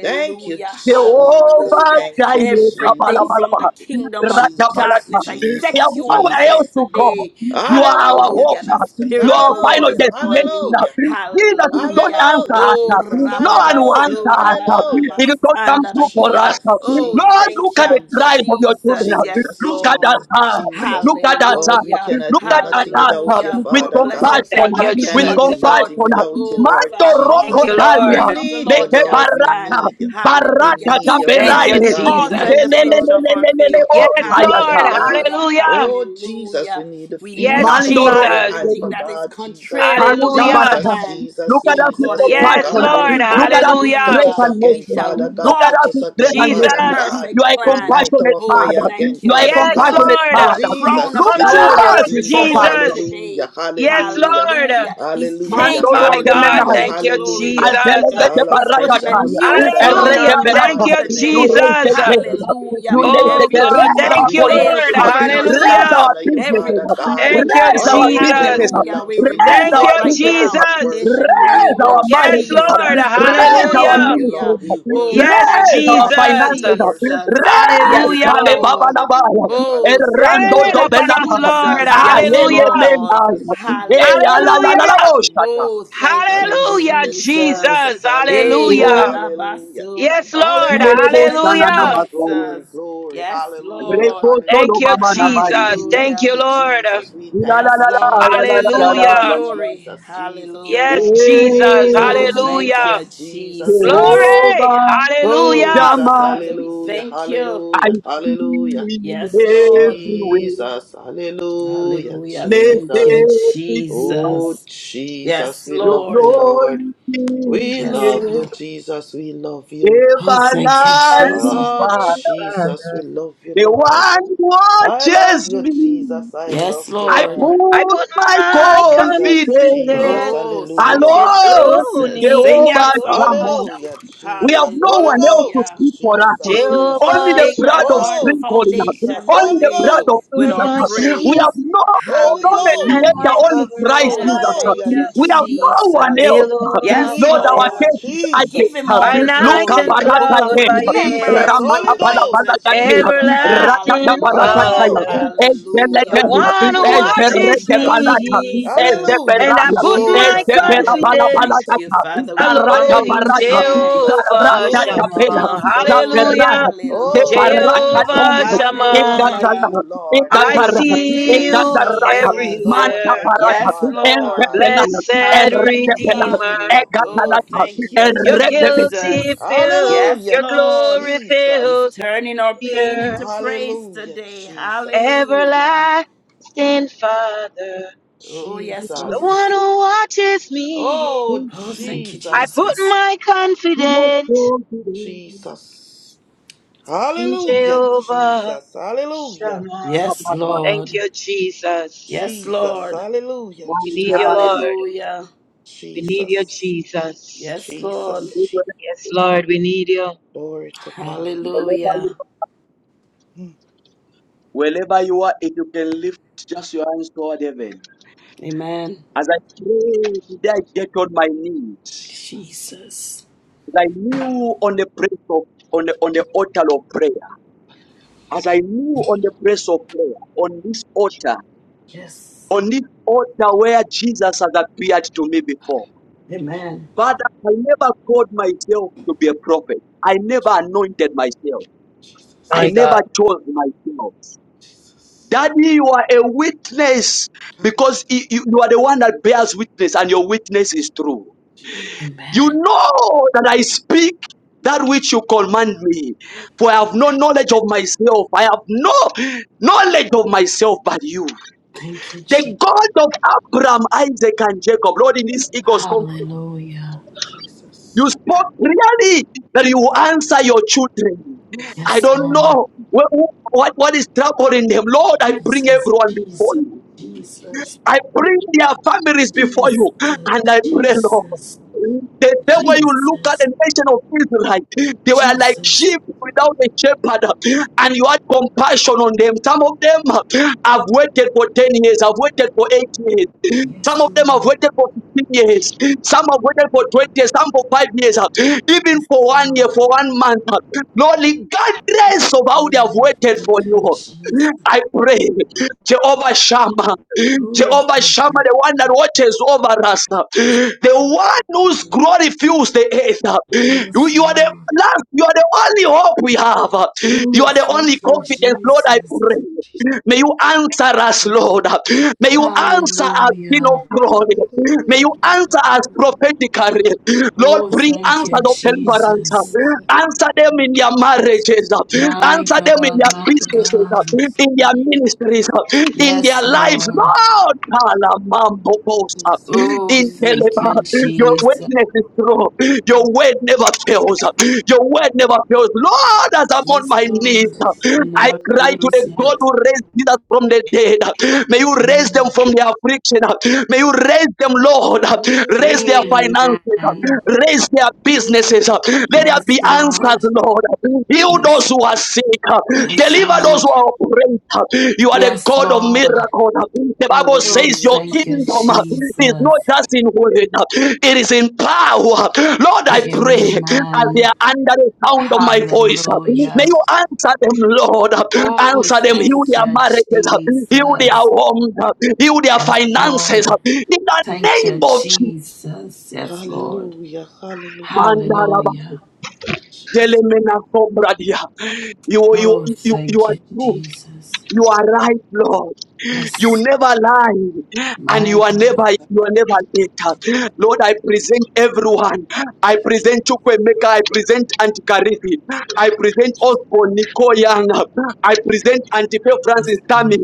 S17: Thank you, Jesus.
S1: Jehovah
S15: Hallelujah.
S17: Thank you,
S1: Jireh,
S15: Everything
S17: Jesus.
S15: from the
S1: Kabalabalaba,
S15: kingdom of
S17: Jesus,
S1: Radabalata.
S15: darkness. I
S1: We
S15: set
S1: have
S17: Jesus,
S15: you on
S1: nowhere
S15: fire
S1: else
S17: Jesus.
S1: to go.
S15: today.
S1: You are our
S17: Hallelujah,
S1: hope.
S15: Hallelujah. The
S17: Jesus.
S1: You
S15: Spirit
S1: are
S15: of
S1: our
S15: the Lord
S1: final
S15: is
S17: Hallelujah,
S15: upon
S1: destination.
S15: me.
S17: hallelujah.
S1: Jesus, if you don't
S15: Hallelujah.
S1: answer
S17: Hallelujah,
S1: us,
S15: Oh,
S1: no
S17: Jesus.
S1: one will
S17: Hallelujah,
S1: answer
S15: rababasura la
S1: us.
S15: la la
S17: hallelujah.
S1: If you don't come
S15: basanda da
S1: through for
S15: hira.
S1: us,
S17: Jesus,
S15: Oh,
S1: Lord,
S17: Jesus,
S15: thank
S1: look
S15: you,
S1: at the cries
S17: Jesus,
S1: of your children.
S15: Jesus. Yes,
S17: Jesus,
S1: Look at us.
S15: Lord.
S17: Jesus, Jesus.
S1: Look at us.
S17: Lord, we
S15: Hallelujah.
S17: cannot
S1: Look
S17: do
S1: at
S17: nothing without
S1: us
S17: you,
S15: Hallelujah.
S1: with
S15: Our
S17: Father God.
S15: blessing shall
S20: Thank
S17: We
S15: not
S20: you,
S1: compassion.
S15: be
S1: With
S17: cannot
S15: cut
S17: do
S20: Jesus.
S15: short.
S17: nothing without
S1: compassion.
S17: you,
S15: Oh,
S17: Lord
S1: Mando
S15: Father,
S20: Thank
S1: roko
S15: only
S17: Jesus.
S20: you,
S15: the
S17: We
S1: talia.
S15: counsel
S20: Lord.
S15: of the
S17: need you,
S15: Lord
S1: Leke
S15: shall
S17: Lord. We
S15: stand.
S1: barata.
S17: need you. We
S15: Hallelujah.
S1: Barata
S17: need
S1: da
S15: He
S17: you,
S20: Thank
S15: is
S20: you,
S17: Father
S1: belaye.
S15: the
S17: God. We
S15: author and
S20: Jesus.
S17: need
S15: the
S17: you, Lord.
S15: finisher
S17: We
S15: of our
S17: need the
S1: Lenenenenenenene
S15: faith.
S17: touch of you,
S20: Yes,
S17: Father
S20: Lord.
S1: osayata.
S17: God.
S15: Hallelujah.
S20: Hallelujah.
S17: Oh, Jesus, we
S15: Hallelujah.
S17: need to
S15: We
S17: feel the
S20: Yes,
S17: touch of
S1: Mandoro.
S15: nullify
S17: your hand,
S20: Jesus.
S15: everything
S17: for
S15: that is
S17: God, Jesus.
S15: contrary to
S1: Kaluta
S15: God's
S20: Hallelujah.
S1: barata.
S17: Jesus,
S15: plan
S1: Look
S17: Jesus,
S1: at
S15: in
S1: us with
S17: Jesus.
S15: accordance to
S17: Oh,
S15: our
S20: Yes,
S1: compassion.
S17: God,
S15: life.
S20: Lord.
S17: Holy
S1: Look at
S17: Ghost.
S1: us with
S20: Hallelujah.
S17: Touch
S1: grace
S17: us
S15: Hallelujah.
S1: and
S15: We
S17: again,
S1: mercy.
S15: shall
S17: Father God.
S1: Look at
S17: Touch
S15: walk
S1: us
S17: us
S1: with
S17: again,
S1: grace
S15: in
S1: and
S15: his
S17: Father
S1: mercy.
S20: Jesus.
S17: God.
S1: You
S15: perfect
S1: are a
S15: plan.
S17: Ignite our
S1: compassionate
S15: Oh,
S17: fire
S1: father. You
S17: again,
S15: thank you,
S1: are a
S17: Father
S20: Yes,
S15: Jesus.
S17: God.
S1: compassionate
S15: Our
S20: Lord.
S1: father.
S15: crown
S17: Jesus,
S1: Look
S15: of
S20: Come
S1: at
S20: true for
S17: Jesus,
S15: glory
S1: us
S15: is
S20: us,
S1: with
S17: Jesus.
S15: restored
S1: compassion.
S20: Jesus.
S15: today.
S17: Hallelujah,
S20: Yes,
S17: hallelujah.
S20: Lord.
S15: Hallelujah. He's
S17: Hallelujah,
S15: changing
S20: My
S15: our
S20: God.
S1: Mandoro
S17: hallelujah,
S20: Thank
S15: garment.
S20: you,
S15: Glory
S17: hallelujah.
S15: be to
S20: Jesus.
S15: God.
S17: Father,
S15: He's
S17: fresh
S15: putting a
S17: on us,
S1: Alpelegedebarakataya,
S15: new
S17: Father
S15: song in
S20: Hallelujah.
S17: God,
S15: our
S17: in the
S15: mouth
S20: Thank
S1: eregebelata,
S20: you,
S17: mighty name
S15: today.
S17: of
S20: Jesus.
S17: Jesus.
S1: nureisepeda,
S15: Hallelujah.
S17: We love
S20: Oh,
S17: you,
S1: nuleiseke.
S15: Every
S20: God.
S1: Raise
S17: Jesus.
S15: demonic
S1: our
S20: Thank
S17: We
S20: you,
S15: veil
S20: Lord.
S17: worship
S1: politicians up.
S17: you,
S15: covering our
S17: Jesus. We
S1: Raise
S20: Hallelujah.
S15: stars,
S1: our
S17: honor you,
S15: every
S1: businesses
S17: Father
S1: up.
S17: God.
S15: cobweb
S20: Thank you,
S1: Raise
S15: spirit.
S1: our
S17: All our glory
S20: Jesus.
S1: businesses up.
S15: Hallelujah. We
S17: belongs to you,
S1: Raise
S15: remove
S20: Thank you,
S1: our
S15: it
S17: Father
S15: right
S1: businesses
S17: God. We
S15: now
S1: up.
S20: Jesus.
S15: in the
S17: worship you. We
S1: Raise
S15: name of
S1: our
S17: worship you,
S20: Yes,
S1: marriages
S17: Lord.
S1: up.
S20: Lord.
S15: Jesus.
S17: We
S1: Raise our
S17: worship
S20: Hallelujah.
S17: you,
S15: Hallelujah.
S1: ministries
S17: Lord. We
S1: up.
S15: Oh,
S17: worship you.
S20: Yes,
S17: We
S15: thank
S1: Raise
S15: you,
S1: our
S17: worship you.
S20: Jesus.
S17: We
S1: finances up.
S17: worship
S15: Jesus.
S17: you. We
S15: Yes,
S1: la
S17: lift
S20: Hallelujah.
S17: you up.
S15: Lord.
S17: Hallelujah.
S15: Oh,
S17: Hallelujah.
S15: thank you,
S20: Rain upon us,
S17: Hallelujah.
S20: Lord.
S15: Jesus. Yes,
S17: Hallelujah.
S20: Hallelujah.
S15: Lord.
S17: Jesus, Jesus,
S1: la la
S17: Jesus,
S1: la,
S15: Hallelujah.
S20: Hallelujah.
S17: Jesus.
S15: Oh, thank you,
S20: Hallelujah,
S17: Hallelujah,
S15: Jesus.
S17: Jesus.
S20: Jesus.
S15: Hey,
S17: Hallelujah,
S20: Hallelujah.
S1: Eyalalalaboshata.
S17: hallelujah.
S15: Ladabasura.
S20: Yes, Lord.
S15: Thank you,
S17: Hallelujah,
S1: Imelebo sana na
S20: Hallelujah.
S17: Jesus.
S1: masaya.
S17: Glory,
S15: Jesus.
S17: glory.
S15: Yes,
S17: Hallelujah,
S1: Reko
S15: Lord.
S1: solo
S20: Thank you,
S17: hallelujah.
S1: baba na bari.
S17: We
S20: Jesus. Thank
S17: thank
S20: you,
S15: Hallelujah.
S17: you,
S20: Lord.
S17: Jesus. We
S1: La
S17: thank
S1: la
S15: Yes,
S1: la
S17: you,
S1: la
S15: Lord, we
S1: la la la
S17: Jesus,
S15: give you
S1: la
S15: all
S1: la
S15: the
S20: Hallelujah.
S1: la
S17: Jesus,
S1: la la.
S15: glory.
S17: Jesus, Jesus.
S20: Yes,
S15: Hallelujah.
S20: Jesus.
S15: Oh,
S17: Jesus,
S1: Eh,
S15: thank
S20: Hallelujah.
S15: you,
S17: Jesus, Jesus,
S15: Jesus.
S17: Jesus.
S20: Glory.
S1: Jehovah
S15: Oh,
S20: Hallelujah.
S17: Jesus,
S1: Shammah,
S15: Father, we
S17: hallelujah,
S15: thank you.
S1: I
S17: hallelujah,
S1: see
S17: hallelujah.
S1: you
S15: Yes, Lord.
S1: everywhere.
S17: Jesus, hallelujah,
S15: Hallelujah. Thank
S17: Jesus.
S15: you,
S1: Blessed be
S17: Oh,
S15: Jesus.
S17: Jesus,
S15: Yes,
S17: we
S1: your
S17: love the
S15: Lord.
S17: Lord.
S1: glory in
S17: We
S1: the
S15: Yes,
S17: love you,
S15: Lord.
S1: air.
S17: Jesus, we love you.
S15: Oh, thank you,
S20: Yes,
S1: Everlasting
S15: Jesus.
S17: Oh,
S1: Father,
S17: Jesus, we
S20: Father.
S17: love you,
S1: the
S17: Lord.
S1: one who
S17: I love
S1: watches
S17: you,
S1: me.
S17: Jesus, I love
S15: Yes,
S17: you,
S1: I
S15: Lord.
S17: Lord.
S20: I
S1: put
S20: put
S1: my
S20: my
S17: Jesus,
S1: confidence
S17: Jesus,
S20: confidence
S15: Oh, thank
S17: hallelujah.
S15: you,
S1: Alone,
S20: alone
S15: Jesus.
S20: in
S15: Sing
S1: Jehovah
S15: out
S20: Jehovah
S15: song.
S1: Shammah.
S20: Shammah.
S17: Hallelujah,
S1: We have
S17: Jesus.
S1: no
S17: Holy
S1: one else to
S15: Hallelujah.
S1: speak
S17: Ghost,
S1: for us.
S17: Jesus.
S15: Oh,
S1: Only
S20: Jehovah
S1: the
S15: shake that
S1: blood
S20: Shammah.
S1: of
S17: Oh,
S15: hardened
S1: sprinkling
S17: Jesus,
S15: foundation
S1: Only
S17: Holy
S1: the blood
S15: today
S1: of
S17: Ghost,
S20: You
S15: with
S20: are
S1: Jesus.
S15: our
S20: my
S17: Jesus.
S1: We have
S20: shield
S15: praise.
S1: no,
S17: Holy
S1: no
S17: Ghost,
S20: and
S1: mediator,
S20: my
S15: Hallelujah.
S1: only
S17: Jesus.
S20: covering,
S1: Christ
S15: Oh, thank
S17: Hallelujah,
S1: Jesus.
S15: you,
S20: hallelujah.
S1: We have
S17: Jesus.
S1: no
S20: A
S1: one
S15: Jesus.
S1: else.
S20: pillar of
S15: Yes,
S1: Lord, our
S17: Jesus,
S20: fire
S15: Lord.
S1: case is
S15: Give him
S17: Jesus,
S15: all
S20: by
S15: the
S1: urgent. Look
S20: night
S1: up
S17: Jesus,
S15: glory.
S20: and
S1: at
S15: The
S1: us
S15: book of
S20: cloud by
S1: again.
S20: day.
S17: Jesus,
S15: remembrance is
S1: Ramana
S17: Holy
S1: bala
S15: open
S1: bala
S17: Ghost,
S1: yataya,
S15: today.
S17: Jesus,
S1: radada
S20: Everlasting
S15: Hallelujah.
S1: barakataya,
S17: Hallelujah,
S20: Father, the
S15: Hallelujah.
S17: Jesus,
S1: ezelegaya,
S20: one who
S15: Oh,
S17: Jesus,
S15: thank
S20: watches
S1: ezerege
S15: you,
S17: Jesus,
S1: balata,
S20: me.
S15: Jesus.
S17: Hallelujah,
S20: And I
S1: ezeberaya,
S20: put
S15: Oh,
S20: my
S17: Jesus, we
S1: ezebera
S17: love
S15: Father,
S17: you,
S15: we
S1: bala bala
S20: confidence
S15: thank
S17: Jesus.
S15: you.
S1: yata,
S15: Father, we honor
S1: barata
S20: alone
S15: you
S17: Hey,
S20: in
S1: barata,
S15: tonight.
S17: Jesus,
S20: Jehovah
S1: zarata
S17: Jesus,
S15: Oh, King
S1: yapela,
S20: Shammah.
S15: of
S17: Jesus.
S15: glory.
S1: zaberaya,
S20: Hallelujah,
S1: de
S17: Oh,
S15: Hallelujah.
S1: barata
S17: Jesus,
S20: Jehovah
S1: tonga,
S17: there's no one
S20: Shammah.
S17: like
S1: edadala,
S17: you,
S15: Hallelujah.
S17: Lord.
S20: I
S15: Oh,
S1: edadara,
S15: thank
S20: see
S15: you,
S20: you
S17: Jesus,
S1: edadarata,
S17: there is no
S15: Jesus.
S17: one
S1: manta
S20: everywhere.
S17: like you,
S1: barata,
S15: Yes,
S17: Father
S15: Lord.
S17: God.
S1: ezebelaya,
S20: Blessed
S1: eredebelaya,
S17: Jesus,
S15: Hallelujah.
S17: we
S20: Redeemer,
S17: love you,
S15: Oh,
S17: Lord.
S1: egadalata,
S15: thank you,
S20: Your
S17: Jesus.
S1: eredebelaya.
S20: guilty
S15: Jesus.
S20: fill,
S15: Yes,
S20: your
S17: Hallelujah,
S15: Lord.
S20: glory
S15: He's
S17: Jesus.
S20: fills
S15: turning our
S20: the
S15: pain into
S20: earth.
S15: praise
S17: Hallelujah,
S15: today.
S17: Jesus.
S15: Hallelujah.
S20: Everlasting Father,
S15: Oh, yes,
S20: the
S15: Lord.
S17: Jesus.
S20: one who watches me.
S17: Oh,
S15: Oh, thank you,
S20: I
S17: Jesus.
S20: put
S15: Jesus.
S20: my
S1: We must
S20: confidence
S1: go to
S17: Jesus.
S20: in
S17: Hallelujah,
S20: Jehovah
S17: Jesus. Hallelujah.
S20: Shammah.
S15: Yes,
S20: Thank
S15: Lord.
S20: you, Jesus.
S15: Yes,
S17: Jesus.
S15: Lord.
S17: Hallelujah,
S20: We need you,
S1: wherever you
S17: Jesus.
S20: Lord.
S15: Hallelujah.
S20: We need you,
S17: Jesus.
S20: Jesus.
S15: Yes, Lord.
S17: Jesus. Je-
S1: are,
S20: Yes, Lord, we need you.
S17: Glory to God.
S15: Hallelujah.
S1: wherever you are, if you can lift just your hands toward heaven.
S15: Amen.
S1: As I pray, today I get on my knees.
S15: Jesus.
S1: As I kneel on the place of on the on the altar of prayer. As I kneel on the place of prayer, on this altar,
S15: Yes.
S1: on this altar where Jesus has appeared to me before.
S15: Amen.
S1: Father, I never called myself to be a prophet. I never anointed myself. I
S20: My
S1: never
S20: God.
S1: chose myself. Daddy, you are a witness
S17: Hallelujah,
S1: because you, you you are the one that bears witness, and your witness is true. You
S15: Amen.
S1: know that I speak that which you command me, for I have no
S15: Thank
S1: knowledge
S15: you.
S1: of myself. I have no knowledge of myself but you.
S15: Thank you,
S1: The
S15: Jesus.
S1: God of Abraham, Isaac, and Jacob, Lord, in this Eagles conference,
S15: Hallelujah.
S17: Jesus.
S1: you spoke clearly that you will answer your children.
S17: Yes,
S1: I
S15: Yes,
S17: Lord.
S1: don't
S15: Lord.
S1: know what, what, what is troubling them. Lord, I bring
S15: Jesus.
S1: everyone before
S15: Jesus.
S1: you.
S15: Jesus.
S1: I bring their families before you
S15: Jesus.
S1: and I pray, Lord.
S15: Jesus.
S1: The day when you look at the
S15: Jesus.
S1: nation of Israel, they were like
S15: Jesus.
S1: sheep without a shepherd, and you had compassion on them. Some of them have waited for 10 years, have waited for 8 years, some
S15: Yes,
S1: of them have
S15: Lord.
S1: waited for 15 years, some have waited for 20 years, some for 5 years, even
S15: Yes,
S1: for one year,
S15: Lord.
S1: for one month. Lord, regardless of how they have
S15: Hallelujah.
S1: waited
S15: Thank
S1: for
S15: you, Jesus.
S1: you, I pray, Jehovah Shammah.
S15: Oh,
S1: Jehovah
S15: thank
S1: Shammah,
S15: you.
S1: the one that
S15: Jesus.
S1: watches over us, the one whose glory fills the earth. You,
S15: Yes,
S1: you are the
S15: Lord.
S1: last, you are the only hope we have. You
S15: Oh,
S1: are the only
S15: thank you,
S1: confidence, Lord. I
S15: Jesus.
S1: pray. May you answer us, Lord. May you answer us, King of
S15: Hallelujah.
S1: glory. May you answer us prophetically. Lord,
S15: Oh,
S1: bring
S15: thank
S1: answer
S15: you,
S1: of deliverance.
S15: Jesus.
S1: Answer them in their marriages.
S15: My
S1: Answer them in
S15: God,
S1: their
S15: my
S17: Thank you,
S1: businesses,
S15: God.
S17: Jesus.
S1: in their
S17: Thank you,
S1: ministries,
S17: Jesus.
S1: in their
S15: Yes,
S1: lives.
S15: Lord.
S1: Lord, Kalamambobosa.
S17: Jesus.
S15: Oh,
S1: in
S17: Jesus.
S15: thank
S1: Telema,
S15: you,
S17: Jesus.
S1: your
S15: Jesus.
S1: witness is true. Your word never fails.
S17: Jesus.
S1: Your word never fails. Lord, as I'm on
S15: Yes,
S1: my knees,
S15: Lord.
S17: Jesus,
S15: You
S1: I
S15: never
S1: cry
S17: hallelujah,
S15: fail
S1: to the
S15: us
S1: God
S15: yet.
S1: who
S17: Jesus,
S1: raised Jesus from from the dead. May you raise them
S15: Mm.
S1: from their affliction. May you raise them, Lord. Raise their
S17: hallelujah,
S1: finances.
S15: Amen.
S1: Raise their
S17: oh
S1: businesses. Let there
S15: Yes,
S1: be
S17: Jesus,
S1: answers,
S15: Lord.
S1: Lord. Heal
S15: Yes.
S1: those who are sick.
S15: Yes,
S1: Deliver those
S15: Lord.
S1: who are oppressed. You are the
S15: Yes,
S1: God of
S15: Lord.
S1: miracles. The Bible
S15: Oh,
S1: says
S17: hallelujah,
S1: your
S15: thank you,
S1: kingdom
S17: Jesus,
S1: is not
S15: Jesus.
S1: just in word, it is in power. Lord, I pray as they
S15: Amen.
S1: are under the sound of my voice. May
S15: Hallelujah.
S1: you answer them, Lord.
S15: Oh,
S1: Answer them.
S17: Jesus,
S1: Heal
S15: thank
S1: their
S15: you,
S1: marriages. Heal their
S15: Jesus.
S1: homes. Heal their
S15: Yes,
S1: finances.
S15: Lord.
S1: In the
S15: Thank
S1: name
S15: you,
S1: of Jesus.
S15: Jesus. Yes, Lord.
S17: hallelujah, hallelujah,
S1: Mandaraba.
S15: Hallelujah.
S17: Jesus,
S1: Delemena kobradia. You, you,
S15: Oh,
S1: you, you
S15: thank
S1: are
S15: you,
S1: true.
S15: Jesus.
S1: You are right, Lord. You
S15: Yes,
S1: never lie and
S15: my
S1: you are
S15: God.
S1: never you are never late. Lord, I present everyone. I present Chukwemeka. I present Auntie Karithi. I present Osborne Nikoyana. I present Auntie Faith Francis
S15: Yes,
S1: Tami.
S15: Lord.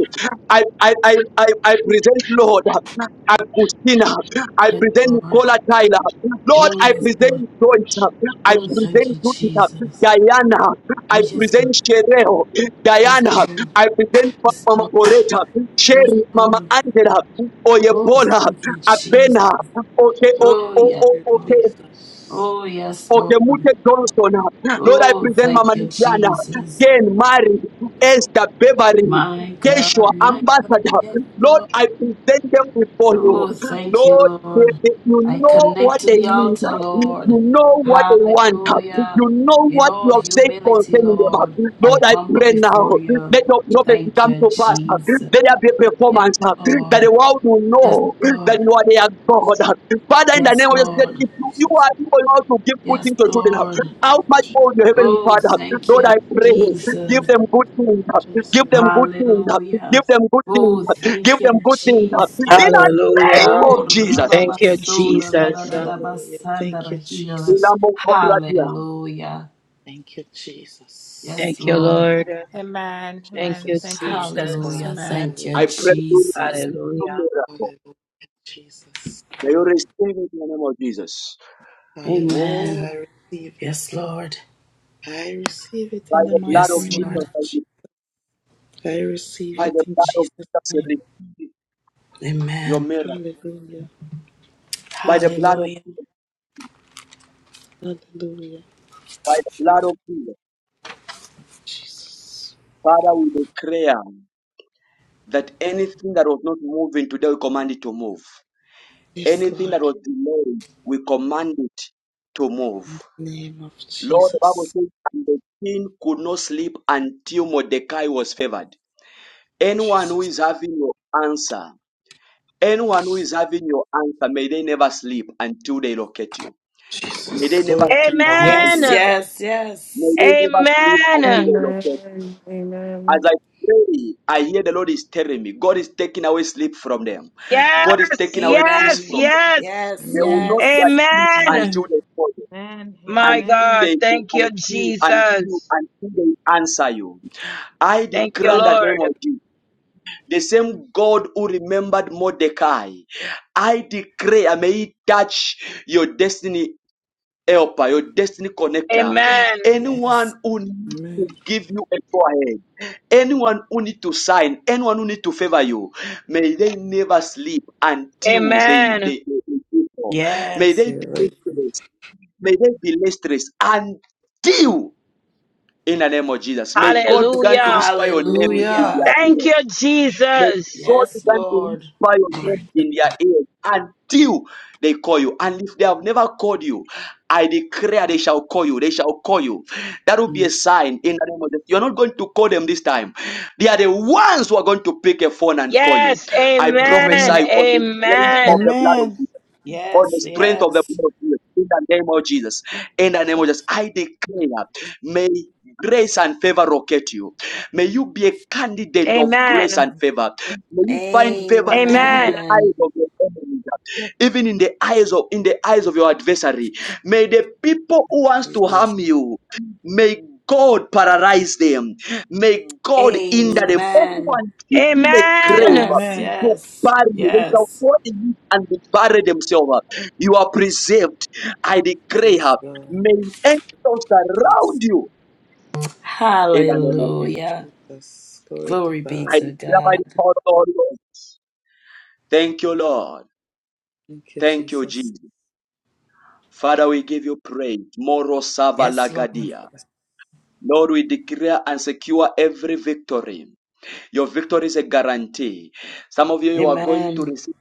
S1: I, I, I, I, I present Lord Agustina. I
S15: Yes,
S1: present
S15: Lord.
S1: Nicola Tyler. Lord,
S15: Oh,
S1: I
S15: yes, Lord.
S1: present Joyce. I
S15: Oh, thank
S1: present
S15: you,
S1: Judith.
S15: Jesus.
S1: Diana.
S15: Oh,
S1: I
S15: yes, Lord.
S1: present Shereo.
S15: Yes,
S1: Diana.
S15: Lord.
S1: I present
S15: Yes,
S1: Mama
S15: Lord.
S1: Coretta,
S15: Yes,
S1: Sherry, Mama
S15: Lord.
S1: Angela,
S15: Oh,
S1: Oyebola,
S15: thank you, Jesus.
S1: Abena, okay,
S15: Oh,
S1: okay,
S15: yes.
S1: okay,
S17: Jesus,
S15: Oh, yes, Lord.
S1: okay, Mute Johnson. Lord, I
S15: Oh,
S1: present
S15: thank
S1: Mama
S15: you,
S1: Diana,
S15: Jesus.
S1: Ken, Mary, Esther, Beverly,
S15: My
S1: Yeshua,
S15: God, my
S1: Ambassador.
S15: yes,
S1: Lord,
S15: Lord.
S1: I present them before you.
S15: Oh, thank you,
S1: Lord, they-
S15: Lord.
S1: they- You
S15: I
S1: know what
S15: connect to
S1: they
S15: the
S1: need.
S15: altar,
S1: uh, You
S15: Lord.
S1: know what they want. uh, You
S15: Hallelujah.
S1: know
S15: In
S1: what you
S15: all
S1: have said
S15: humility,
S1: concerning them. uh.
S15: Lord, I
S1: Lord, I
S15: humble
S1: pray now.
S15: before you.
S1: Let your prophecy
S15: Thank
S1: come
S15: you,
S1: to pass. uh.
S15: Jesus.
S1: Let there be a
S15: Yes,
S1: performance uh, that the
S15: Lord.
S1: world will
S15: Yes,
S1: know that
S15: Lord.
S1: you are their God. uh. Father, in the
S15: Yes,
S1: name of Jesus, that
S15: Lord.
S1: if you, you
S17: Jesus,
S1: are able now to give good
S15: Yes,
S1: things to children, uh,
S15: Lord.
S1: how much more your heavenly
S15: Oh,
S1: Father? huh,
S15: thank
S1: Lord,
S15: you,
S1: I pray. Give
S15: Jesus.
S1: them good things. uh. Give
S17: Jesus,
S1: them good things. uh. Give
S15: Hallelujah.
S17: Jesus,
S1: them good things.
S15: Oh,
S1: uh. Give
S15: thank
S1: them
S15: you,
S1: good things. uh. In
S15: Jesus.
S1: the name
S20: Hallelujah.
S1: of
S15: Oh,
S1: Jesus.
S17: Jesus,
S20: Thank you,
S17: Jesus,
S15: rababasora,
S20: Jesus.
S17: hallelujah,
S15: radadadabasanda,
S17: thank
S15: the
S17: you,
S1: I
S15: healer.
S17: Jesus,
S15: Hallelujah.
S17: thank you, Jesus,
S15: Yes,
S20: Thank you,
S15: Lord.
S20: Lord.
S16: Amen.
S20: Thank
S16: Amen.
S20: you,
S17: Jesus,
S16: Thank you,
S17: glory to
S20: Jesus.
S16: Jesus.
S17: God,
S15: Hallelujah.
S16: Amen.
S15: Thank you,
S17: hallelujah,
S1: pray for you
S15: Jesus.
S1: for
S20: Hallelujah.
S1: miracle.
S17: hallelujah, Jesus,
S1: May you receive it in the name of Jesus.
S17: hallelujah,
S1: Oh,
S15: Amen.
S17: I receive it,
S15: Yes, Lord.
S17: I receive it
S1: by
S17: in the
S1: the blood
S17: mighty
S1: of
S15: Yes,
S1: Jesus,
S17: name of
S15: Lord.
S1: I
S17: Jesus.
S1: do.
S17: I receive
S1: by
S17: it
S1: the
S17: in
S1: blood of
S17: Jesus'
S1: Jesus, I
S17: name.
S1: receive your
S15: Amen.
S1: miracle.
S17: Hallelujah.
S1: By the blood of
S15: Hallelujah.
S17: Hallelujah.
S1: by the blood of Jesus,
S17: Jesus.
S1: Father, we declare that anything that was not moving today, we command it to move.
S17: Yes,
S1: Anything that
S17: Lord.
S1: was delayed, we command it to move.
S17: In the name of
S1: Lord, the Bible
S17: Jesus.
S1: says, and the king could not sleep until Mordecai was favored. Anyone who
S17: Jesus.
S1: is having your answer, Anyone who is having your answer, may they never sleep until they locate you. May they
S17: Jesus.
S1: never
S17: Glory to
S1: sleep
S17: God.
S1: until they
S20: Amen.
S15: Yes,
S1: locate you.
S15: yes,
S1: May
S15: yes.
S1: they never sleep until
S20: Amen.
S1: they
S13: Amen.
S1: locate you. As
S13: Amen.
S1: I pray, I hear the Lord is telling me, God is taking away sleep from them. God is
S20: Yes,
S1: taking away peace
S20: yes,
S15: Amen.
S1: from them.
S20: yes.
S15: Yes,
S1: They will not be at
S15: yes.
S1: peace
S20: Amen.
S1: until they call you,
S21: Amen.
S20: My
S1: until
S21: Amen.
S20: God.
S1: they, they
S20: Thank you,
S1: until, until,
S20: Jesus.
S1: until they answer you. I
S20: Thank you,
S1: declare in the name
S20: Lord.
S1: of Jesus. The same God who remembered Mordecai. I declare, may He touch your destiny helper, your destiny connector.
S20: Amen.
S15: Yes.
S1: Anyone who needs to give you a go ahead, anyone who needs to sign, anyone who needs to favor you, may they never sleep until they
S20: Amen.
S1: they. they they do so. May
S15: Yes.
S1: they be lustrous. May they be lustrous until in the name of Jesus. May God begin to
S20: Hallelujah.
S1: whisper your name.
S17: Hallelujah.
S15: Hallelujah.
S20: Thank you,
S1: May
S20: Jesus.
S1: God
S15: Yes,
S1: begin to
S15: Lord.
S1: whisper your name in their ears until they call you. And if they have never called you, I declare they shall call you. They shall call you. That will be a sign in the name of Jesus. You're not going to call them this time. They are the ones who are going to pick a phone and call you.
S20: Yes.
S1: I prophesy
S20: Amen.
S1: on the strength
S20: Amen.
S1: of the blood of on the
S15: Yes,
S1: strength of the
S15: yes.
S1: blood of Jesus. In the name of Jesus. In the name of Jesus. I declare, may grace and favor locate you. May you be a candidate of grace
S20: Amen.
S1: and favor. May you find favor even in the
S20: Amen.
S1: eyes
S15: Amen.
S1: of your enemies, even in the eyes of in the eyes of your adversary. May the people who wants to harm you, may God paralyze them. May God hinder them.
S17: Jesus.
S15: Amen.
S1: Everyone in the
S20: Amen.
S1: grave
S17: In
S15: Yes,
S1: to
S15: yes,
S1: bury you. They shall
S15: yes.
S1: fall in it and bury themselves. You are preserved. I declare,
S17: Lord.
S1: may angels
S17: Jesus.
S1: surround you in an name
S15: Hallelujah.
S17: Jesus. Glory to
S15: Glory be
S1: I
S17: God.
S15: to
S1: declare by
S15: God.
S1: the power of the Holy Ghost. Thank you, Lord.
S17: Thank you,
S1: Thank you,
S17: Jesus.
S1: Jesus. Father, we give you praise. Moro Sava
S15: Yes, Lord.
S1: Lagadia. Lord, we declare and secure every victory. Your victory is a guarantee. Some of you, you are going
S15: Amen.
S1: to receive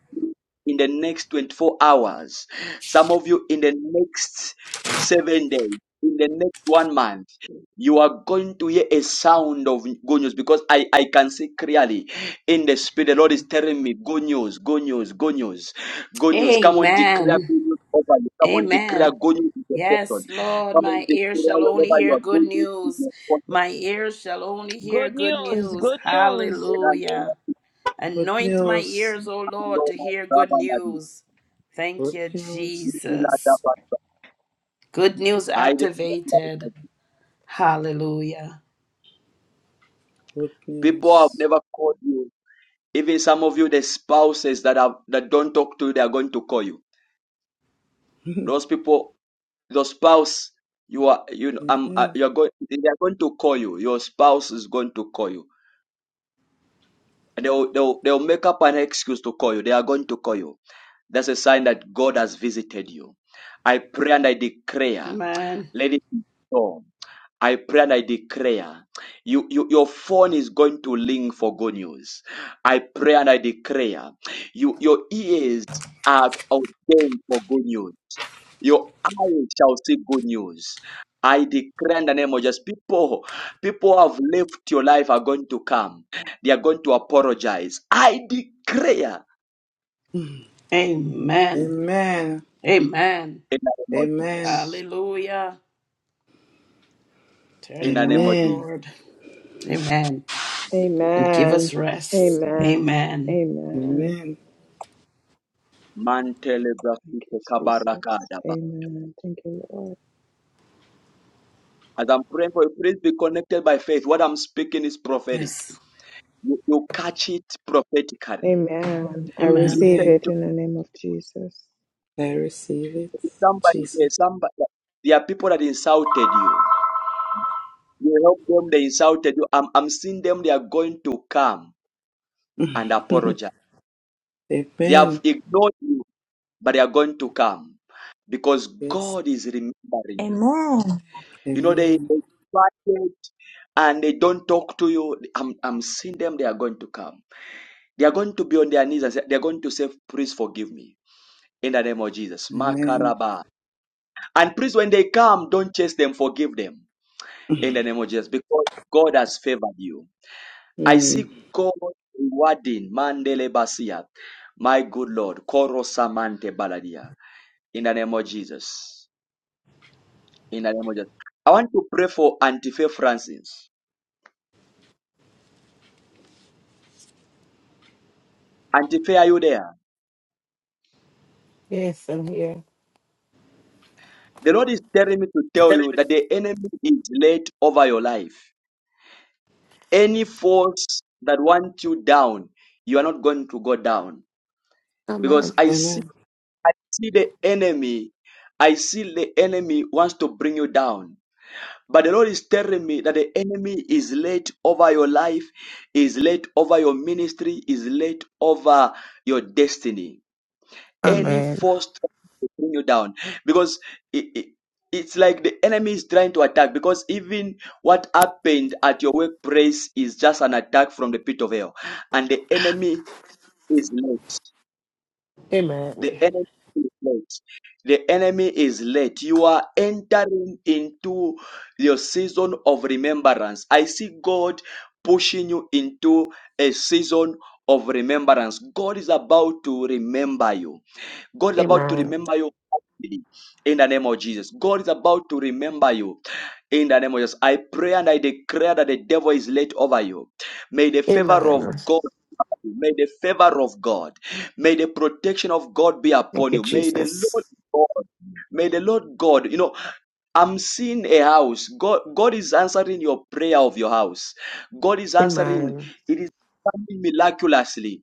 S1: in the next 24 hours. Some of you, in the next seven days. In the next one month, you are going to hear a sound of good news because I, I can see clearly in the spirit. The Lord is telling me good news, good news, good news, good news. Come on, declare good
S15: Amen.
S1: news over you. Come on, declare
S15: Amen.
S1: good news in your person.
S15: Yes, Lord,
S1: Come on,
S15: my ear
S1: declare
S15: shall only
S1: wherever you
S15: hear
S1: are
S15: good
S1: good
S15: news.
S1: news
S15: My ear shall only hear good news. Hallelujah.
S17: Good.
S15: Anoint my ears, O
S1: in
S15: Lord,
S1: your
S15: to hear good
S1: person.
S15: news. Thank
S17: Good.
S15: you, Jesus. Good news
S1: I
S15: activated. Hallelujah.
S17: good
S1: people have
S17: news.
S1: never called you. Even some of you, the spouses that have that don't talk to you, they are going to call you. Those people, your spouse, you are you know, um, uh, you're going. They are going to call you. Your spouse is going to call you, and they'll they'll they'll make up an excuse to call you. They are going to call you. That's a sign that God has visited you. I pray and I declare,
S15: Amen.
S1: let it be so. I pray and I declare you, you your phone is going to ring for good news. I pray and I declare you your ears are ordained for good news. Your eyes shall see good news. I declare in the name of Jesus, people, people who have left your life are going to come. They are going to apologize. I declare
S15: Amen.
S17: Amen.
S15: Amen.
S1: in the name of
S17: Amen.
S1: Jesus.
S15: Hallelujah. Turn
S1: In
S15: it
S1: the name of
S15: around,
S1: Jesus.
S17: Amen.
S15: Lord. Amen. And give
S9: Amen.
S15: us rest.
S9: Amen.
S15: Amen.
S9: Amen.
S17: Amen.
S1: Mantele
S9: Thank
S1: brasite
S9: you, Jesus.
S1: kabarakada
S9: Amen. Thank you, Lord.
S1: As I'm praying for you, please be connected by faith. What I'm speaking is prophetic.
S15: Yes.
S1: You, you catch it prophetically.
S9: Amen. I
S15: Amen.
S17: Amen.
S9: receive
S1: Listen
S9: it
S1: to
S9: in the name of Jesus.
S17: I receive it.
S1: somebody. There,
S17: Jesus.
S1: somebody. There are people that insulted you. You help them. They insulted you. I'm, I'm seeing them. They are going to come and apologize. They have
S17: Amen.
S1: ignored you, but they are going to come because
S17: Yes.
S1: God is remembering you.
S12: Amen.
S1: You know they
S17: Amen.
S1: invited and they don't talk to you. I'm, I'm seeing them. They are going to come. They are going to be on their knees and say, they are going to say, "Please forgive me." in the name of Jesus.
S17: Amen.
S1: Makaraba. And please, when they come, don't chase them, forgive them in the name of Jesus because God has favored you. I see
S17: Mm.
S1: God rewarding Mandele Basia, my good Lord, Koro Baladia, in the name of Jesus. In the name of Jesus. I want to pray for Antife Francis. Antife, are you there?
S11: Yes, I'm here.
S1: The Lord is telling me to tell you that the enemy is laid over your life. Any force that wants you down, you are not going to go down because
S11: Amen.
S1: I
S17: Am-
S1: see I see the enemy. I see the enemy wants to bring you down. But the Lord is telling me that the enemy is late over your life, is late over your ministry, is late over your destiny. Any
S11: Amen.
S1: force trying to bring you down. Because it, it, it's like the enemy is trying to attack. Because even what happened at your workplace is just an attack from the pit of hell. And the enemy is late. The
S11: Amen.
S1: enemy is late. The enemy is late. You are entering into your season of remembrance. I see God pushing you into a season of remembrance. God is about to remember you. God is about to
S11: Amen.
S1: remember you in the name of Jesus. God is about to remember you in the name of Jesus. I pray and I declare that the devil is late over you. May the favor of
S11: Amen.
S1: God May the favor of God, may the protection of God be
S11: Thank
S1: upon
S11: you,
S1: you. May the Lord
S11: Jesus.
S1: God, may the Lord God, you know, I'm seeing a house. God, God is answering your prayer of your house. God is answering.
S11: Amen.
S1: It is coming miraculously.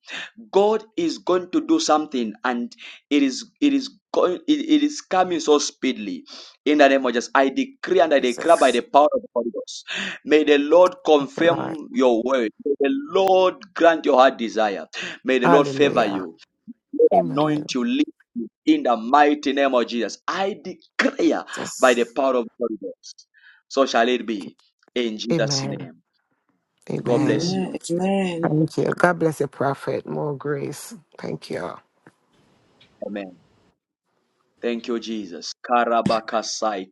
S1: God is going to do something, and it is it is going it, it is coming so speedily. In the name of Jesus, I decree and I declare by the
S11: Jesus.
S1: power of the Holy Ghost. May the Lord
S11: Thank you, Lord.
S1: confirm your word. May the Lord grant your heart desire. May the Lord favor you.
S11: Hallelujah.
S1: Lord, anoint
S11: Amen.
S1: you, lead you in the mighty name of Jesus. I declare by the
S11: Jesus.
S1: power of the Holy Ghost. So shall it be in Jesus'
S11: Amen.
S1: name. God bless
S11: Amen.
S1: you.
S17: Amen. Amen.
S11: Thank you. God bless the prophet. More grace. Thank you.
S1: Amen. Thank you, Jesus. Karabakasai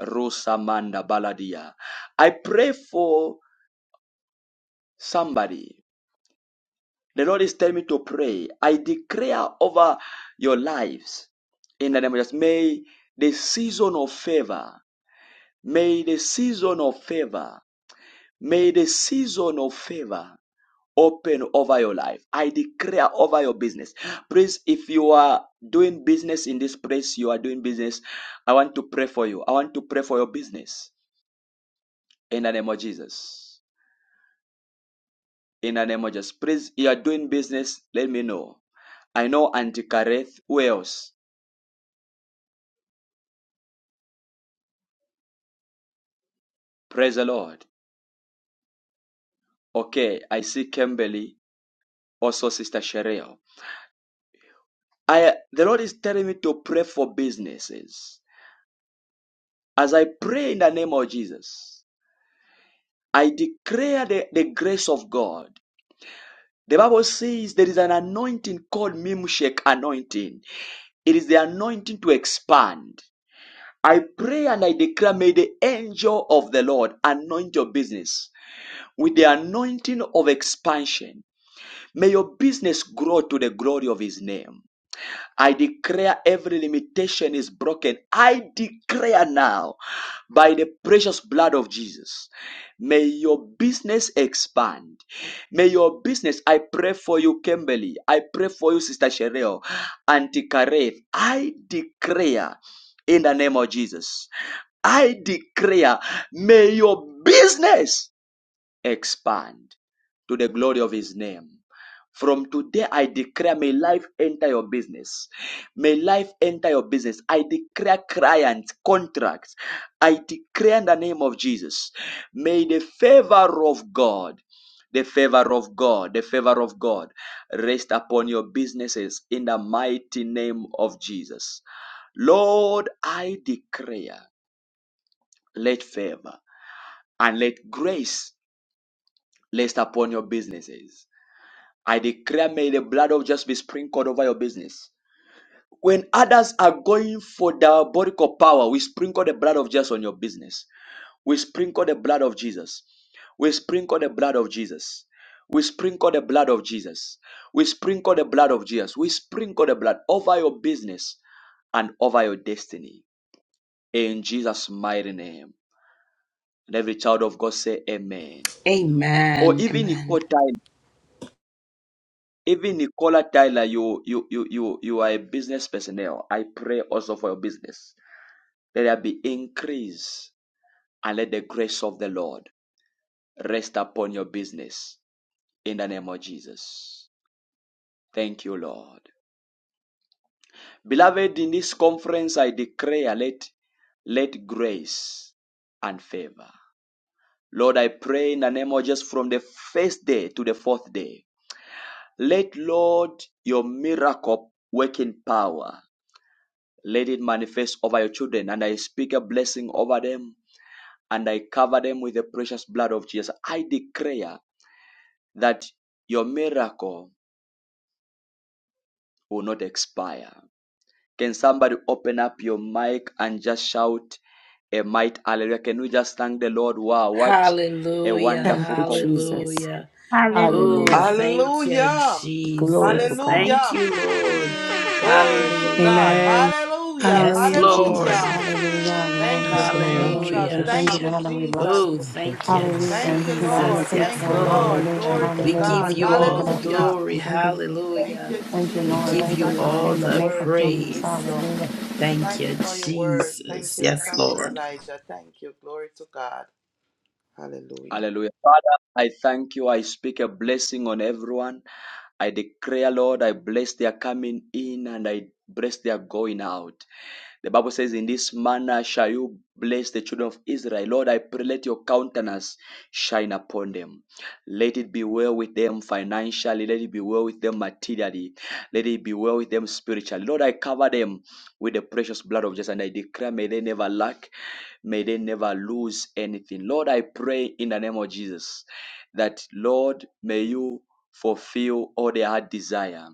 S1: Rosamanda Baladia. I pray for somebody. The Lord is telling me to pray. I declare over your lives in the name of Jesus. May the season of favor, may the season of favor May the season of favor open over your life. I declare over your business. Please, if you are doing business in this place, you are doing business, I want to pray for you. I want to pray for your business in the name of Jesus. In the name of Jesus. Please, you are doing business, let me know. I know Antikareth. Who else? Praise the Lord. Okay, I see Kimberly, also Sister Sherelle. I the Lord is telling me to pray for businesses. As I pray in the name of Jesus, I declare the, the grace of God. The Bible says there is an anointing called Mimshek anointing. It is the anointing to expand. I pray and I declare, may the angel of the Lord anoint your business with the anointing of expansion. May your business grow to the glory of his name. I declare every limitation is broken. I declare now by the precious blood of Jesus. May your business expand. May your business, I pray for you, Kimberly. I pray for you, Sister Cheryl, Auntie Kareth. I declare in the name of Jesus. I declare, may your business expand to the glory of his name. From today, I declare, may life enter your business. May life enter your business. I declare clients, contracts. I declare in the name of Jesus. May the favor of God, the favor of God, the favor of God rest upon your businesses in the mighty name of Jesus. Lord, I declare, let favor and let grace rest upon your businesses I declare may the blood of just be sprinkled over your business. When others are going for diabolical power, we sprinkle the blood of Jesus on your business. We sprinkle the blood of Jesus. We sprinkle the blood of Jesus. We sprinkle the blood of Jesus. We sprinkle the blood of Jesus. We sprinkle the blood over your business and over your destiny. In Jesus' mighty name. And every child of God say amen. Or
S15: Amen.
S1: even
S15: Amen.
S1: Even Nicola Tyler, you you you you you are a business personnel. I pray also for your business. Let there be increase and let the grace of the Lord rest upon your business in the name of Jesus. Thank you, Lord. Beloved, in this conference I declare let let grace and favor. Lord, I pray in the name of Jesus from the first day to the fourth day. Let Lord your miracle working power Let it manifest over your children. And I speak a blessing over them and I cover them with the precious blood of Jesus. I declare that your miracle will not expire. Can somebody open up your mic and just shout a might hallelujah? Can we just thank the Lord? Wow, what a
S15: Hallelujah.
S11: Thank
S1: wonderful
S11: you,
S1: com-
S11: Jesus.
S15: Hallelujah.
S12: Hallelujah.
S15: Oh,
S11: Hallelujah.
S21: Hallelujah.
S15: thank you,
S21: Jesus.
S17: Hallelujah.
S11: Glory to
S15: Jesus.
S11: God.
S15: Thank
S17: Hallelujah.
S15: you, Lord.
S21: Hallelujah.
S17: Glory to
S11: Amen.
S17: God.
S21: Thank
S15: Hallelujah.
S13: Amen.
S17: Hallelujah.
S15: Yes,
S21: you.
S13: Hallelujah, Jesus.
S15: Lord.
S11: Amen.
S17: Hallelujah.
S13: Hallelujah.
S17: Thank
S4: Yes,
S17: you,
S13: Lord,
S4: the name of
S13: hallelujah.
S17: Jesus.
S13: We
S21: Thank
S15: Hallelujah.
S13: thank
S21: you,
S4: Jesus.
S13: you,
S17: Thank you,
S13: Lord, and we
S21: Jesus.
S17: Jesus.
S13: bless
S15: Oh,
S13: you.
S21: Thank
S4: Thank
S21: you.
S15: thank
S4: you,
S15: you,
S4: Jesus.
S13: Hallelujah.
S17: Thank you,
S13: God, you're
S17: Lord.
S15: Jesus.
S13: faithful.
S4: In
S15: Yes,
S17: Thank you,
S13: Lord.
S4: the name
S15: Lord.
S17: Lord.
S4: of
S13: Hallelujah.
S17: Glory to
S4: Jesus.
S15: We
S13: Hallelujah.
S15: give
S4: Thank
S17: God.
S13: Thank
S4: you,
S13: you,
S15: you
S13: Lord,
S15: all
S13: for
S15: the
S4: Jesus.
S13: that. We
S17: Hallelujah.
S13: just
S15: glory.
S13: thank you.
S17: Thank
S15: Hallelujah.
S17: you,
S13: Thank you,
S15: We
S13: Lord.
S17: Jesus.
S15: give
S13: Thank you,
S15: you
S17: Thank you
S13: Lord.
S15: all
S17: for
S13: In
S17: the
S13: the
S15: the
S13: name of
S17: words of
S13: Jesus.
S15: praise.
S17: wisdom.
S13: Hallelujah.
S15: Thank
S17: Thank you
S15: you,
S17: for your word. Thank
S15: Jesus.
S17: you,
S15: Yes,
S17: Prophet
S15: Lord.
S17: Elijah. Thank you. Glory to God. Hallelujah.
S1: hallelujah. Father, I thank you. I speak a blessing on everyone. I declare, Lord, I bless their coming in and I bless their going out. The Bible says, In this manner shall you bless the children of Israel. Lord, I pray, let your countenance shine upon them. Let it be well with them financially. Let it be well with them materially. Let it be well with them spiritually. Lord, I cover them with the precious blood of Jesus and I declare, may they never lack may they never lose anything. Lord, I pray in the name of Jesus that, Lord, may you fulfill all their heart desire.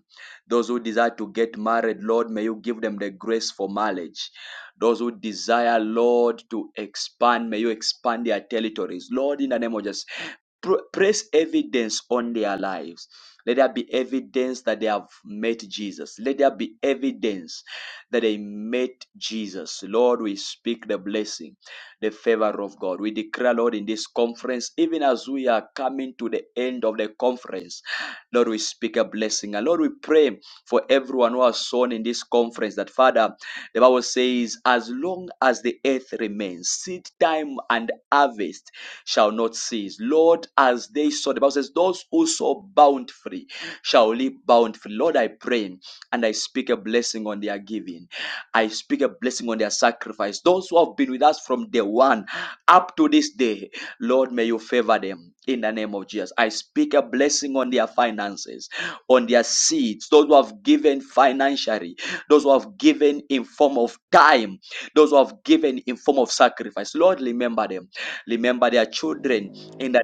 S1: Those who desire to get married, Lord, may you give them the grace for marriage. Those who desire, Lord, to expand, may you expand their territories. Lord, in the name of Jesus, pr- press evidence on their lives. Let there be evidence that they have met Jesus. Let there be evidence that they met Jesus. Lord, we speak the blessing the favor of God. We declare, Lord, in this conference, even as we are coming to the end of the conference, Lord, we speak a blessing. And Lord, we pray for everyone who has sown in this conference that, Father, the Bible says, as long as the earth remains, seed time and harvest shall not cease. Lord, as they sow, the Bible says, those who sow bountifully shall live bountifully. Lord, I pray and I speak a blessing on their giving. I speak a blessing on their sacrifice. Those who have been with us from day one up to this day, Lord, may you favor them in the name of Jesus. I speak a blessing on their finances, on their seeds, those who have given financially, those who have given in form of time, those who have given in form of sacrifice. Lord, remember them. Remember their children in the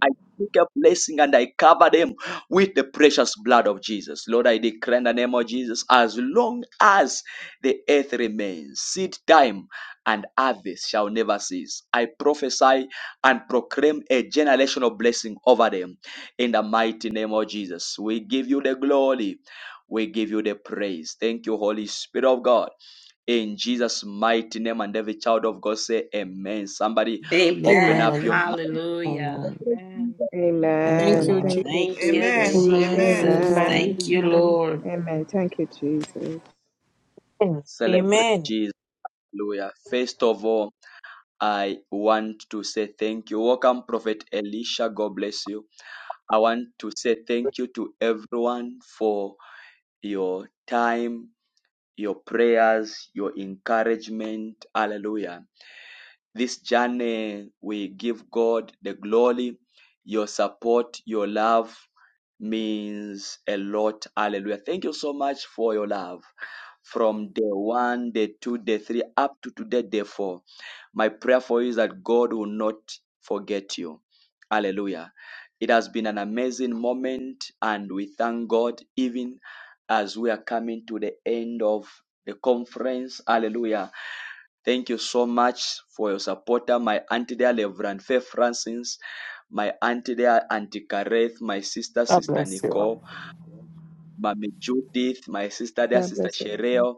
S1: I speak a blessing and I cover them with the precious blood of Jesus. Lord, I declare in the name of Jesus, as long as the earth remains. Seed time and harvest shall never cease. I prophesy and proclaim a generational blessing over them in the mighty name of Jesus. We give you the glory. We give you the praise. Thank you, Holy Spirit of God. In Jesus' mighty name, and every child of God say, Amen. Somebody open
S15: Amen.
S1: up your mouth,
S21: Amen.
S15: Hallelujah.
S11: Amen.
S21: Amen.
S11: Thank you,
S22: Thank
S9: Amen.
S22: you, Jesus.
S11: Lord.
S9: Thank you,
S15: Thank you,
S17: Amen.
S9: Jesus.
S13: Amen.
S17: Amen.
S15: Jesus.
S13: Amen.
S9: Amen.
S15: Thank you,
S13: Amen.
S15: Lord.
S9: Amen. Thank you, Jesus.
S1: celebrate
S23: Amen.
S1: Jesus. Hallelujah. First of all, I want to say thank you. Welcome, Prophet Elisha. God bless you. I want to say thank you to everyone for your time, your prayers, your encouragement. Hallelujah this journey. We give God the glory. Your support, your love means a lot. Hallelujah. Thank you so much for your love. From day one, day two, day three, up to today, day four. My prayer for you is that God will not forget you. Hallelujah. It has been an amazing moment, and we thank God even as we are coming to the end of the conference. Hallelujah Thank you so much for your supporter, my auntie there, Reverend Faith Francis, my auntie there, Auntie Kareth, my sister,
S11: God
S1: Sister
S11: bless you.
S1: Nicole, Mama Judith, my sister there,
S9: God
S1: Sister
S9: bless you. Reverend.
S1: Shereo,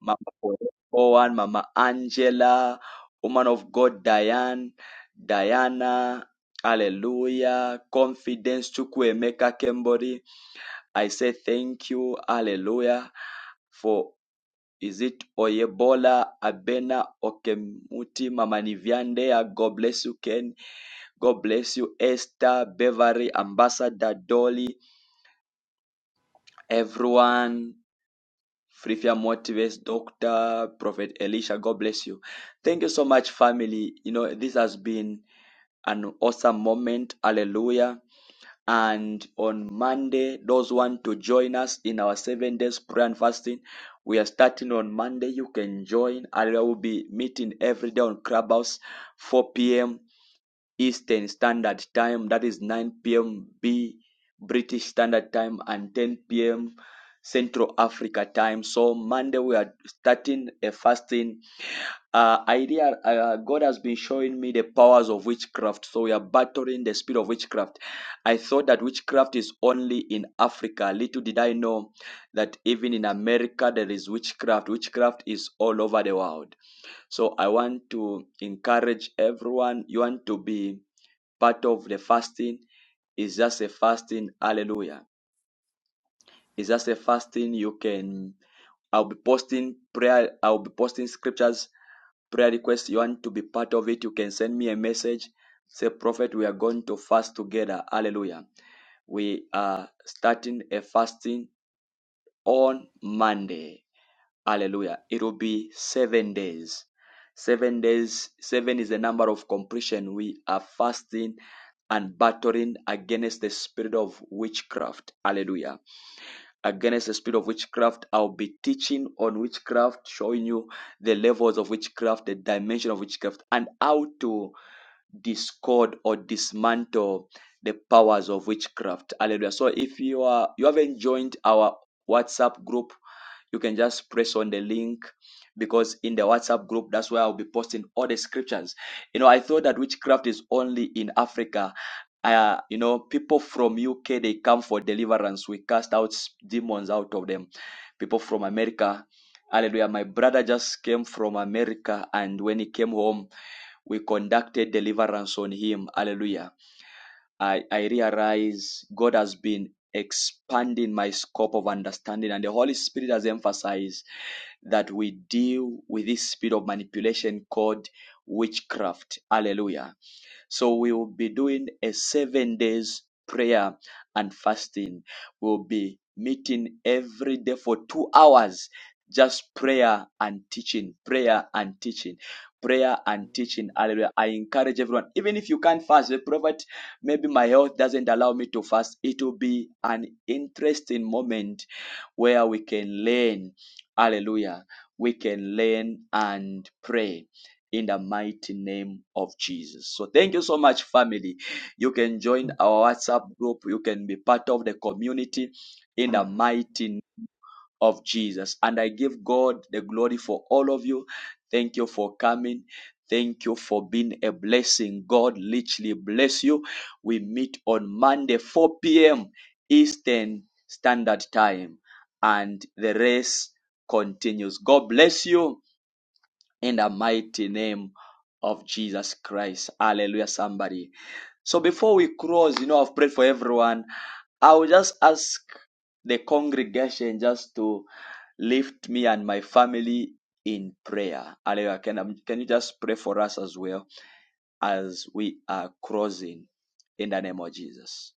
S1: Mama Owen, Mama Angela, woman of God, Diane, Diana, Hallelujah, confidence, Chukwemeka Kembori. I say thank you, Hallelujah, for is it Oyebola Abena Okemuti Mama Nivyandea? God bless you, Ken. God bless you, Esther, Beverly, Ambassador Dolly, everyone. Frifia Motives, Doctor, Prophet Elisha, God bless you. Thank you so much, family. You know, this has been an awesome moment. Hallelujah. And on Monday, those want to join us in our seven days prayer and fasting, we are starting on Monday. You can join. I will be meeting every day on Clubhouse, 4 p.m. Eastern Standard Time. That is 9 p.m. B British Standard Time and 10 p.m. Central Africa Time. So Monday we are starting a fasting uh, idea uh, god has been showing me the powers of witchcraft so we are battling the spirit of witchcraft i thought that witchcraft is only in africa little did i know that even in america there is witchcraft witchcraft is all over the world so i want to encourage everyone you want to be part of the fasting It's just a fasting hallelujah It's just a fasting you can i'll be posting prayer i'll be posting scriptures prayer request, you want to be part of it, you can send me a message. Say, Prophet, we are going to fast together. Hallelujah. We are starting a fasting on Monday. Hallelujah. It will be seven days. Seven days, seven is the number of completion. We are fasting and battling against the spirit of witchcraft. Hallelujah against the spirit of witchcraft. I'll be teaching on witchcraft, showing you the levels of witchcraft, the dimension of witchcraft, and how to discord or dismantle the powers of witchcraft. Hallelujah. So if you are you haven't joined our WhatsApp group, you can just press on the link because in the WhatsApp group, that's where I'll be posting all the scriptures. You know, I thought that witchcraft is only in Africa. Uh, you know, people from UK they come for deliverance. We cast out demons out of them. People from America, hallelujah. My brother just came from America, and when he came home, we conducted deliverance on him. Hallelujah. I, I realize God has been expanding my scope of understanding, and the Holy Spirit has emphasized that we deal with this spirit of manipulation called witchcraft. Hallelujah. So we will be doing a seven days prayer and fasting. We'll be meeting every day for two hours. Just prayer and teaching, prayer and teaching, prayer and teaching. Hallelujah. I encourage everyone, even if you can't fast, the prophet, maybe my health doesn't allow me to fast. It will be an interesting moment where we can learn. Hallelujah. We can learn and pray in the mighty name of Jesus. So thank you so much, family. You can join our WhatsApp group. You can be part of the community in the mighty of Jesus. And I give God the glory for all of you. Thank you for coming. Thank you for being a blessing. God literally bless you. We meet on Monday, 4 p.m. Eastern Standard Time, and the race continues. God bless you in the mighty name of Jesus Christ. Hallelujah, somebody. So before we close, you know, I've prayed for everyone. I will just ask the congregation just to lift me and my family in prayer. Hallelujah. Can, um, can you just pray for us as well as we are crossing in the name of Jesus?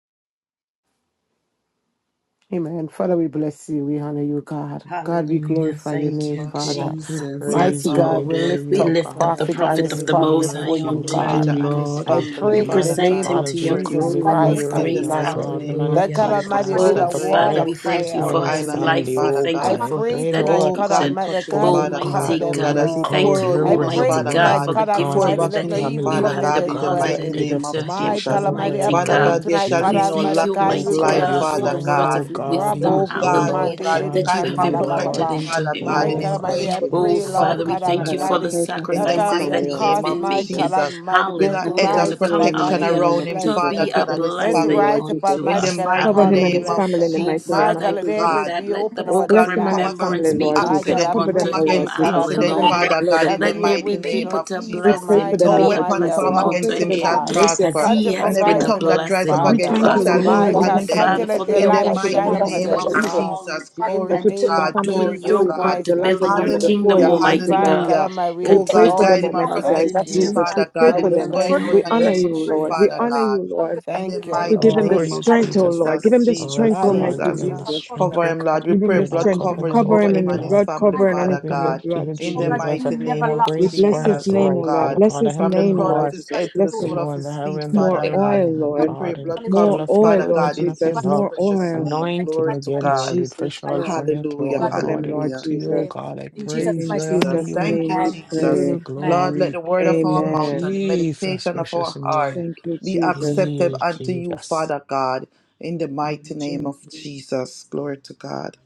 S11: Amen. Father, we bless you. We honor you, God. God, we
S15: Hallelujah.
S11: glorify your
S17: Yes,
S15: Thank
S11: name,
S15: you,
S17: Lord.
S4: You are
S11: Father.
S4: pre
S15: Jesus. Yes,
S11: Mighty
S4: praise.
S11: God,
S4: We
S17: God,
S15: Lord.
S17: we
S11: we
S4: adore
S17: lift
S11: lift
S15: We
S17: up,
S4: you,
S11: up
S15: lift
S4: God.
S15: up the
S17: Father
S11: prophet and
S17: God, we
S15: prophet
S11: his
S15: of the
S4: There's
S17: lift up
S4: none
S11: family
S15: Most
S11: for
S15: High
S4: like you.
S17: Prophet
S11: you,
S15: unto
S4: None
S15: you,
S11: God.
S4: can
S17: Elijah
S4: be
S17: and his
S15: Lord.
S11: I
S4: compared to
S17: family,
S15: We
S11: pray
S4: you.
S11: in the
S17: Father
S4: Mighty
S15: present
S11: name
S17: God,
S15: him
S4: God,
S11: of
S15: to
S4: as
S15: your
S4: we
S17: before
S16: My
S4: come
S17: you.
S11: Jesus
S15: throne
S16: right
S15: room
S4: before
S16: hand
S4: you
S15: of
S11: Christ
S16: is to
S11: of
S17: In
S4: right
S17: the
S15: grace.
S4: now,
S17: mighty
S11: Nazareth
S4: God, the
S17: name
S4: man
S17: of
S4: of
S11: that
S15: Hallelujah.
S11: God
S16: God.
S4: God is
S16: Come
S17: Jesus.
S11: Almighty
S16: on,
S11: build
S17: Father
S15: Oh,
S4: asking
S11: a
S4: for
S17: God,
S11: wall
S15: Father,
S11: of
S4: prayer.
S17: more
S15: we thank
S17: grace,
S15: you
S11: fire
S4: I'm
S17: more
S4: in
S15: for
S4: his
S17: oil
S15: his
S11: around
S17: on him,
S11: them.
S4: family.
S15: life. We
S17: Father
S4: Oh,
S15: thank you
S11: I
S4: God,
S17: God.
S4: I
S15: for
S11: pray
S15: his
S4: pray,
S11: tonight,
S4: Lord.
S17: Oh
S11: God
S17: God,
S15: dedication.
S11: Almighty,
S17: touch
S11: that
S17: him,
S11: God,
S4: Oh
S11: you
S17: Father
S4: God,
S11: cover
S17: God.
S15: Almighty
S4: if
S17: Oh
S4: you
S17: God,
S11: them,
S15: God,
S17: as
S15: we
S4: would
S17: he
S11: Lord.
S4: cover
S15: thank
S17: pour out
S15: you,
S4: him
S11: I
S17: in
S4: with
S17: us,
S4: your
S15: Almighty
S11: pray
S17: Father
S4: blood
S15: God,
S11: tonight,
S17: God,
S15: for
S4: oh
S15: the
S11: God
S4: God
S17: pour
S4: and
S11: Almighty,
S15: giftings
S4: his
S17: back
S11: let
S15: that
S17: in
S11: no
S17: him,
S11: evil
S15: you
S4: family,
S17: Father
S11: come
S15: have
S11: near
S4: oh
S17: God,
S11: their
S17: in the
S4: God, be like
S17: mighty
S15: deposited
S11: dwelling.
S4: edge
S17: name
S4: of
S17: of
S15: into him,
S11: My God
S4: protection
S17: Jesus.
S4: over
S11: Almighty, I
S15: Almighty
S4: them,
S17: Father
S11: pray
S17: God,
S15: God.
S4: Lord
S17: there
S11: tonight,
S17: shall
S11: God
S15: We
S17: be
S4: Jesus.
S17: no
S15: thank
S11: Almighty,
S15: you,
S17: lack in
S11: God,
S4: Oh
S11: you
S17: his
S11: will
S15: Almighty
S11: be
S17: life,
S4: God,
S11: their
S4: you
S15: God,
S4: see,
S15: for
S17: Father
S15: the
S4: I
S11: source.
S15: words
S4: know
S15: of
S17: God.
S4: God, he's
S11: Rabba
S15: wisdom,
S4: a
S17: Oh
S4: sold
S17: God, oh
S15: hallelujah,
S4: out
S9: Father God,
S17: God,
S11: kutumande
S9: I
S11: de
S4: plan
S9: put
S15: that you
S17: guide
S4: for
S17: him
S9: prophecy
S15: have
S4: you,
S17: and
S11: katala
S9: life on
S17: protect
S9: this
S17: him,
S15: imparted
S4: Lord.
S11: Baba
S9: family
S15: into
S17: Father
S9: before you.
S15: him,
S9: in
S17: God,
S9: the
S11: My
S17: and
S4: Oh
S11: God
S9: mighty
S17: he's
S15: Lord.
S9: name
S4: God,
S9: of
S4: I
S11: Almighty,
S17: going
S11: I
S17: out
S9: Jesus.
S17: and
S4: pray,
S15: Oh,
S11: pray,
S17: he's
S4: Father,
S11: Lord
S17: coming
S15: Father,
S17: in,
S15: we
S11: God
S4: that you
S15: thank
S17: Father
S4: may
S9: Father
S15: you
S9: God, I
S15: for
S17: God.
S15: the
S11: Almighty,
S9: pray for him
S17: In
S11: that
S17: the
S9: and his
S11: God
S15: sacrifices
S11: may
S15: that
S9: family,
S17: mighty
S15: he has
S17: name
S11: cause
S9: Almighty
S17: of
S15: been
S11: my
S9: Jesus.
S11: God
S15: making.
S17: Jesus,
S11: Almighty
S17: build
S11: men
S17: an
S9: I
S11: to
S9: put
S17: edge
S15: Hallelujah.
S9: them
S15: To
S17: of
S11: rise up,
S9: before you
S15: come
S9: in the
S15: out
S17: protection
S11: Almighty
S9: mighty
S11: God,
S15: here
S9: name
S11: and
S17: around
S9: of
S17: him,
S15: to
S11: bless
S9: Jesus. I
S17: Father
S15: be
S11: them.
S15: a
S9: put
S17: God, and
S9: them
S17: his
S11: Men
S9: before
S11: to
S9: you,
S15: blessing
S17: family.
S9: Lord
S11: rise up,
S9: Jesus.
S15: unto
S17: In the
S11: Almighty
S15: us.
S11: God, and
S17: mighty
S9: Cover
S11: call
S9: him
S11: them
S9: and
S17: name
S9: his
S15: Hallelujah.
S17: of
S11: blessed.
S9: family in the
S15: Oh,
S9: mighty
S17: Jesus,
S11: My
S9: name of
S15: Father, I
S11: God,
S17: oh
S11: let
S15: pray
S9: Jesus.
S11: heavens
S17: God.
S15: that
S11: be
S15: let
S16: in
S15: the
S11: open
S16: this
S17: Oh
S11: over
S15: book of
S11: their
S17: God, we
S9: Bless him and
S17: come
S9: his
S11: lives.
S9: family,
S15: remembrance
S17: against
S15: be
S9: Lord
S11: My
S15: open
S11: God,
S9: Jesus.
S17: accident,
S11: I
S17: we
S9: Cover
S15: upon
S17: come
S9: them,
S11: pray
S15: to
S9: oh
S15: him.
S11: today,
S9: Lord
S17: against
S11: God
S9: Jesus. Cover
S17: incident,
S9: them in
S11: Almighty,
S9: your
S15: Hallelujah.
S17: Father
S9: blood,
S17: God, in
S11: that
S17: the
S15: Let
S9: Almighty
S11: there
S15: there
S17: mighty
S15: be
S11: will
S9: Jesus.
S11: be
S17: name
S15: people
S11: no
S17: of
S15: to
S9: We
S11: evil,
S17: Jesus.
S15: bless
S9: pray
S15: him,
S11: my
S9: for
S15: to
S11: God
S17: No
S9: them,
S15: be a
S9: Lord
S17: weapon
S11: Almighty,
S17: formed
S15: blessing
S9: Jesus. We
S11: around
S9: pray
S17: against
S9: for
S15: unto
S17: him
S11: them,
S9: them,
S17: shall
S9: have
S15: him
S11: God.
S9: mercy
S15: as
S9: upon
S17: prosper
S9: them,
S11: Can't
S15: he
S11: you
S17: and
S15: has
S9: Almighty
S17: every
S15: been
S11: provide
S15: a
S9: God.
S11: for
S17: tongue that
S11: them,
S17: rise
S15: blessing
S17: up
S9: We
S11: Father?
S15: unto
S17: against him
S9: thank you,
S15: us.
S13: We
S17: shall
S13: want
S17: be
S11: My
S9: Lord. We
S15: Oh,
S11: God,
S9: thank you,
S17: condemned.
S9: Holy
S11: continue
S15: Father, for
S11: let your
S9: Spirit.
S15: the
S17: In
S9: We
S17: the
S11: light
S9: thank you in the
S11: shine
S17: mighty
S16: time.
S9: mighty
S15: obedience
S11: upon
S9: name
S15: to
S17: name
S9: of
S17: of
S13: to
S11: them,
S15: his
S9: Jesus.
S11: God.
S15: calling
S17: Jesus,
S11: In
S17: glory
S11: the
S9: As we
S15: and
S17: to
S9: put
S11: name
S9: the
S15: to
S11: of
S17: God,
S9: family
S17: glory
S15: doing
S17: to
S9: before
S15: your
S11: Jesus
S9: you,
S17: God.
S15: work
S9: Prophet
S15: to
S11: Christ of
S9: Elijah
S15: building your
S9: family
S11: Nazareth.
S9: before
S15: kingdom,
S17: Hallelujah,
S9: you, Almighty
S15: Almighty
S9: God.
S11: Divine
S15: God.
S11: God
S17: hallelujah.
S11: Almighty, we
S9: We
S17: Oh
S9: pray
S15: Continue
S17: God,
S15: to
S9: for
S17: guide
S9: them,
S11: exalt you,
S17: him
S11: we
S16: My
S17: and
S9: Almighty
S16: word,
S15: deposit
S17: protect
S15: in
S11: thank
S17: him,
S13: bless
S11: you,
S16: praise
S9: Jesus.
S15: Him.
S16: God.
S9: We
S17: Father
S9: pray
S17: God,
S11: and
S9: for
S17: in
S11: we
S17: his
S13: you.
S9: them.
S16: My
S17: going
S16: word,
S11: bless
S17: out
S15: Continue
S9: We
S11: your
S17: and his
S9: honor
S11: name,
S17: coming
S9: you,
S17: in,
S16: praise God.
S9: Lord. We
S17: Father
S9: honor
S11: Jesus.
S17: God.
S9: you, Lord.
S17: In the
S11: Thank you,
S9: So
S4: we
S17: mighty
S9: give him the
S4: adore
S11: Lord.
S17: name
S4: you,
S17: of
S9: strength, oh
S4: Jesus.
S9: Lord. Give
S17: Jesus,
S9: him the
S4: Oh
S9: strength,
S17: Jesus,
S11: Hallelujah.
S4: God,
S9: Almighty
S4: give
S17: Jesus.
S4: them the
S9: Jesus.
S4: strength,
S17: Cover
S4: oh
S17: him, Lord.
S4: God,
S17: We
S4: I
S9: Give him
S17: pray
S9: the
S4: pray, Lord,
S17: blood
S9: strength
S4: cover
S9: and
S17: coverage
S4: them
S9: cover
S17: over
S4: with
S9: him
S4: your
S9: in
S17: him
S9: the
S17: and his
S4: blood.
S9: blood,
S17: family,
S16: My
S9: cover him and in
S17: Father
S4: God, we
S9: family
S4: look
S17: God.
S4: to
S9: blood,
S4: you,
S17: In
S16: oh
S17: the
S16: God,
S9: Jesus.
S4: Jesus. I
S17: mighty
S4: pray
S17: name
S4: more
S17: of
S9: We
S4: grace
S9: bless
S4: for
S9: his
S4: his
S17: Jesus, oh
S9: name, oh
S4: life,
S9: Lord.
S4: oh
S17: God.
S9: Bless
S4: God, I
S9: his
S17: From
S4: help
S17: the
S4: him,
S9: name,
S17: crown of
S9: Lord
S4: Lord.
S17: his
S9: Jesus.
S17: head to the
S9: Bless
S4: You're
S17: sole
S9: him.
S17: of
S4: going the
S17: his
S4: highway
S17: feet,
S4: and the
S9: More
S17: Father God.
S4: byway,
S9: oil,
S4: oh
S16: oh God,
S17: We
S9: Lord.
S17: pray
S4: God, and
S17: blood
S4: tell
S9: More
S17: coverage,
S4: of your
S9: oil,
S17: Father
S9: Lord
S4: goodness
S17: God,
S4: and
S17: in
S4: of
S16: oh
S4: your
S9: Jesus.
S16: God.
S17: Jesus'
S4: love.
S9: More
S17: precious
S9: oil.
S17: name.
S16: Thank
S4: Anoint
S16: you,
S4: him
S17: Glory
S16: mighty
S17: to
S16: God.
S4: again,
S9: In
S16: Thank you,
S17: God.
S4: Lord, with
S16: for his
S9: Jesus,
S4: fresh
S16: life,
S4: oil
S16: God.
S9: Lord.
S4: from your
S16: Oh
S17: Hallelujah.
S16: God,
S4: throne.
S9: Cover them,
S4: Lord, I
S9: Lord
S4: look
S17: Hallelujah.
S4: to
S16: in
S4: you,
S16: your
S4: oh
S9: Jesus.
S16: name.
S4: God. I
S16: In
S17: Thank you,
S16: Jesus'
S4: praise
S9: In
S4: you,
S16: mighty
S4: I honor
S16: name.
S17: Jesus.
S9: Jesus'
S4: you.
S17: Thank
S9: name
S17: you,
S9: we
S16: Amen.
S4: Give you
S17: Jesus.
S4: the
S9: pray.
S16: Amen.
S17: Lord, let the
S4: glory.
S17: word of our
S4: In
S17: mouth
S9: Amen.
S17: and the
S4: Jesus'
S17: meditation of
S4: precious
S17: our heart
S4: name.
S9: Thank you,
S17: be
S9: Jesus.
S17: accepted
S4: In
S17: unto you,
S4: Jesus.
S17: Father God, in the mighty
S9: Jesus'
S17: name of Jesus. Glory to God.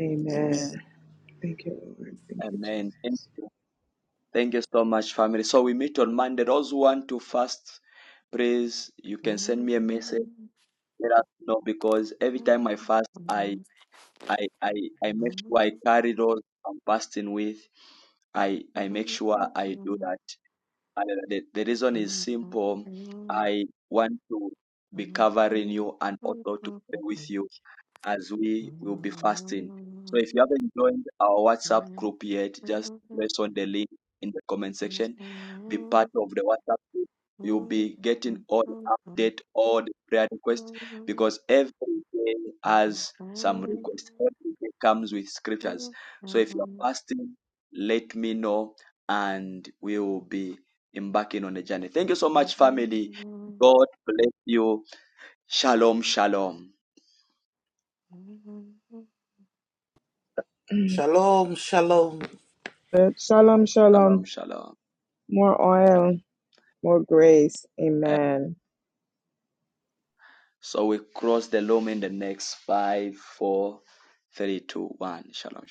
S9: Amen.
S17: Amen.
S9: Thank you, Lord. Thank you, Jesus.
S1: Amen. thank you so much, family. So we meet on Monday. Those who want to fast, please, you can send me a message. Let us know because every time I fast, I I, I, I make sure I carry those I'm fasting with. I, I make sure I do that And the, the reason is simple. I want to be covering you and also to pray with you as we will be fasting. So if you haven't joined our WhatsApp
S11: Thank
S1: group yet, just press on the link in the comment section. Be part of the WhatsApp group. You'll be getting all the update, all the prayer requests, because every day has some request. Every day comes with scriptures. So if you're fasting, let me know and we will be embarking on the journey. Thank you so much, family. God bless you. Shalom, shalom.
S17: Shalom, shalom.
S9: Uh, Shalom,
S1: Shalom,
S9: shalom.
S1: shalom.
S9: More oil, more grace. Amen.
S1: So we cross the loom in the next five, four, three, two, one. Shalom.